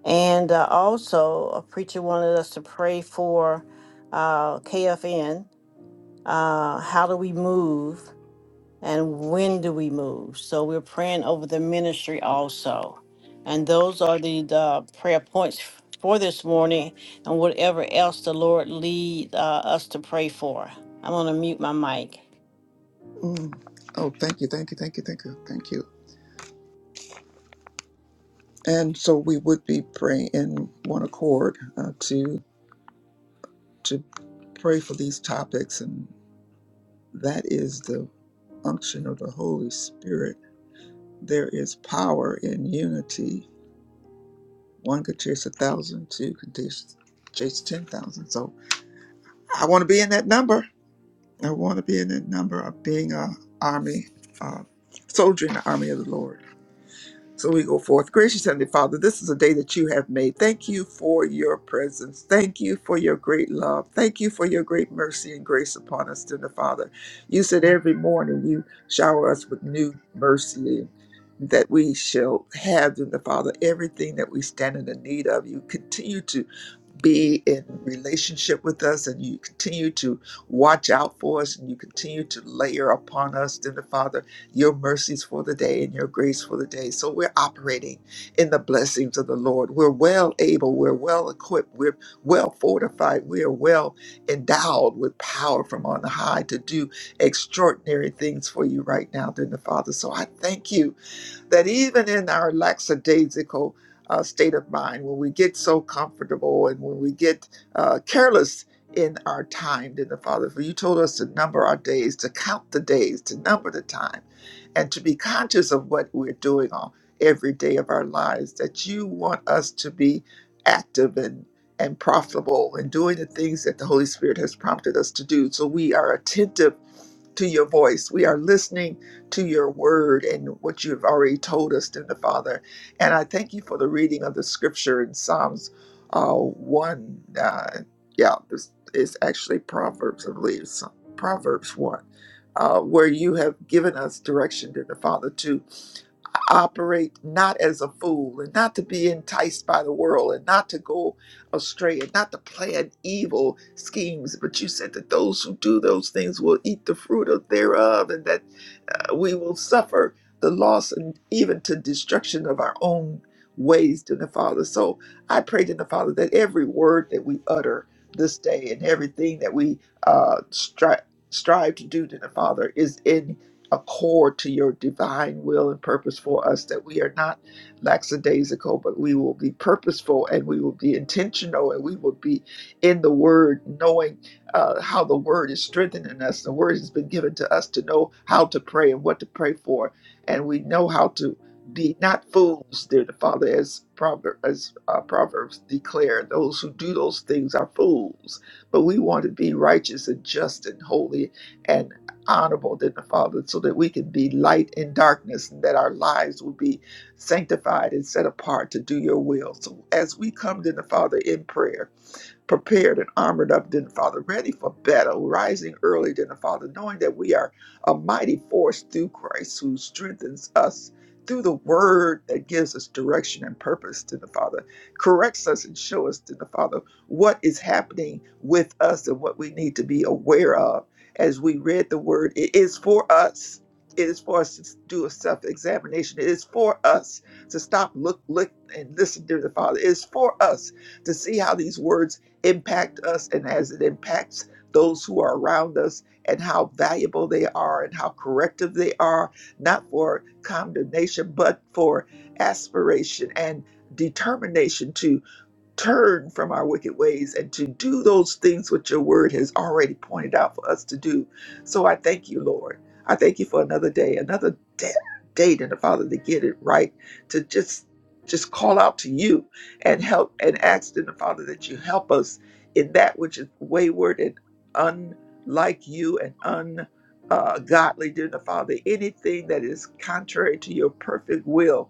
And uh, also, a preacher wanted us to pray for uh, KFN. Uh, how do we move and when do we move? So, we're praying over the ministry also. And those are the, the prayer points for this morning and whatever else the Lord lead uh, us to pray for. I'm going to mute my mic. Mm. Oh, thank you, thank you, thank you, thank you, thank you. And so we would be praying in one accord uh, to to pray for these topics, and that is the unction of the Holy Spirit. There is power in unity. One could chase a thousand, two could chase, chase ten thousand. So I want to be in that number. I want to be in that number of being a army, uh, soldier in the army of the Lord. So we go forth. Gracious Heavenly Father, this is a day that you have made. Thank you for your presence. Thank you for your great love. Thank you for your great mercy and grace upon us, dear Father. You said every morning you shower us with new mercy that we shall have, dear Father, everything that we stand in the need of. You continue to be in relationship with us and you continue to watch out for us and you continue to layer upon us, then the Father, your mercies for the day and your grace for the day. So we're operating in the blessings of the Lord. We're well able, we're well equipped, we're well fortified, we are well endowed with power from on high to do extraordinary things for you right now, then the Father. So I thank you that even in our lackadaisical uh, state of mind, when we get so comfortable and when we get uh, careless in our time, then the Father, for you told us to number our days, to count the days, to number the time, and to be conscious of what we're doing on every day of our lives, that you want us to be active and and profitable and doing the things that the Holy Spirit has prompted us to do. So we are attentive to your voice. We are listening to your word and what you have already told us, dear Father. And I thank you for the reading of the scripture in Psalms uh, 1. Uh, yeah, this is actually Proverbs, I believe. Psalm- Proverbs 1, uh, where you have given us direction, dear Father, to operate not as a fool and not to be enticed by the world and not to go astray and not to plan evil schemes. But you said that those who do those things will eat the fruit of thereof. and that uh, we will suffer the loss and even to destruction of our own ways to the Father. So I pray to the Father that every word that we utter this day and everything that we uh, stri- strive to do to the Father is in accord to your divine will and purpose for us, that we are not lackadaisical, but we will be purposeful and we will be intentional and we will be in the Word, knowing uh, how the word is strengthening us. The word has been given to us to know how to pray and what to pray for, and we know how to be not fools, dear the Father, as proverb as uh, Proverbs declare, those who do those things are fools. But we want to be righteous and just and holy and honorable, dear the Father, so that we can be light in darkness, and that our lives will be sanctified and set apart to do Your will. So as we come to the Father in prayer prepared and armored up than the Father, ready for battle, rising early than the Father, knowing that we are a mighty force through Christ who strengthens us through the word that gives us direction and purpose to the Father, corrects us and show us to the Father what is happening with us and what we need to be aware of. As we read the word, it is for us. It is for us to do a self examination. It is for us to stop, look, look, and listen to the Father. It is for us to see how these words impact us and as it impacts those who are around us and how valuable they are and how corrective they are, not for condemnation, but for aspiration and determination to turn from our wicked ways and to do those things which your word has already pointed out for us to do. So I thank you, Lord. I thank you for another day, another da- day, date and the Father to get it right, to just just call out to you and help and ask in the Father that you help us in that which is wayward and unlike you and un uh, godly, dear the Father, anything that is contrary to your perfect will,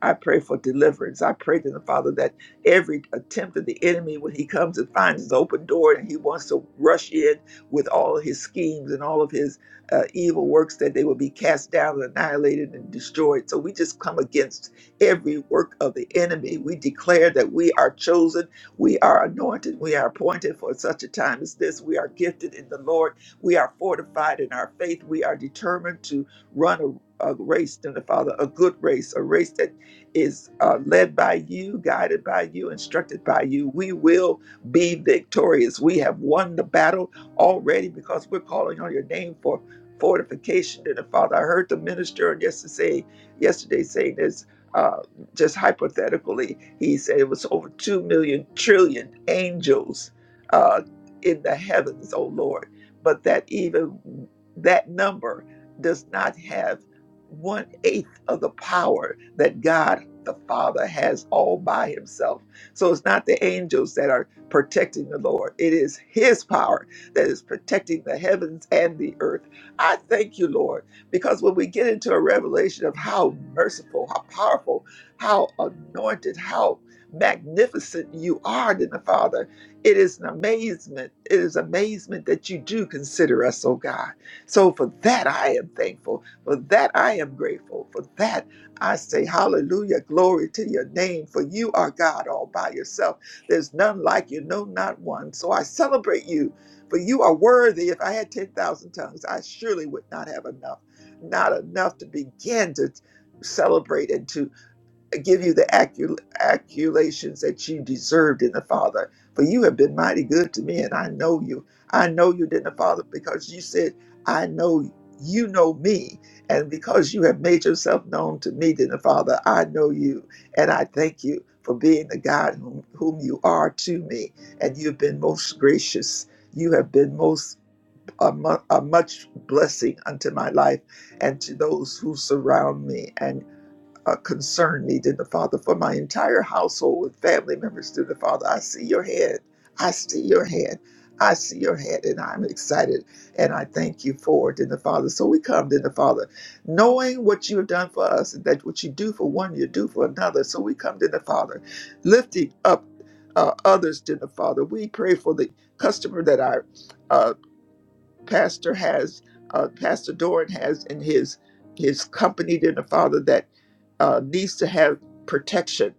I pray for deliverance. I pray to the Father that every attempt of the enemy when he comes and finds his open door and he wants to rush in with all of his schemes and all of his uh, evil works that they will be cast down and annihilated and destroyed. So we just come against every work of the enemy. We declare that we are chosen, we are anointed, we are appointed for such a time as this. We are gifted in the Lord, we are fortified in our faith, we are determined to run a a race, then the Father, a good race, a race that is uh, led by you, guided by you, instructed by you. We will be victorious. We have won the battle already because we're calling on your name for fortification. And uh, Father, I heard the minister on yesterday, yesterday saying this. Uh, just hypothetically, he said it was over 2 million trillion angels uh, in the heavens, oh Lord. But that even that number does not have one eighth of the power that God the Father has all by himself. So it's not the angels that are protecting the Lord, it is his power that is protecting the heavens and the earth. I thank you, Lord, because when we get into a revelation of how merciful, how powerful, how anointed, how magnificent you are in the Father, it is an amazement. It is amazement that you do consider us, oh God. So for that, I am thankful. For that I am grateful. For that I say hallelujah, glory to your name. For you are God all by yourself. There's none like you, no, not one. So I celebrate you, for you are worthy. If I had 10,000 tongues, I surely would not have enough, not enough to begin to celebrate and to give you the accu- accolations that you deserved in the Father. For you have been mighty good to me, and I know you. I know you did in the Father because you said, I know you know me. And because you have made yourself known to me, then the Father, I know you. And I thank you for being the God whom, whom you are to me. And you've been most gracious. You have been most a, mu- a much blessing unto my life and to those who surround me. and uh, concern me, dear the Father, for my entire household and family members, dear the Father. I see your head. I see your head. I see your head, and I'm excited, and I thank you for it, dear the Father. So we come, dear the Father, knowing what you have done for us, and that what you do for one, you do for another. So we come, dear the Father, lifting up uh, others, dear the Father. We pray for the customer that I uh, pastor has uh, pastor doran has in his his company to the father that uh, needs to have protection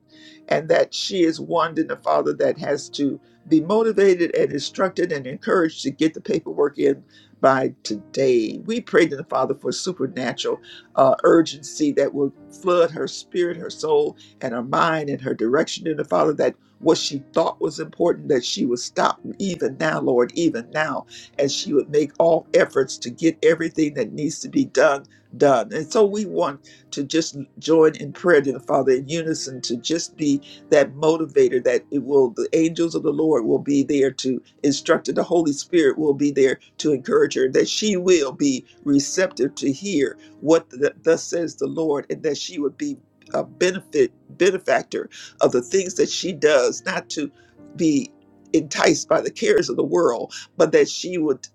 and that she is one in the father that has to be motivated and instructed and encouraged to get the paperwork in by today we pray to the father for supernatural uh, urgency that will flood her spirit her soul and her mind and her direction in the father that what she thought was important that she would stop even now lord even now and she would make all efforts to get everything that needs to be done done. And so we want to just join in prayer to the Father in unison to just be that motivator that it will the angels of the Lord will be there to instruct her. The Holy Spirit will be there to encourage her, that she will be receptive to hear what the, thus says the Lord, and that she would be a benefit benefactor of the things that she does, not to be enticed by the cares of the world, but that she would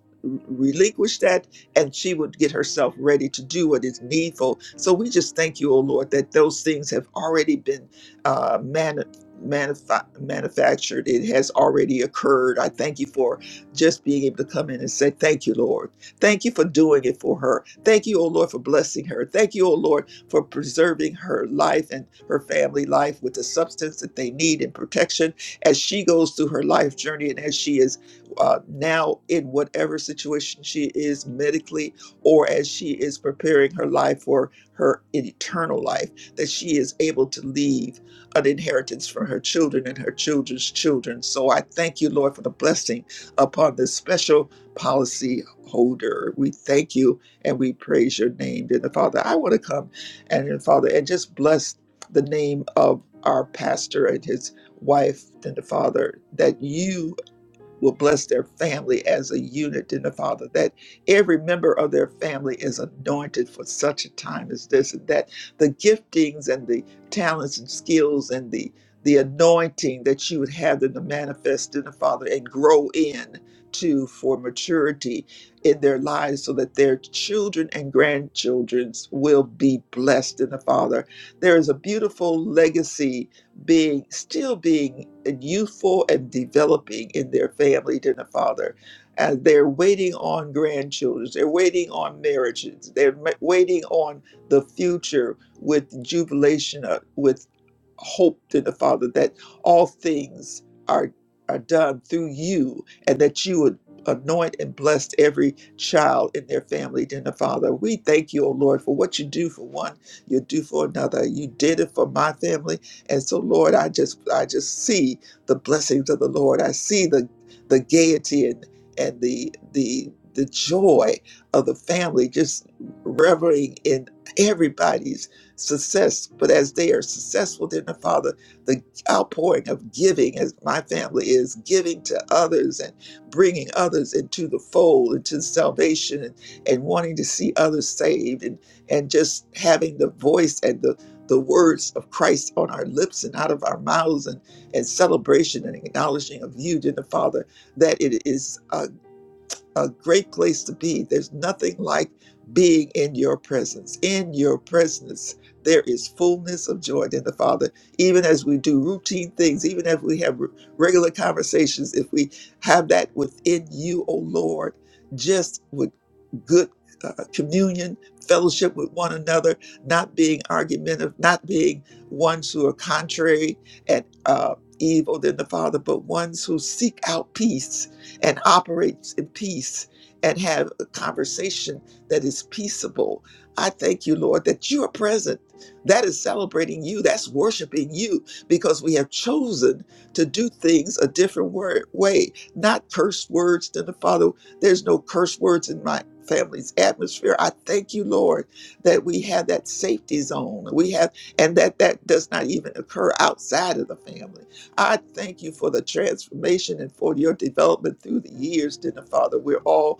relinquish that and she would get herself ready to do what is needful. So we just thank you, O Lord, that those things have already been uh, mani- manifa- manufactured. It has already occurred. I thank you for just being able to come in and say, Thank you, Lord. Thank you for doing it for her. Thank you, O Lord, for blessing her. Thank you, O Lord, for preserving her life and her family life with the substance that they need and protection as she goes through her life journey and as she is uh, now in whatever situation she is medically or as she is preparing her life for her eternal life, that she is able to leave an inheritance for her children and her children's children. So I thank you, Lord, for the blessing upon this special policy holder. We thank you and we praise your name. Dear the Father, I want to come and then Father and just bless the name of our pastor and his wife and the father that you will bless their family as a unit in the Father, that every member of their family is anointed for such a time as this, and that the giftings and the talents and skills and the the anointing that you would have them to manifest in the Father and grow in to for maturity in their lives so that their children and grandchildrens will be blessed in the Father. There is a beautiful legacy being still being youthful and developing in their family to the father. And they're waiting on grandchildren. They're waiting on marriages. They're ma- waiting on the future with jubilation, uh, with hope to the Father that all things are are done through you, and that you would anoint and bless every child in their family. To the Father, we thank you, O Lord, for what you do for one, you do for another. You did it for my family. And so, Lord, I just I just see the blessings of the Lord. I see the the gaiety and and the the the joy of the family just revering in everybody's success. But as they are successful, then the Father, the outpouring of giving, as my family is giving to others and bringing others into the fold, into salvation, and, and wanting to see others saved, and and just having the voice and the the words of Christ on our lips and out of our mouths and, and celebration and acknowledging of you, dear Father, that it is uh, a great place to be. There's nothing like being in your presence. In your presence, there is fullness of joy in the Father. Even as we do routine things, even if we have re- regular conversations, if we have that within you, O Lord, just with good uh, communion, fellowship with one another, not being argumentative, not being ones who are contrary and uh, evil than the Father, but ones who seek out peace and operates in peace and have a conversation that is peaceable. I thank you, Lord, that you are present. That is celebrating you. That's worshiping you because we have chosen to do things a different wor- way, not curse words to the Father. There's no curse words in my family's atmosphere. I thank you, Lord, that we have that safety zone. We have, and that that does not even occur outside of the family. I thank you for the transformation and for your development through the years, dear Father. We're all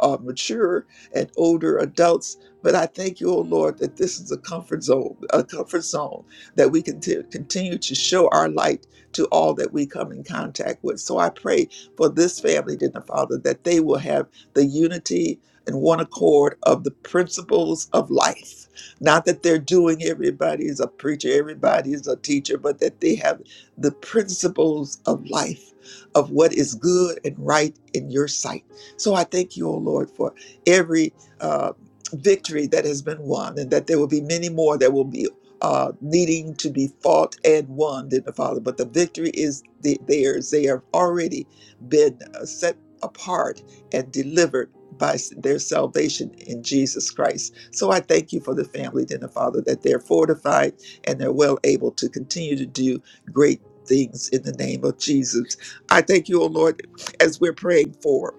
uh, mature and older adults. But I thank you, O Lord, that this is a comfort zone, a comfort zone that we can t- continue to show our light to all that we come in contact with. So I pray for this family, dear Father, that they will have the unity and one accord of the principles of life. Not that they're doing everybody is a preacher, everybody is a teacher, but that they have the principles of life, of what is good and right in your sight. So I thank you, O Lord, for every uh, victory that has been won, and that there will be many more that will be uh, needing to be fought and won, dear the Father. But the victory is the, theirs. They have already been uh, set apart and delivered by s- their salvation in Jesus Christ. So I thank you for the family, dear the Father, that they're fortified and they're well able to continue to do great things in the name of Jesus. I thank you, O Lord, as we're praying for.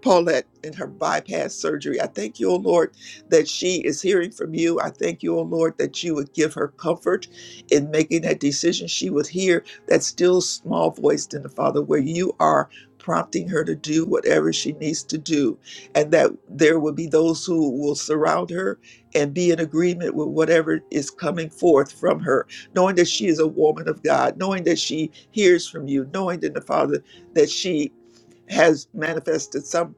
Paulette in her bypass surgery. I thank you, O Lord, that she is hearing from you. I thank you, O Lord, that you would give her comfort in making that decision. She would hear that still small voice in the Father, where you are prompting her to do whatever she needs to do, and that there will be those who will surround her and be in agreement with whatever is coming forth from her, knowing that she is a woman of God, knowing that she hears from you, knowing that the Father that she has manifested some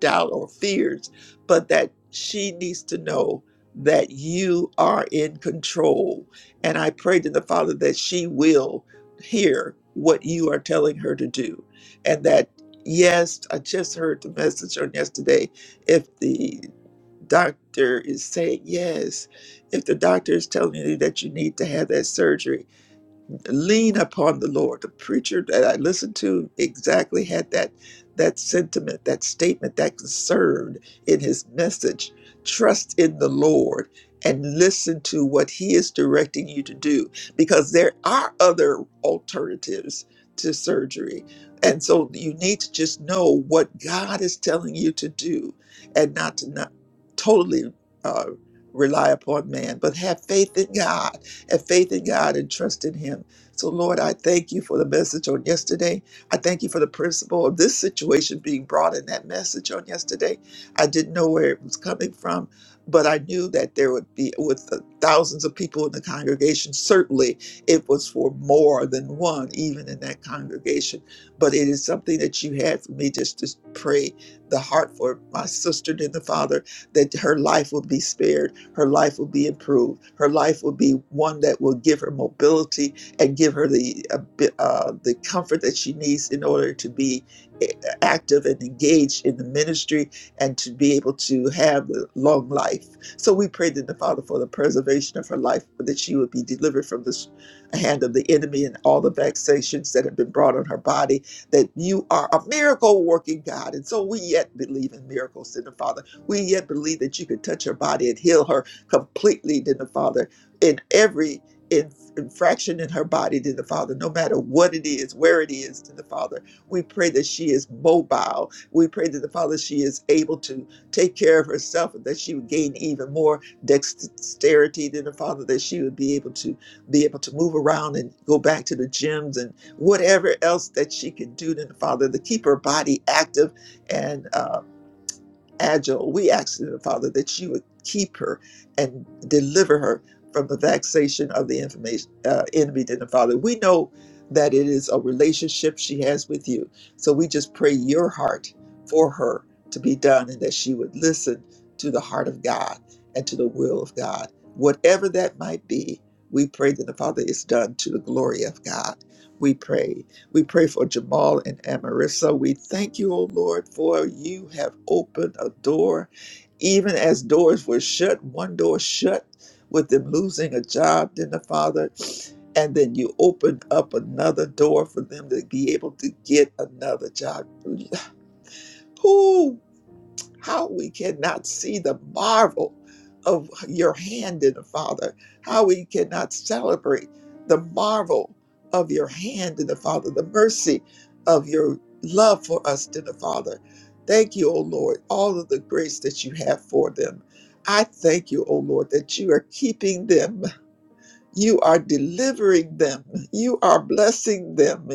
doubt or fears, but that she needs to know that you are in control. And I pray to the Father that she will hear what you are telling her to do. And that, yes, I just heard the message on yesterday. If the doctor is saying yes, if the doctor is telling you that you need to have that surgery, lean upon the Lord. The preacher that I listened to exactly had that that sentiment, that statement, that concern in his message. Trust in the Lord and listen to what he is directing you to do because there are other alternatives to surgery. And so you need to just know what God is telling you to do and not to not totally uh, rely upon man, but have faith in God have faith in God and trust in Him so, Lord, I thank you for the message on yesterday. I thank you for the principle of this situation being brought in that message on yesterday. I didn't know where it was coming from, but I knew that there would be, with the thousands of people in the congregation, certainly it was for more than one, even in that congregation. But it is something that you had for me just to pray the heart for my sister and the father that her life will be spared, her life will be improved, her life will be one that will give her mobility and give her the uh, bi- uh, the comfort that she needs in order to be eh, active and engaged in the ministry and to be able to have a long life. So we prayed to the Father for the preservation of her life, that she would be delivered from this hand of the enemy and all the vexations that have been brought on her body. That you are a miracle working God, and so we yet believe in miracles in the Father. We yet believe that you could touch her body and heal her completely, in the Father in every inf- infraction in her body to the Father, no matter what it is, where it is to the Father. We pray that she is mobile. We pray that the Father, she is able to take care of herself and that she would gain even more dexterity than the Father, that she would be able to be able to move around and go back to the gyms and whatever else that she can do than the Father to keep her body active and uh, Agile, we ask you, Father, that you would keep her and deliver her from the vexation of the information, uh, enemy, dear Father. We know that it is a relationship she has with you. So we just pray your heart for her to be done and that she would listen to the heart of God and to the will of God. Whatever that might be, we pray that the Father is done to the glory of God. We pray we pray for Jamal and Amarissa. We thank you, O Lord, for you have opened a door. Even as doors were shut, one door shut with them losing a job, then the Father, and then you opened up another door for them to be able to get another job. Who? how we cannot see the marvel of your hand in the Father, how we cannot celebrate the marvel of your hand in the Father, the mercy of your love for us in the Father. Thank you, O Lord, all of the grace that you have for them. I thank you, O Lord, that you are keeping them you are delivering them. You are blessing them.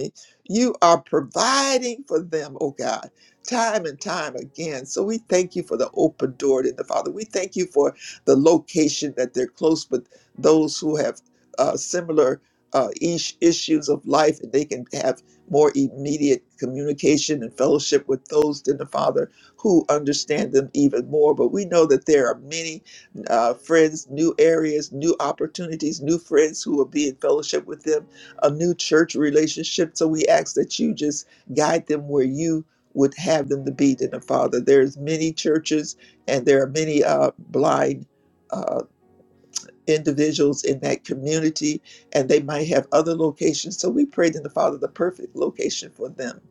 You are providing for them, oh God, time and time again. So we thank you for the open door to the Father. We thank you for the location that they're close with those who have uh, similar uh, ish- issues of life and they can have more immediate communication and fellowship with those in the Father who understand them even more. But we know that there are many uh, friends, new areas, new opportunities, new friends who will be in fellowship with them, a new church relationship. So we ask that you just guide them where you would have them to be, dear Father. There's many churches and there are many uh, blind. uh, individuals in that community, and they might have other locations. So we prayed in the Father the perfect location for them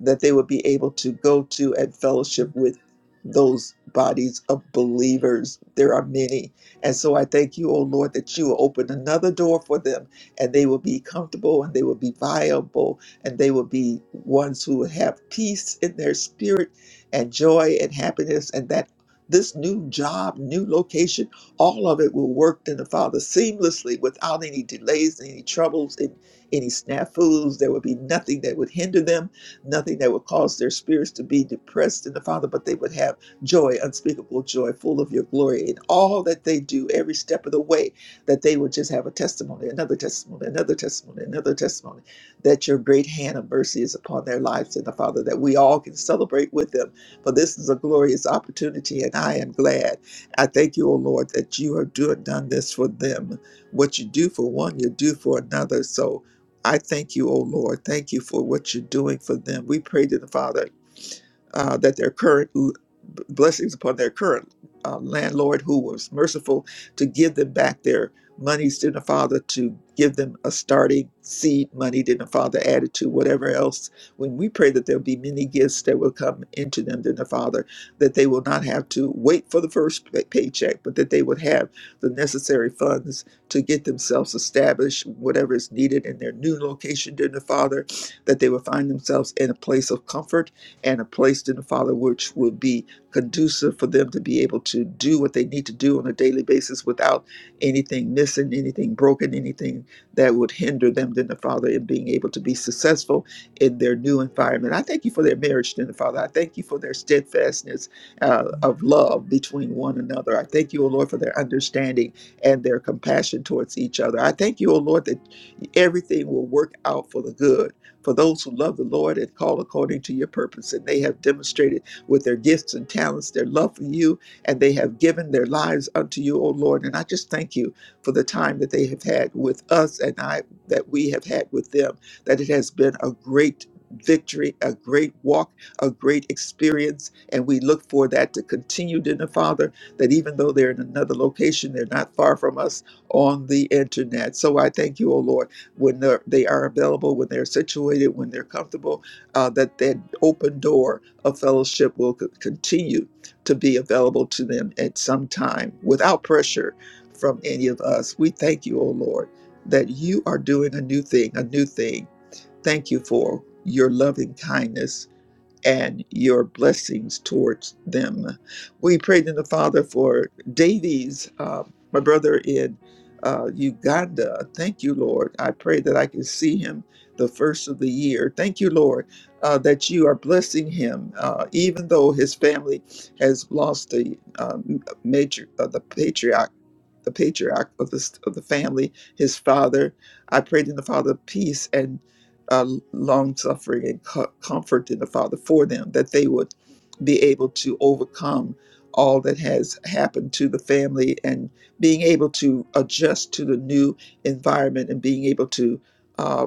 that they would be able to go to and fellowship with those bodies of believers. There are many. And so I thank you, O Lord, that you will open another door for them and they will be comfortable and they will be viable and they will be ones who will have peace in their spirit and joy and happiness and that this new job, new location all of it will work in the Father seamlessly without any delays, any troubles, and any snafus. There would be nothing that would hinder them, nothing that would cause their spirits to be depressed in the Father, but they would have joy, unspeakable joy, full of your glory in all that they do, every step of the way, that they would just have a testimony, another testimony, another testimony, another testimony, that your great hand of mercy is upon their lives in the Father, that we all can celebrate with them. For this is a glorious opportunity, and I am glad. I thank you, O Lord, that you have do, done this for them. What you do for one, you do for another. So I thank you, O Lord. Thank you for what you're doing for them. We pray to the Father uh, that their current b- blessings upon their current uh, landlord who was merciful to give them back their monies to the father to give them a starting seed money to the father added to whatever else when we pray that there'll be many gifts that will come into them to the father that they will not have to wait for the first pay- paycheck but that they would have the necessary funds to get themselves established whatever is needed in their new location to the father that they will find themselves in a place of comfort and a place in the Father which will be conducive for them to be able to do what they need to do on a daily basis without anything missing, anything broken, anything that would hinder them, then the Father, in being able to be successful in their new environment. I thank you for their marriage, then the Father. I thank you for their steadfastness uh, of love between one another. I thank you, O Lord, for their understanding and their compassion towards each other. I thank you, O Lord, that everything will work out for the good for those who love the Lord and call according to your purpose. And they have demonstrated with their gifts and talents, their love for you, and they have given their lives unto you, O Lord. And I just thank you for the time that they have had with us and I that we have had with them, that it has been a great victory, a great walk, a great experience. And we look for that to continue, dear Father, that even though they're in another location, they're not far from us on the internet. So I thank you, O Lord, when they're, they are available, when they're situated, when they're comfortable, uh, that that open door a fellowship will co- continue to be available to them at some time without pressure from any of us. We thank you, O Lord, that you are doing a new thing, a new thing. Thank you for your loving kindness and your blessings towards them. We prayed in the Father for Davies, uh, my brother in uh, Uganda. Thank you, Lord. I pray that I can see him the first of the year. Thank you, Lord, uh, that you are blessing him, uh, even though his family has lost the um, major, uh, the patriarch. The patriarch of the, of the family, his father. I prayed in the Father peace and uh, long suffering and co- comfort in the Father for them, that they would be able to overcome all that has happened to the family and being able to adjust to the new environment and being able to uh,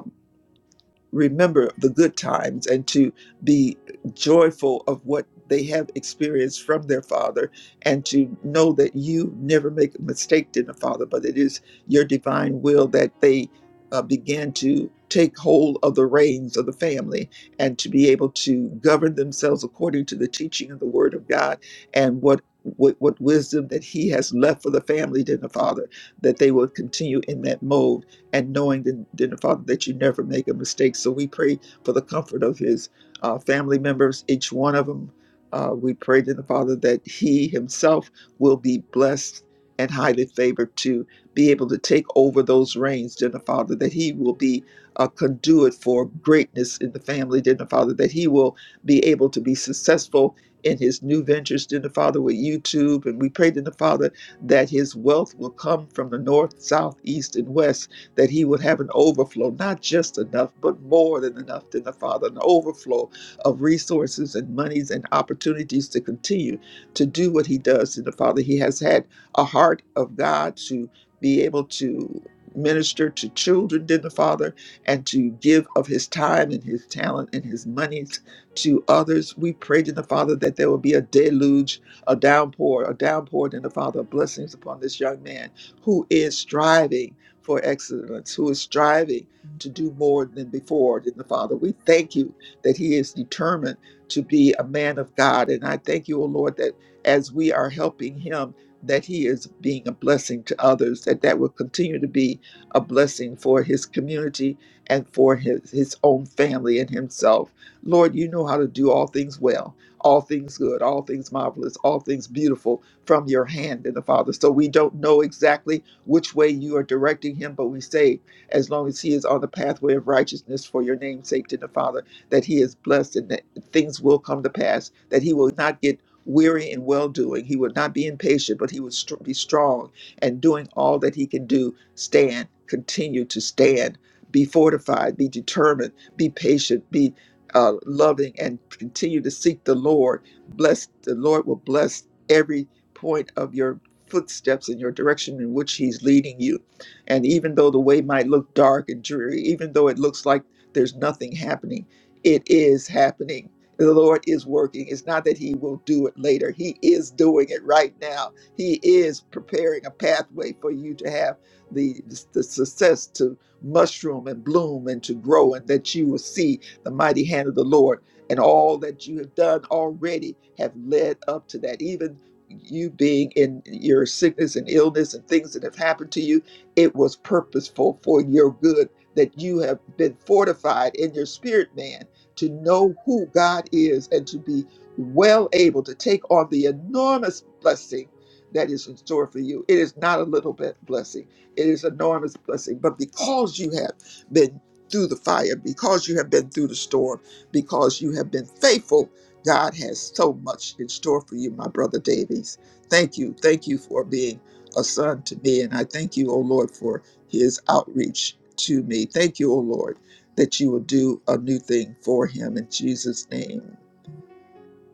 remember the good times and to be joyful of what they have experienced from their father and to know that you never make a mistake in the father but it is your divine will that they uh, begin to take hold of the reins of the family and to be able to govern themselves according to the teaching of the word of god and what what, what wisdom that he has left for the family to the father that they will continue in that mode and knowing that then the Father that you never make a mistake. So we pray for the comfort of his uh, family members, each one of them. Uh, we pray to the Father that he himself will be blessed and highly favored to be able to take over those reins, dear the Father, that he will be a conduit for greatness in the family, dear the Father, that he will be able to be successful in his new ventures, dear the Father, with YouTube. And we pray to the Father that his wealth will come from the north, south, east, and west that he would have an overflow, not just enough, but more than enough than the Father, an overflow of resources and monies and opportunities to continue to do what he does in the Father. He has had a heart of God to be able to minister to children in the Father and to give of his time and his talent and his monies to others. We prayed in the Father that there will be a deluge, a downpour, a downpour in the Father of blessings upon this young man who is striving for excellence, who is striving to do more than before than the Father. We thank you that he is determined to be a man of God. And I thank you, O Lord, that as we are helping him, that he is being a blessing to others, that that will continue to be a blessing for his community and for his, his own family and himself. Lord, you know how to do all things well, all things good, all things marvelous, all things beautiful from your hand in the Father. So we don't know exactly which way you are directing him, but we say, as long as he is on the pathway of righteousness for your name's sake, to the Father, that he is blessed and that things will come to pass, that he will not get weary in well doing. He would not be impatient, but he would str- be strong and doing all that he can do. Stand, continue to stand, be fortified, be determined, be patient, be uh, loving, and continue to seek the Lord. Bless the Lord will bless every point of your footsteps in your direction in which he's leading you. And even though the way might look dark and dreary, even though it looks like there's nothing happening, it is happening. The Lord is working. It's not that he will do it later. He is doing it right now. He is preparing a pathway for you to have the, the success to mushroom and bloom and to grow, and that you will see the mighty hand of the Lord and all that you have done already have led up to that. Even you being in your sickness and illness and things that have happened to you, it was purposeful for your good that you have been fortified in your spirit, man, to know who God is and to be well able to take on the enormous blessing that is in store for you. It is not a little bit blessing, it is enormous blessing. But because you have been through the fire, because you have been through the storm, because you have been faithful God has so much in store for you, my brother Davies. Thank you. Thank you for being a son to me. And I thank you, O Lord, for his outreach to me. Thank you, O Lord, that you will do a new thing for him in Jesus' name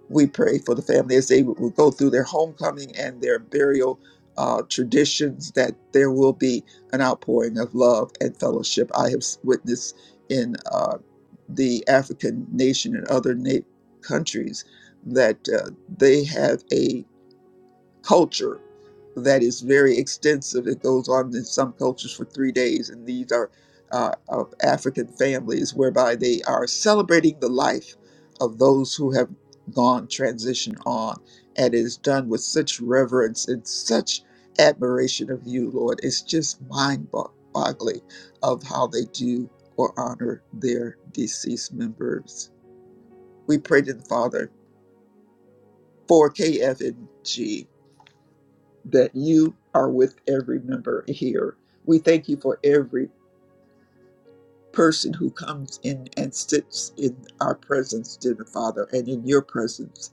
we pray for the family as they will go through their homecoming and their burial uh, traditions that there will be an outpouring of love and fellowship. I have witnessed in uh, the African nation and other na- countries that uh, they have a culture that is very extensive. It goes on in some cultures for three days, and these are uh, of African families whereby they are celebrating the life of those who have gone transition on, and it is done with such reverence and such admiration of you, Lord. It's just mind boggling of how they do or honor their deceased members. We pray to the Father for KFNG that you are with every member here. We thank you for every person who comes in and sits in our presence, dear Father, and in your presence,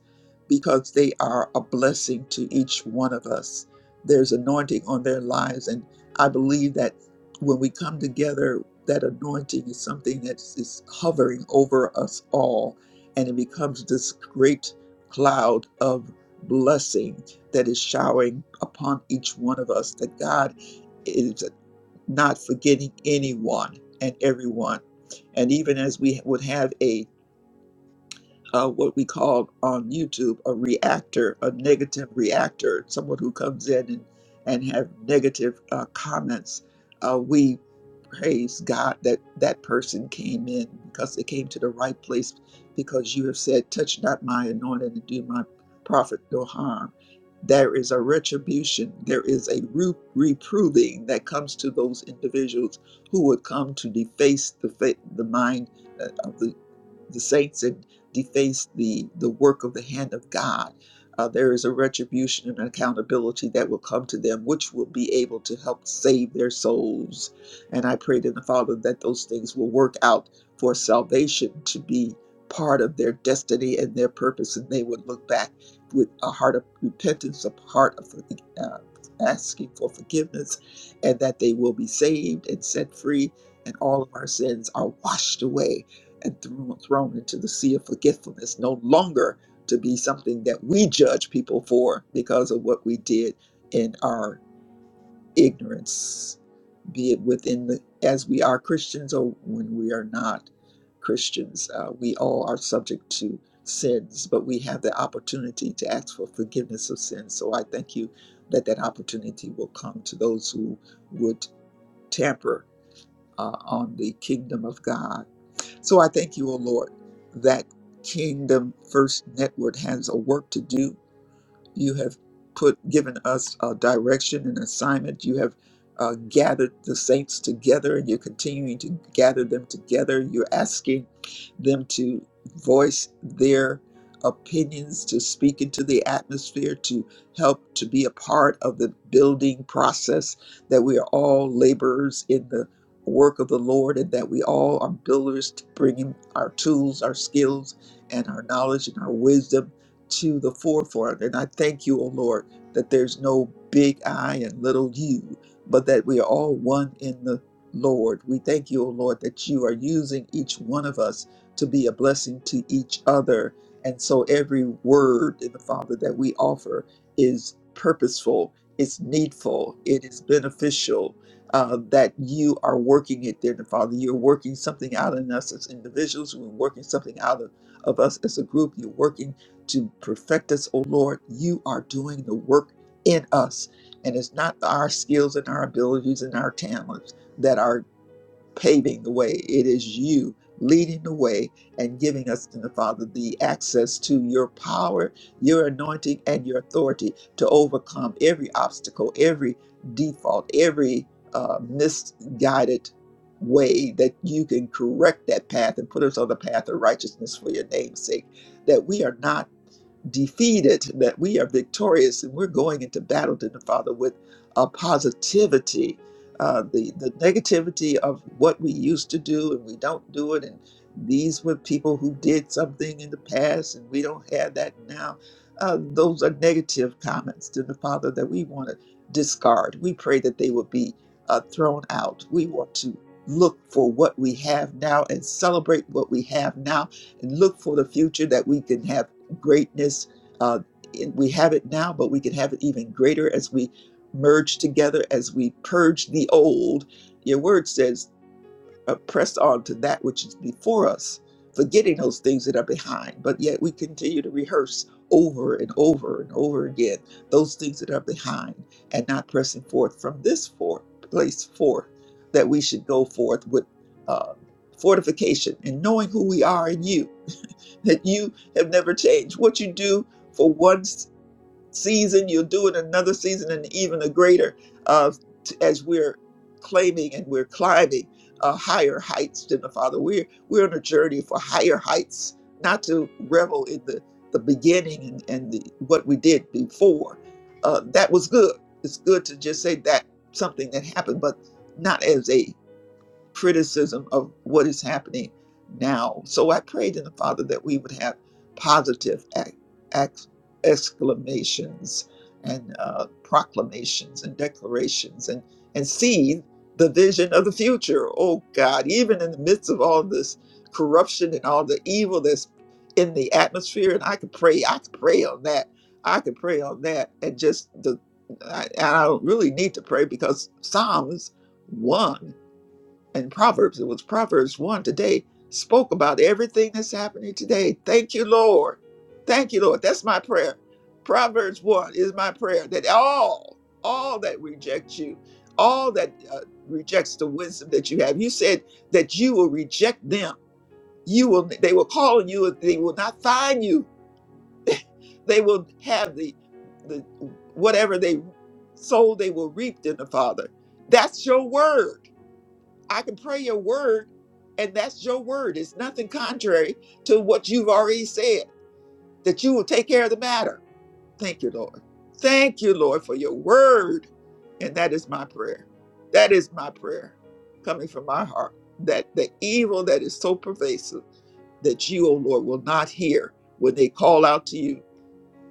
because they are a blessing to each one of us. There's anointing on their lives, and I believe that when we come together, that anointing is something that is hovering over us all, and it becomes this great cloud of blessing that is showering upon each one of us. That God is not forgetting anyone and everyone. And even as we would have a uh, what we call on YouTube a reactor, a negative reactor, someone who comes in and, and have negative uh, comments. Uh, we praise God that that person came in because they came to the right place because you have said, touch not my anointed and do my prophet no harm. There is a retribution. There is a re- reproving that comes to those individuals who would come to deface the, fa- the mind uh, of the the saints and deface the, the work of the hand of God. Uh, there is a retribution and accountability that will come to them, which will be able to help save their souls. And I pray to the Father that those things will work out for salvation to be part of their destiny and their purpose, and they would look back with a heart of repentance, a heart of uh, asking for forgiveness, and that they will be saved and set free, and all of our sins are washed away and thrown into the sea of forgetfulness, no longer to be something that we judge people for because of what we did in our ignorance, be it within the as we are Christians or when we are not Christians. Uh, we all are subject to sins, but we have the opportunity to ask for forgiveness of sins. So I thank you that that opportunity will come to those who would tamper uh, on the kingdom of God so I thank you, O Lord, that Kingdom First Network has a work to do you have put given us a direction and assignment. You have uh, gathered the saints together, and you're continuing to gather them together. You're asking them to voice their opinions, to speak into the atmosphere, to help to be a part of the building process. That we are all laborers in the work of the Lord, and that we all are builders, to bringing our tools, our skills, and our knowledge and our wisdom to the forefront. And I thank you, O Lord, that there's no big I and little you, but that we are all one in the Lord. We thank you, O Lord, that you are using each one of us to be a blessing to each other. And so every word in the Father that we offer is purposeful, it's needful, it is beneficial. Uh, that you are working it there, Father. You're working something out in us as individuals. We're working something out of of us as a group. You're working to perfect us, O Lord. You are doing the work in us. And it's not our skills and our abilities and our talents that are paving the way. It is you leading the way and giving us, the Father, the access to your power, your anointing, and your authority to overcome every obstacle, every default, every uh, misguided way that you can correct that path and put us on the path of righteousness for your name's sake that we are not defeated, that we are victorious, and we're going into battle to the Father with a positivity. Uh, the the negativity of what we used to do and we don't do it, and these were people who did something in the past, and we don't have that now. Uh, those are negative comments to the Father that we want to discard. We pray that they will be uh, thrown out. We want to look for what we have now and celebrate what we have now and look for the future that we can have greatness. Uh, and we have it now, but we can have it even greater as we merge together, as we purge the old. Your word says, uh, press on to that which is before us, forgetting those things that are behind. But yet we continue to rehearse over and over and over again those things that are behind and not pressing forth from this for- place forth that we should go forth with uh, fortification and knowing who we are in you that you have never changed. What you do for one s- season, you'll do it another season, and even a greater uh, t- as we're claiming and we're climbing uh, higher heights than the Father. We're we're on a journey for higher heights, not to revel in the the beginning and, and the, what we did before. Uh, that was good. It's good to just say that something that happened, but not as a criticism of what is happening now. So I prayed in the Father that we would have positive ac- ac- exclamations and uh, proclamations and declarations and, and see the vision of the future. Oh God, even in the midst of all this corruption and all the evil that's in the atmosphere, and I could pray, I could pray on that. I could pray on that and just the I, and I don't really need to pray because Psalms 1 and Proverbs, it was Proverbs 1 today, spoke about everything that's happening today. Thank you, Lord. Thank you, Lord. That's my prayer. Proverbs 1 is my prayer that all, all that reject you, all that uh, rejects the wisdom that you have, you said that you will reject them. You will, they will call on you, and they will not find you. They will have the, the whatever they sow, they will reap in the Father. That's your word. I can pray your word, and that's your word. It's nothing contrary to what you've already said, that you will take care of the matter. Thank you, Lord. Thank you, Lord, for your word. And that is my prayer. That is my prayer coming from my heart that the evil that is so pervasive that you, O Lord, will not hear when they call out to you,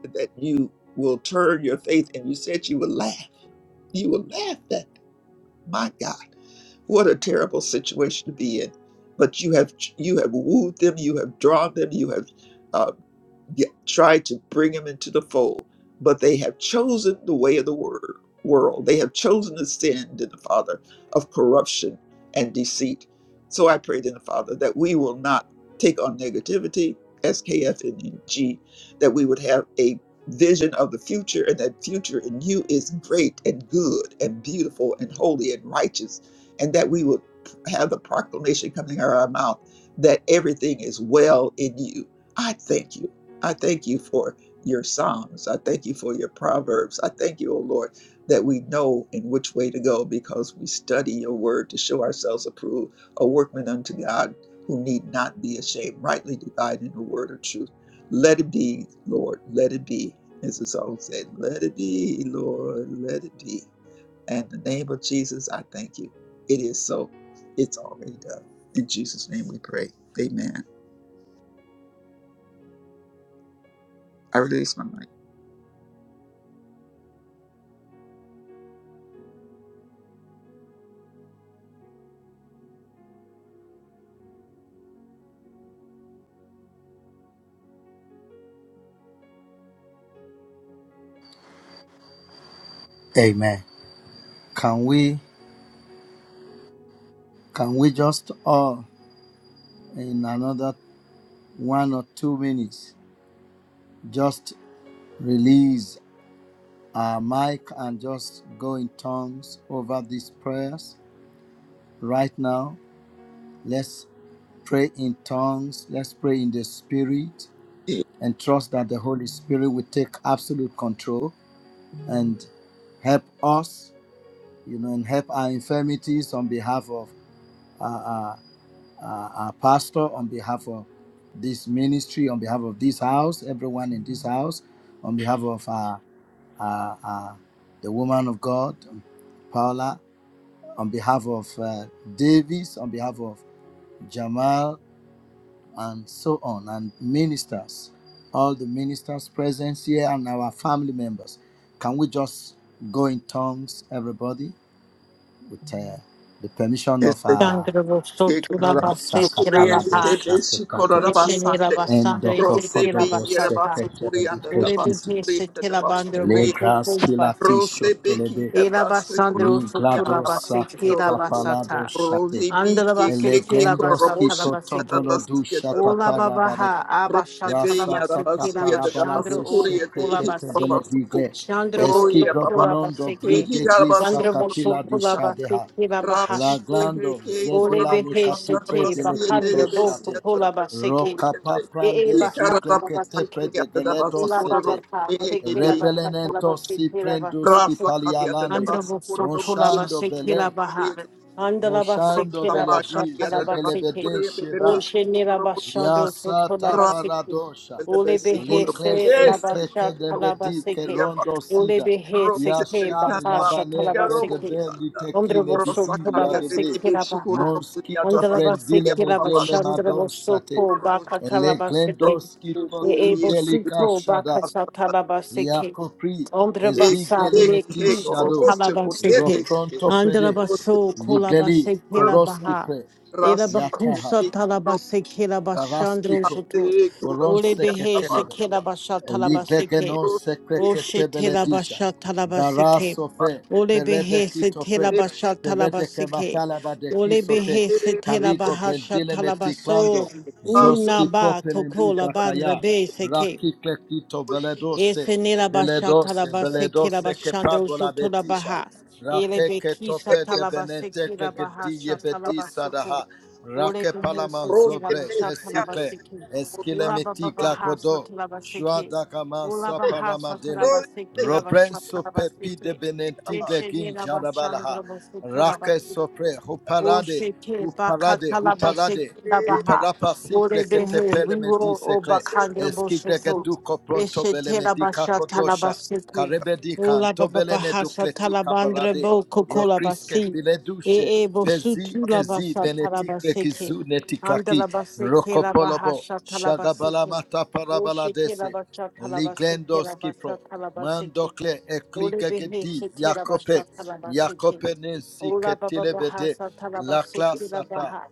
that you will turn your faith and you said you will laugh. You will laugh at, my God. What a terrible situation to be in. But you have you have wooed them, you have drawn them, you have uh, get, try to bring them into the fold, but they have chosen the way of the wor- world. They have chosen to sin, dear the Father, of corruption and deceit. So I pray, dear the Father, that we will not take on negativity, SKF and G, that we would have a vision of the future, and that future in you is great and good and beautiful and holy and righteous, and that we would have the proclamation coming out of our mouth that everything is well in you. I thank you. I thank you for your Psalms. I thank you for your Proverbs. I thank you, O Lord, that we know in which way to go because we study your word to show ourselves approved, a workman unto God who need not be ashamed, rightly dividing the word of truth. Let it be, Lord, let it be. As the song said, let it be, Lord, let it be. And in the name of Jesus, I thank you. It is so. It's already done. In Jesus' name we pray. Amen. I release my mic. Amen. Can we can we just all in another one or two minutes just release our mic and just go in tongues over these prayers right now? Let's. pray in tongues, let's pray in the Spirit, Yes, and trust that the Holy Spirit will take absolute control and help us, you know, and help our infirmities on behalf of our, our, our our pastor, on behalf of this ministry, on behalf of this house, everyone in this house, on behalf of our, our, our the woman of God, Paula, on behalf of uh, Davis, on behalf of Jamal, and so on, and ministers, all the ministers present here and our family members. Can we just go in tongues, everybody, with uh, the permission thank of you. our Shandra Bosaba Rose yes, Sakapalado Sekilavaha, Shakepate, Mishinila Basandre Endokopodobo Secretary Ola Keshiti, Legras Kilati Shotelebe, Liglado Saketapalado Shate, Eleglendoski Protobolo Du Shataparabale. babaha Rasa tata abashatalabasiki parabala bashandro de o shekrekete bele kukulabasi. digle. Shandro Eski gobolondo bokulabasiki. bride gi Vandro sakapila di shadeha. bokulabasiki Rasi bahashta. Laglando BHK Ole zebela Koranabu behe nikatu pre sete de Sandarabasi lekito bakandra bo Tedebesi shate. at the kukola baseke. Rokapa Puriente. E prande He zigle Karabaki kete pre e de at the geleto Dabasi Ola sete. baba Koranabu ta, take kila BHK ba ta kila Rebelenento ba se si ba prendo se Rasa te. skipali Kari at the alande. Andra Dabasi bo so Koranabu tola ba Moshando Shanda. se bele. kila ba ha. Puriente Andra ba se Moshando kila bele Rosamba ba di sha Kari at kala the ba se Dabasi ke. zegelebede Puriente O sheda. Bebesh she ni la ba Koranabu sha do so tola Yasata ba Rasa se ke. paradosha. the Ole be Besi Likle Koranabu. se la ba sekle sha kala ba kedebedi se ke. Yes! kerondo Ole sida. be he Rose ke de ba Yasha ka capa, tola labane ba se Yarobo ke. gedebe Shanda, Andra litekile bo so Rosa bidi tola Caria ba de se yadebe. kila Debishi ba ha. Coronabulia da Mosquito Andra ba se prendile Basuria kila ba Baba medele sha andra Shanda, bo so madosate. ko ba Coronabush, ka kala Le ba se ke. glendoski potu Rosulia, Ebo delica suto shada. bakasa talabaseke. Yakopri Hek, Ondrabasa ezigele Hek, meti Hek, neki shado. Robusta, Coriete, satalabaseke. Ropronto prede. Andrabaso Ligeli kolabaseke la koroski baha. pre. Ela Rasi, Yataha. bakusa Rosa, talabaseke la Baraski bashandro pro, soto. Ate, Boron Ole Coronabulia da behe seketelebe, seke la Basia, basha talabaseke. Eligegenon O sekreketebele shetela disha, basha talabasike. Garaso pe, Ole Perede behe kito pre, setela basha Ferede que talabasike. matalaba de Ole Kisote, behe setela karigo bahasha Brendile Meticlando, talabaso. Rosa, Rosa, Una Zoski ba Propele kokola Lida Kaya, bandra be seke. Raki Clectito Rosa, Beledose, Esenela basha Beledose, talabasike la Beledose que bashandro Pabola sotola Betisha, baha. Ele Rake be que kisa Tope de Benete talabasike la Clegedie Bedisa bahasha Daha, Ore Rake kuhu palaman Rose sothe zobre lava shatha lava Besicle, sikhi. Esquile Ula baba Meticla baha Codo, sothe lava Shua sikhi. Dakaman Ula bahaf sotila Saparamadele. de basiki Bestia, la Robrenso bashatala pepi de basiki. Thank you, Lord. benetigle Yeche gin nila jarabalaha. bashandra basutula Rake sopre basiki. huparade Oshike huparade bakatala basiki huparade la baha huparapa sikre que sothe te pere me disekle lava sikhi lava shatha lava eskigre que sikhi. duco pronto Yeshe bele ne lava medica shandra kodosha lava sotho lava sikhi. O sikhi bakatha lava sikhi lava ha. karebedika Ore behe vivo o bakhandra lava sotho. Yeshe te lava shatha lava Ula baba antobelene baha shatha dukletika lava andra barade bo lo kukola kriske lava pile duche Ee pezi bosutu la kezi basa benetikre kizu talabaseke. netiklaki Andalabaseke la rokopolobo bahasha shagabala talabaseke. mata Oshike parabaladese la bacha talabaseke liglendos la kipro basa Mandokle Ole behe ekligagedi se tera Yakope basha tala basiki. Yakope ne Ola baba baha siketilebede sa tala la basiki la klasata baha.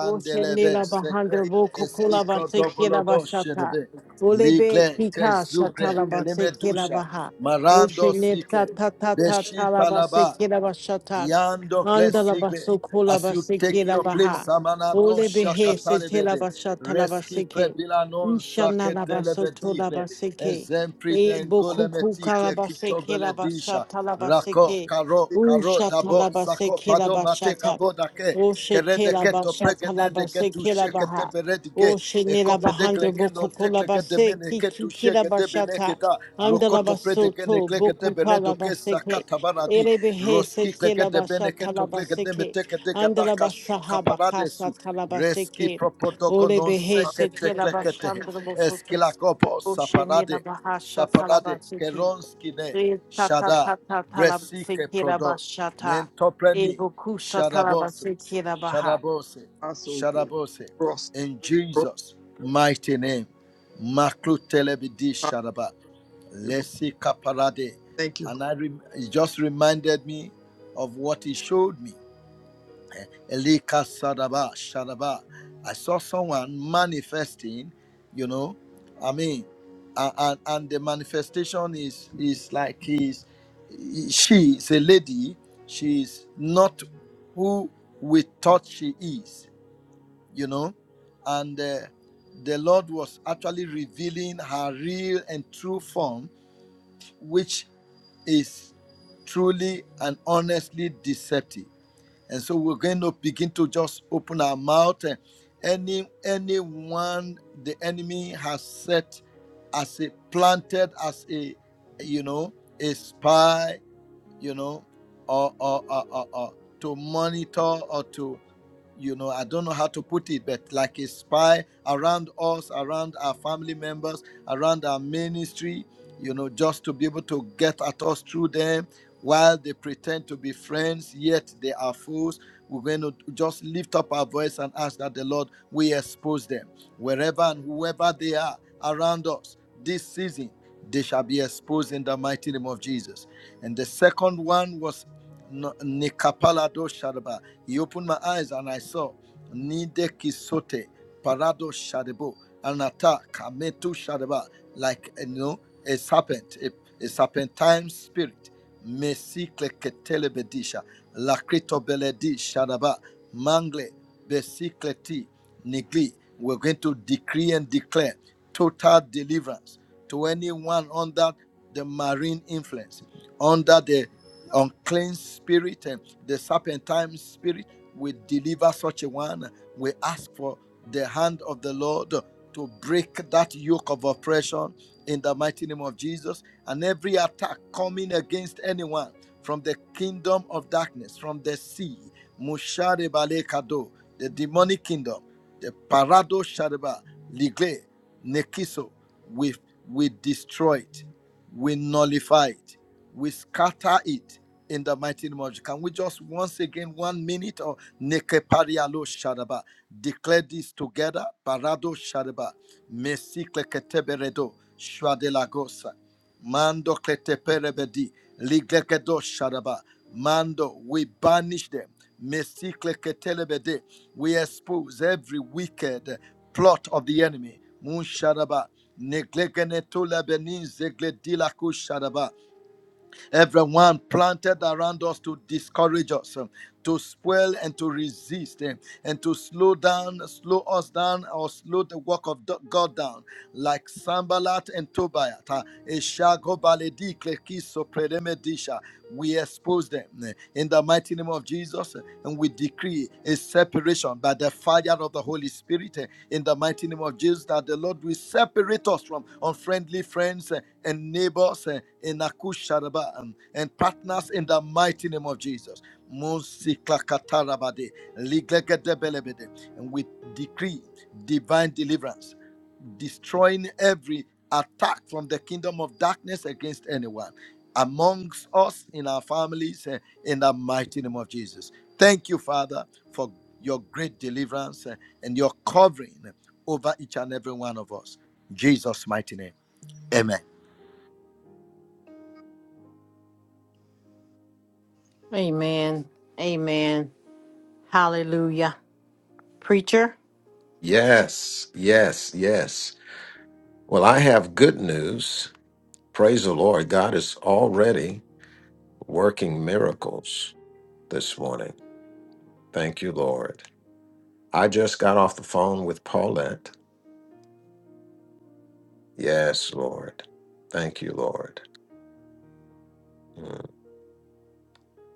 O she ne la sekre bahandra vo eski kukula basiki la krodobolodo bashata. şedebe Ole be ligle kita sa kezugre tala basiki la kelimeduşa baha. O she marando ne sikle ta ta ta ta beşi tala talaba basiki la bashata. Yando Andala glesigle. basukula As you basiki take la your place, baha. Samanado Ole behe se tela Shakatalebede, basha tala Reski basiki. Prebilanon Inshanna la basotola Sakedelebedigle, basiki. Exempri E bokuku Dengolemeticle kalabase kelabasha Kitobeledisha, Rako, talabaseke. Karo, U Karo, Dabo, shatalabase Sako, Pado, Mate, kelabashata. Kabodake, O Kerede keto shetelabasha pregene de talabase ketu shekete kelabaha. O beredige e kope de shenelabahandra klekendo tekle kete bokukulabase mene ketu shekete kikikilabashata. beneketa rokoto Andalabasoto predegene klekete beredo kesa bokukalabaseke. katabaradi Erebehe roski klekete bene setelabasha keto klekete talabaseke. meteke de gadaka shuka Andalabasahaba kasa paradesu reski talabaseke. propodogo non Olebehe sekete klekete setelabashandra eskila kopo Oshini saparade la saparade talabasiki. keronski ne E tata shada tata bresike talabasiki la prodo bashata. E mentopreni shadabose talabasiki la Shadabose, Shadabose, in Jesus' mighty name. Maklu telebidi Shadaba, Lesi Kaparade. Thank you, And I rem- it just reminded me of what he showed me. Elika Sadaba Shadaba. I saw someone manifesting, you know. I mean, and, and, and the manifestation is is like is she is a lady, She is not who we thought she is, you know. And uh, the Lord was actually revealing her real and true form, which is truly and honestly deceptive. And so we're going to begin to just open our mouth. And any anyone the enemy has set as a planted as a you know a spy, you know, or or, or, or, or to monitor or to you know i don't know how to put it but like a spy around us around our family members around our ministry you know just to be able to get at us through them while they pretend to be friends yet they are fools we're going to just lift up our voice and ask that the lord we expose them wherever and whoever they are around us this season they shall be exposed in the mighty name of jesus and the second one was Nekapalado Nikapalado Shadaba. He opened my eyes and I saw Nide Kisote Parado Shadabo Anata Kametu Shadaba like you know a serpent, a, a serpentine spirit. Mesi Kleketelebedisha Lakrito Beledi Shadaba Mangle Besikleti, Nigli. We're going to decree and declare total deliverance to anyone under the marine influence, under the unclean spirit and the serpentine spirit. We deliver such a one. We ask for the hand of the Lord to break that yoke of oppression in the mighty name of Jesus and every attack coming against anyone from the kingdom of darkness, from the sea, Mushare Balekado, the demonic kingdom, the Parado Shareba, Ligle, Nekiso, we, we destroy it, we nullify it, we scatter it in the mighty name of Jesus. Can we just once again, one minute or Nekeparialo Sharaba, declare this together, Parado Shareba, Mesikleketebe Redo, Shwadelagosa. Mando kleteperebedi, liglegedo sharaba. Mando, we banish them. Mesikle ketelebede, we expose every wicked plot of the enemy. Mun sharaba, neglegene tolebeni zegledila Everyone planted around us to discourage us, um, to spoil and to resist, um, and to slow down, slow us down, or slow the work of do- God down, like Sambalat and Tobiah. uh, Eshago Baledi Klekiso Predemedisha. We expose them uh, in the mighty name of Jesus, uh, and we decree a separation by the fire of the Holy Spirit. eh, in the mighty name of Jesus that the Lord will separate us from unfriendly friends eh, and neighbors eh, in Akusharaba um, and partners in the mighty name of Jesus. Monsiklakatarabade, And we decree divine deliverance destroying every attack from the kingdom of darkness against anyone amongst us in our families eh, in the mighty name of Jesus. Thank you, Father, for your great deliverance eh, and your covering over each and every one of us. In Jesus' mighty name. Amen. Amen. Amen. Hallelujah. Preacher? Yes, yes, yes. Well, I have good news. Praise the Lord. God is already working miracles this morning. Thank you, Lord. I just got off the phone with Paulette. Yes, Lord. Thank you, Lord. Mm,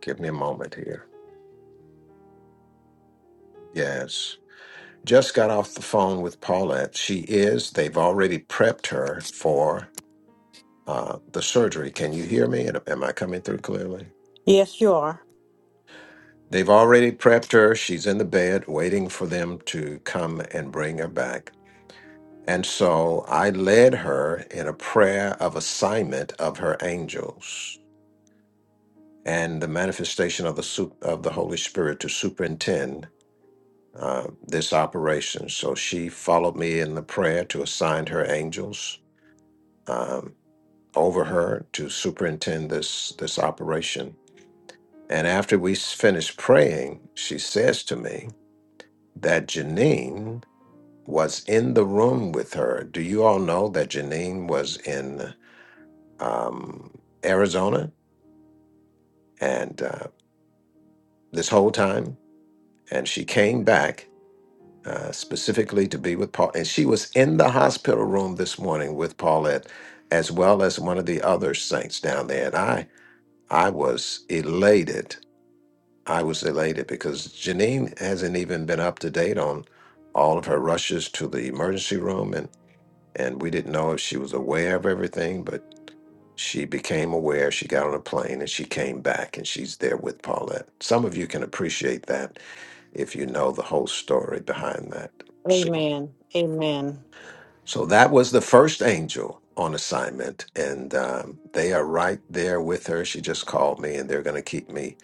Give me a moment here. Yes. Just got off the phone with Paulette. She is, they've already prepped her for uh, the surgery. Can you hear me? Am I coming through clearly? Yes, you are. They've already prepped her. She's in the bed waiting for them to come and bring her back. And so I led her in a prayer of assignment of her angels and the manifestation of the sup- of the Holy Spirit to superintend uh, this operation. So she followed me in the prayer to assign her angels um, over her to superintend this this operation. And after we s- finished praying, she says to me that Janine was in the room with her. Do you all know that Janine was in um, Arizona and uh, this whole time? And she came back uh, specifically to be with Paul. And she was in the hospital room this morning with Paulette, as well as one of the other saints down there. And I, I was elated. I was elated because Janine hasn't even been up to date on all of her rushes to the emergency room and and we didn't know if she was aware of everything, but She became aware, she got on a plane, and she came back, and she's there with Paulette. Some of you can appreciate that if you know the whole story behind that. So, Amen. Amen. so that was the first angel on assignment, and um, they are right there with her. She just called me, and they're going to keep me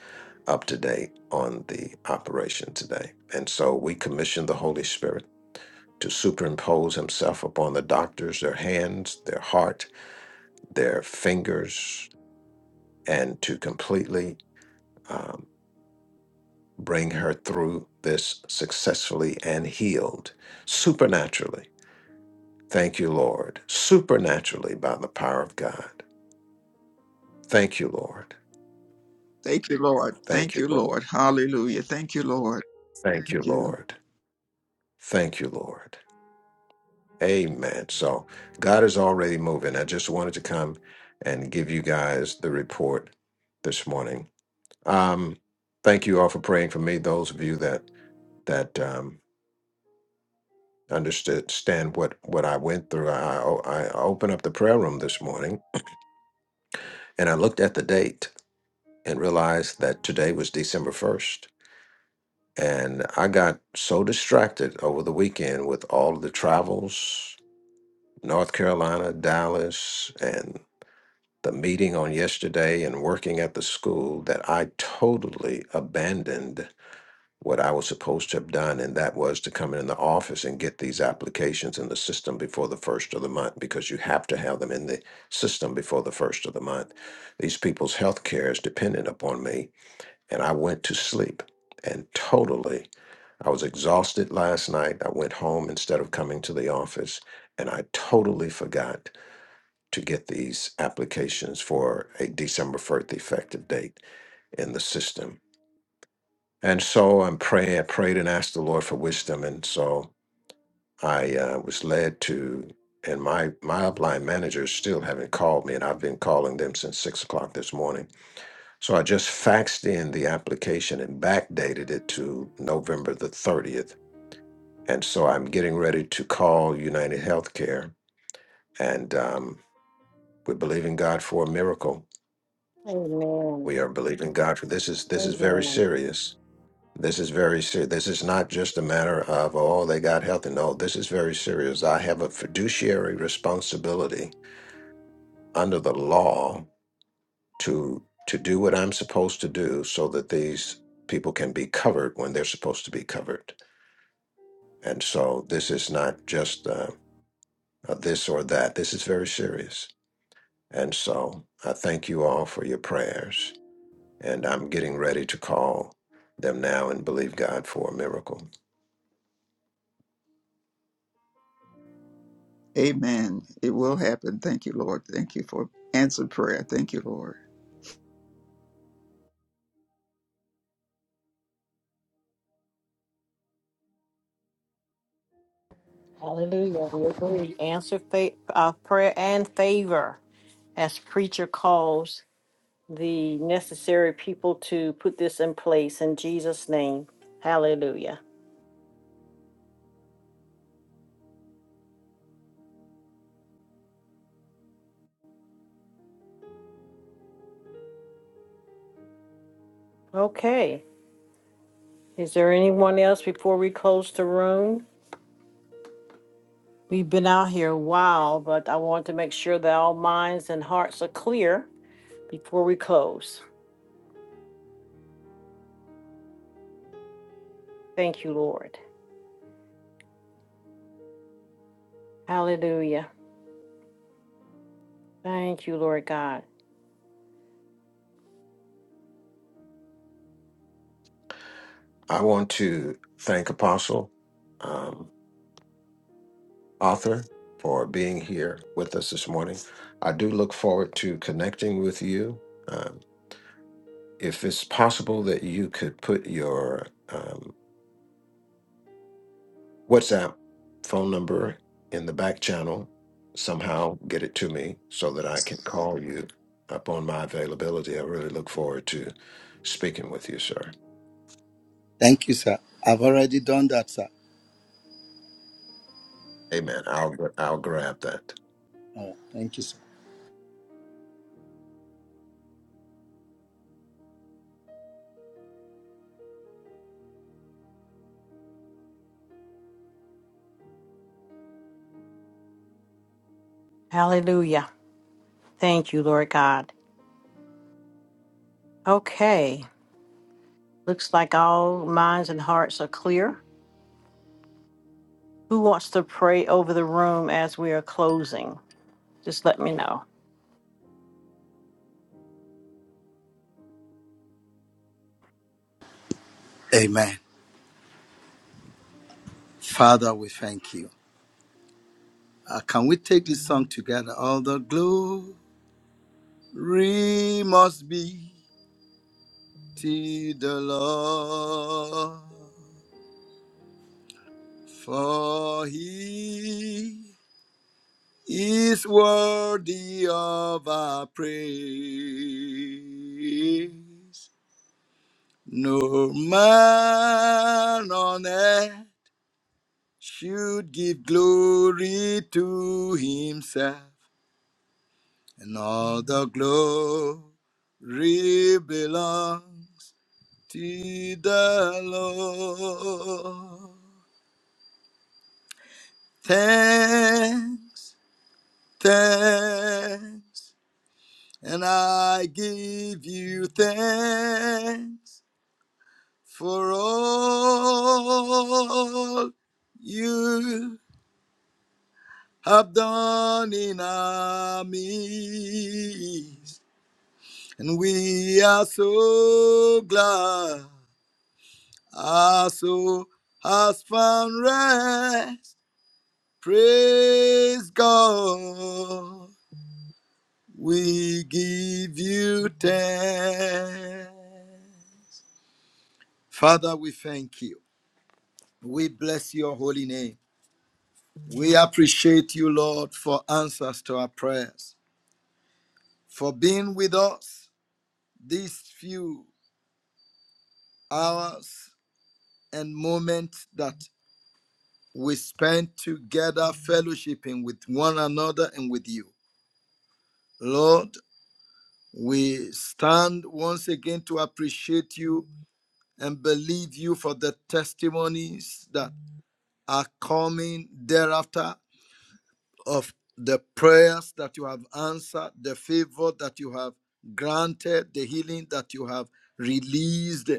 up to date on the operation today. And so we commissioned the Holy Spirit to superimpose himself upon the doctors, their hands, their heart, their fingers, and to completely um, bring her through this successfully and healed supernaturally. Thank you, Lord. Supernaturally by the power of God. Thank you, Lord. Lord. Thank Thank you, you, Lord. Lord. Hallelujah. Thank you, Lord. Thank you, Thank you. Lord. Thank you, Lord. Amen. So God is already moving. I just wanted to come and give you guys the report this morning. Um, thank you all for praying for me. Those of you that that um, Understand what what I went through. I I I opened up the prayer room this morning and I looked at the date and realized that today was December first. And I got so distracted over the weekend with all of the travels, North Carolina, Dallas, and the meeting on yesterday and working at the school that I totally abandoned what I was supposed to have done, and that was to come in the office and get these applications in the system before the first of the month because you have to have them in the system before the first of the month. These people's health care is dependent upon me, and I went to sleep and totally. I was exhausted last night. I went home instead of coming to the office, and I totally forgot to get these applications for a December 1st effective date in the system and so I'm praying, I prayed and asked the Lord for wisdom. And so I uh, was led to, and my, my upline managers still haven't called me, and I've been calling them since six o'clock this morning. So I just faxed in the application and backdated it to November the 30th. And so I'm getting ready to call United Healthcare, and um, we're believing God for a miracle. Amen. We are believing God for this is this is very Amen. serious This is very serious. This is not just a matter of, oh, they got healthy. No, this is very serious. I have a fiduciary responsibility under the law to to do what I'm supposed to do so that these people can be covered when they're supposed to be covered. And so this is not just uh, a this or that. This is very serious. And so I thank you all for your prayers. And I'm getting ready to call them now and believe God for a miracle. Amen. It will happen. Thank you, Lord. Thank you for answered prayer. Thank you, Lord. Hallelujah. We agree. Answer fa- uh, prayer and favor as preacher calls the necessary people to put this in place in Jesus' name. Hallelujah. Okay. Is there anyone else before we close the room? We've been out here a while, but I want to make sure that all minds and hearts are clear before we close. Thank you, Lord. Hallelujah. Thank you, Lord God. I want to thank Apostle um, Arthur for being here with us this morning. I do look forward to connecting with you. Um, if it's possible that you could put your um, WhatsApp phone number in the back channel, somehow get it to me so that I can call you upon my availability. I really look forward to speaking with you, sir. Thank you, sir. I've already done that, sir. Amen. I'll I'll grab that. All right. Thank you, sir. Hallelujah. Thank you, Lord God. Okay. Looks like all minds and hearts are clear. Who wants to pray over the room as we are closing? Just let me know. Amen. Father, we thank you. Uh, can we take this song together? All the glory must be. to the Lord, for he is worthy of our praise. No man on earth should give glory to himself, and all the glory belongs to the Lord. Thanks, thanks, and I give you thanks for all you have done in our midst. And we are so glad our soul has found rest. Praise God. We give you thanks. Father, we thank you. We bless your holy name. We appreciate you, Lord, for answers to our prayers, for being with us these few hours and moments that we spend together fellowshipping with one another and with you. Lord, we stand once again to appreciate you and believe you for the testimonies that are coming thereafter of the prayers that you have answered, the favor that you have granted, the healing that you have released,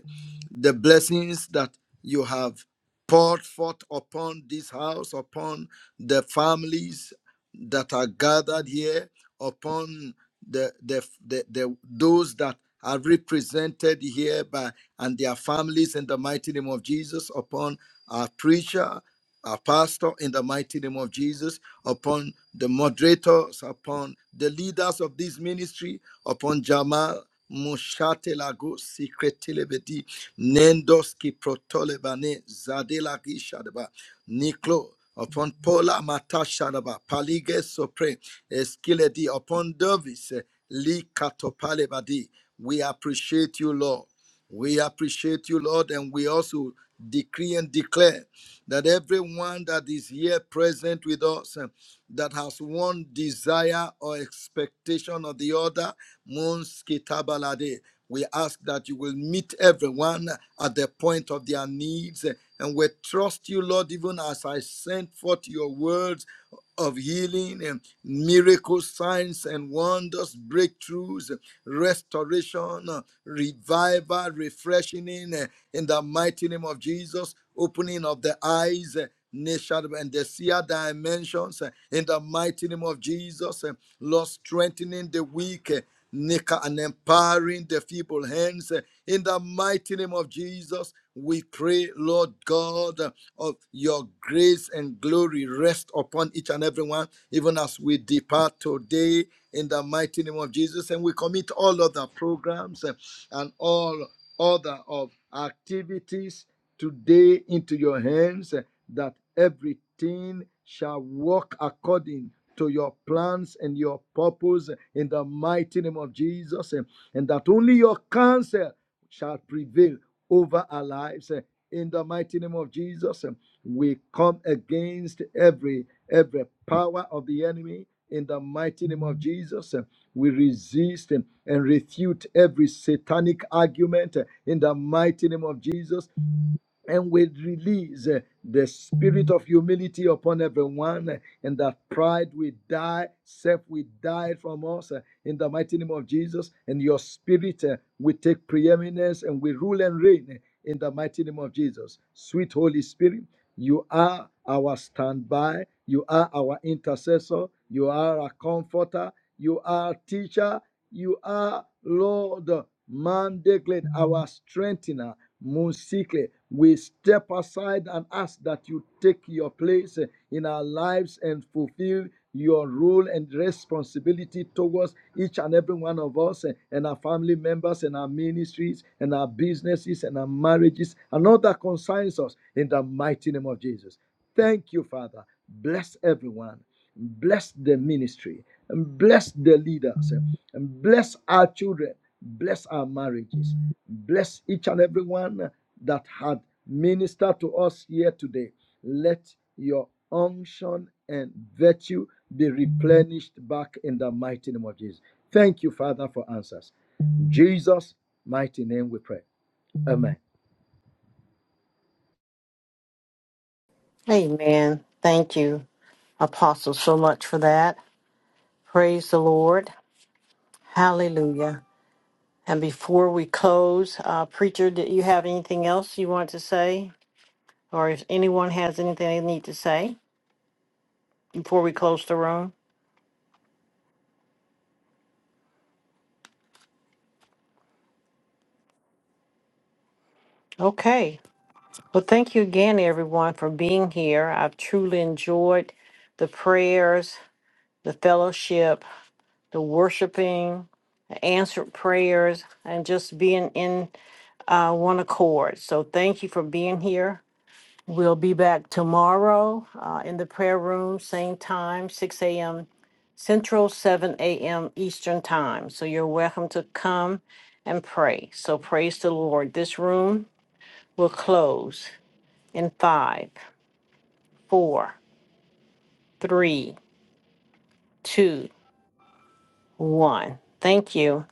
the blessings that you have poured forth upon this house, upon the families that are gathered here, upon the, the, the, the those that are represented here by and their families in the mighty name of Jesus, upon our preacher, our pastor in the mighty name of Jesus upon the moderators, upon the leaders of this ministry, upon Jamal Mushatelago Sikretelebedi, Nendoski Protolebane Zadelagi Shadaba, Niklo, upon Paula Matashadaba, Palige Sopre, Eskiledi, upon Davis, eh, Lee Katopalebadi. We appreciate you, Lord. We appreciate you, Lord, and we also decree and declare that everyone that is here present with us. uh, that has one desire or expectation or the other. Mons kitabalade. We ask that you will meet everyone at the point of their needs. And we trust you, Lord, even as I sent forth your words of healing and miracles, signs and wonders, breakthroughs, restoration, revival, refreshing eh, in the mighty name of Jesus, opening of the eyes. eh, Nation and the seer dimensions eh, in the mighty name of Jesus, eh, Lord, strengthening the weak, and empowering the feeble hands. In the mighty name of Jesus, we pray, Lord God, of your grace and glory rest upon each and every one, even as we depart today in the mighty name of Jesus. And we commit all of the programs and all order of activities today into your hands eh, that everything shall work according to your plans and your purpose eh, in the mighty name of Jesus eh, and that only your counsel shall prevail over our lives eh, in the mighty name of jesus eh, we come against every every power of the enemy in the mighty name of jesus eh, we resist eh, and, refute every satanic argument eh, in the mighty name of jesus and we release uh, the spirit of humility upon everyone, uh, and that pride will die, self will die from us uh, in the mighty name of Jesus, and your spirit uh, will take preeminence and we rule and reign uh, in the mighty name of Jesus. Sweet Holy Spirit, you are our standby, you are our intercessor, you are our comforter, you are teacher, you are Lord, man declared, our strengthener. Musikle, we step aside and ask that you take your place in our lives and fulfill your role and responsibility towards each and every one of us eh, and our family members and our ministries and our businesses and our marriages and all that concerns us in the mighty name of Jesus. Thank you, Father. Bless everyone. Bless the ministry. And bless the leaders. eh, And bless our children. Bless our marriages. Bless each and everyone that had ministered to us here today. Let your unction and virtue be replenished back in the mighty name of Jesus. Thank you, Father, for answers. In Jesus' mighty name we pray. Amen. Amen. Thank you, Apostle, so much for that. Praise the Lord. Hallelujah. And before we close, uh, Preacher, did you have anything else you want to say? Or if anyone has anything they need to say before we close the room? Okay. Well, thank you again, everyone, for being here. I've truly enjoyed the prayers, the fellowship, the worshiping, the answered prayers, and just being in uh, one accord. So thank you for being here. We'll be back tomorrow uh, in the prayer room, same time, 6 a.m. Central, 7 a.m. Eastern Time. So you're welcome to come and pray. So praise the Lord. This room will close in five, four, three, two, one. Thank you.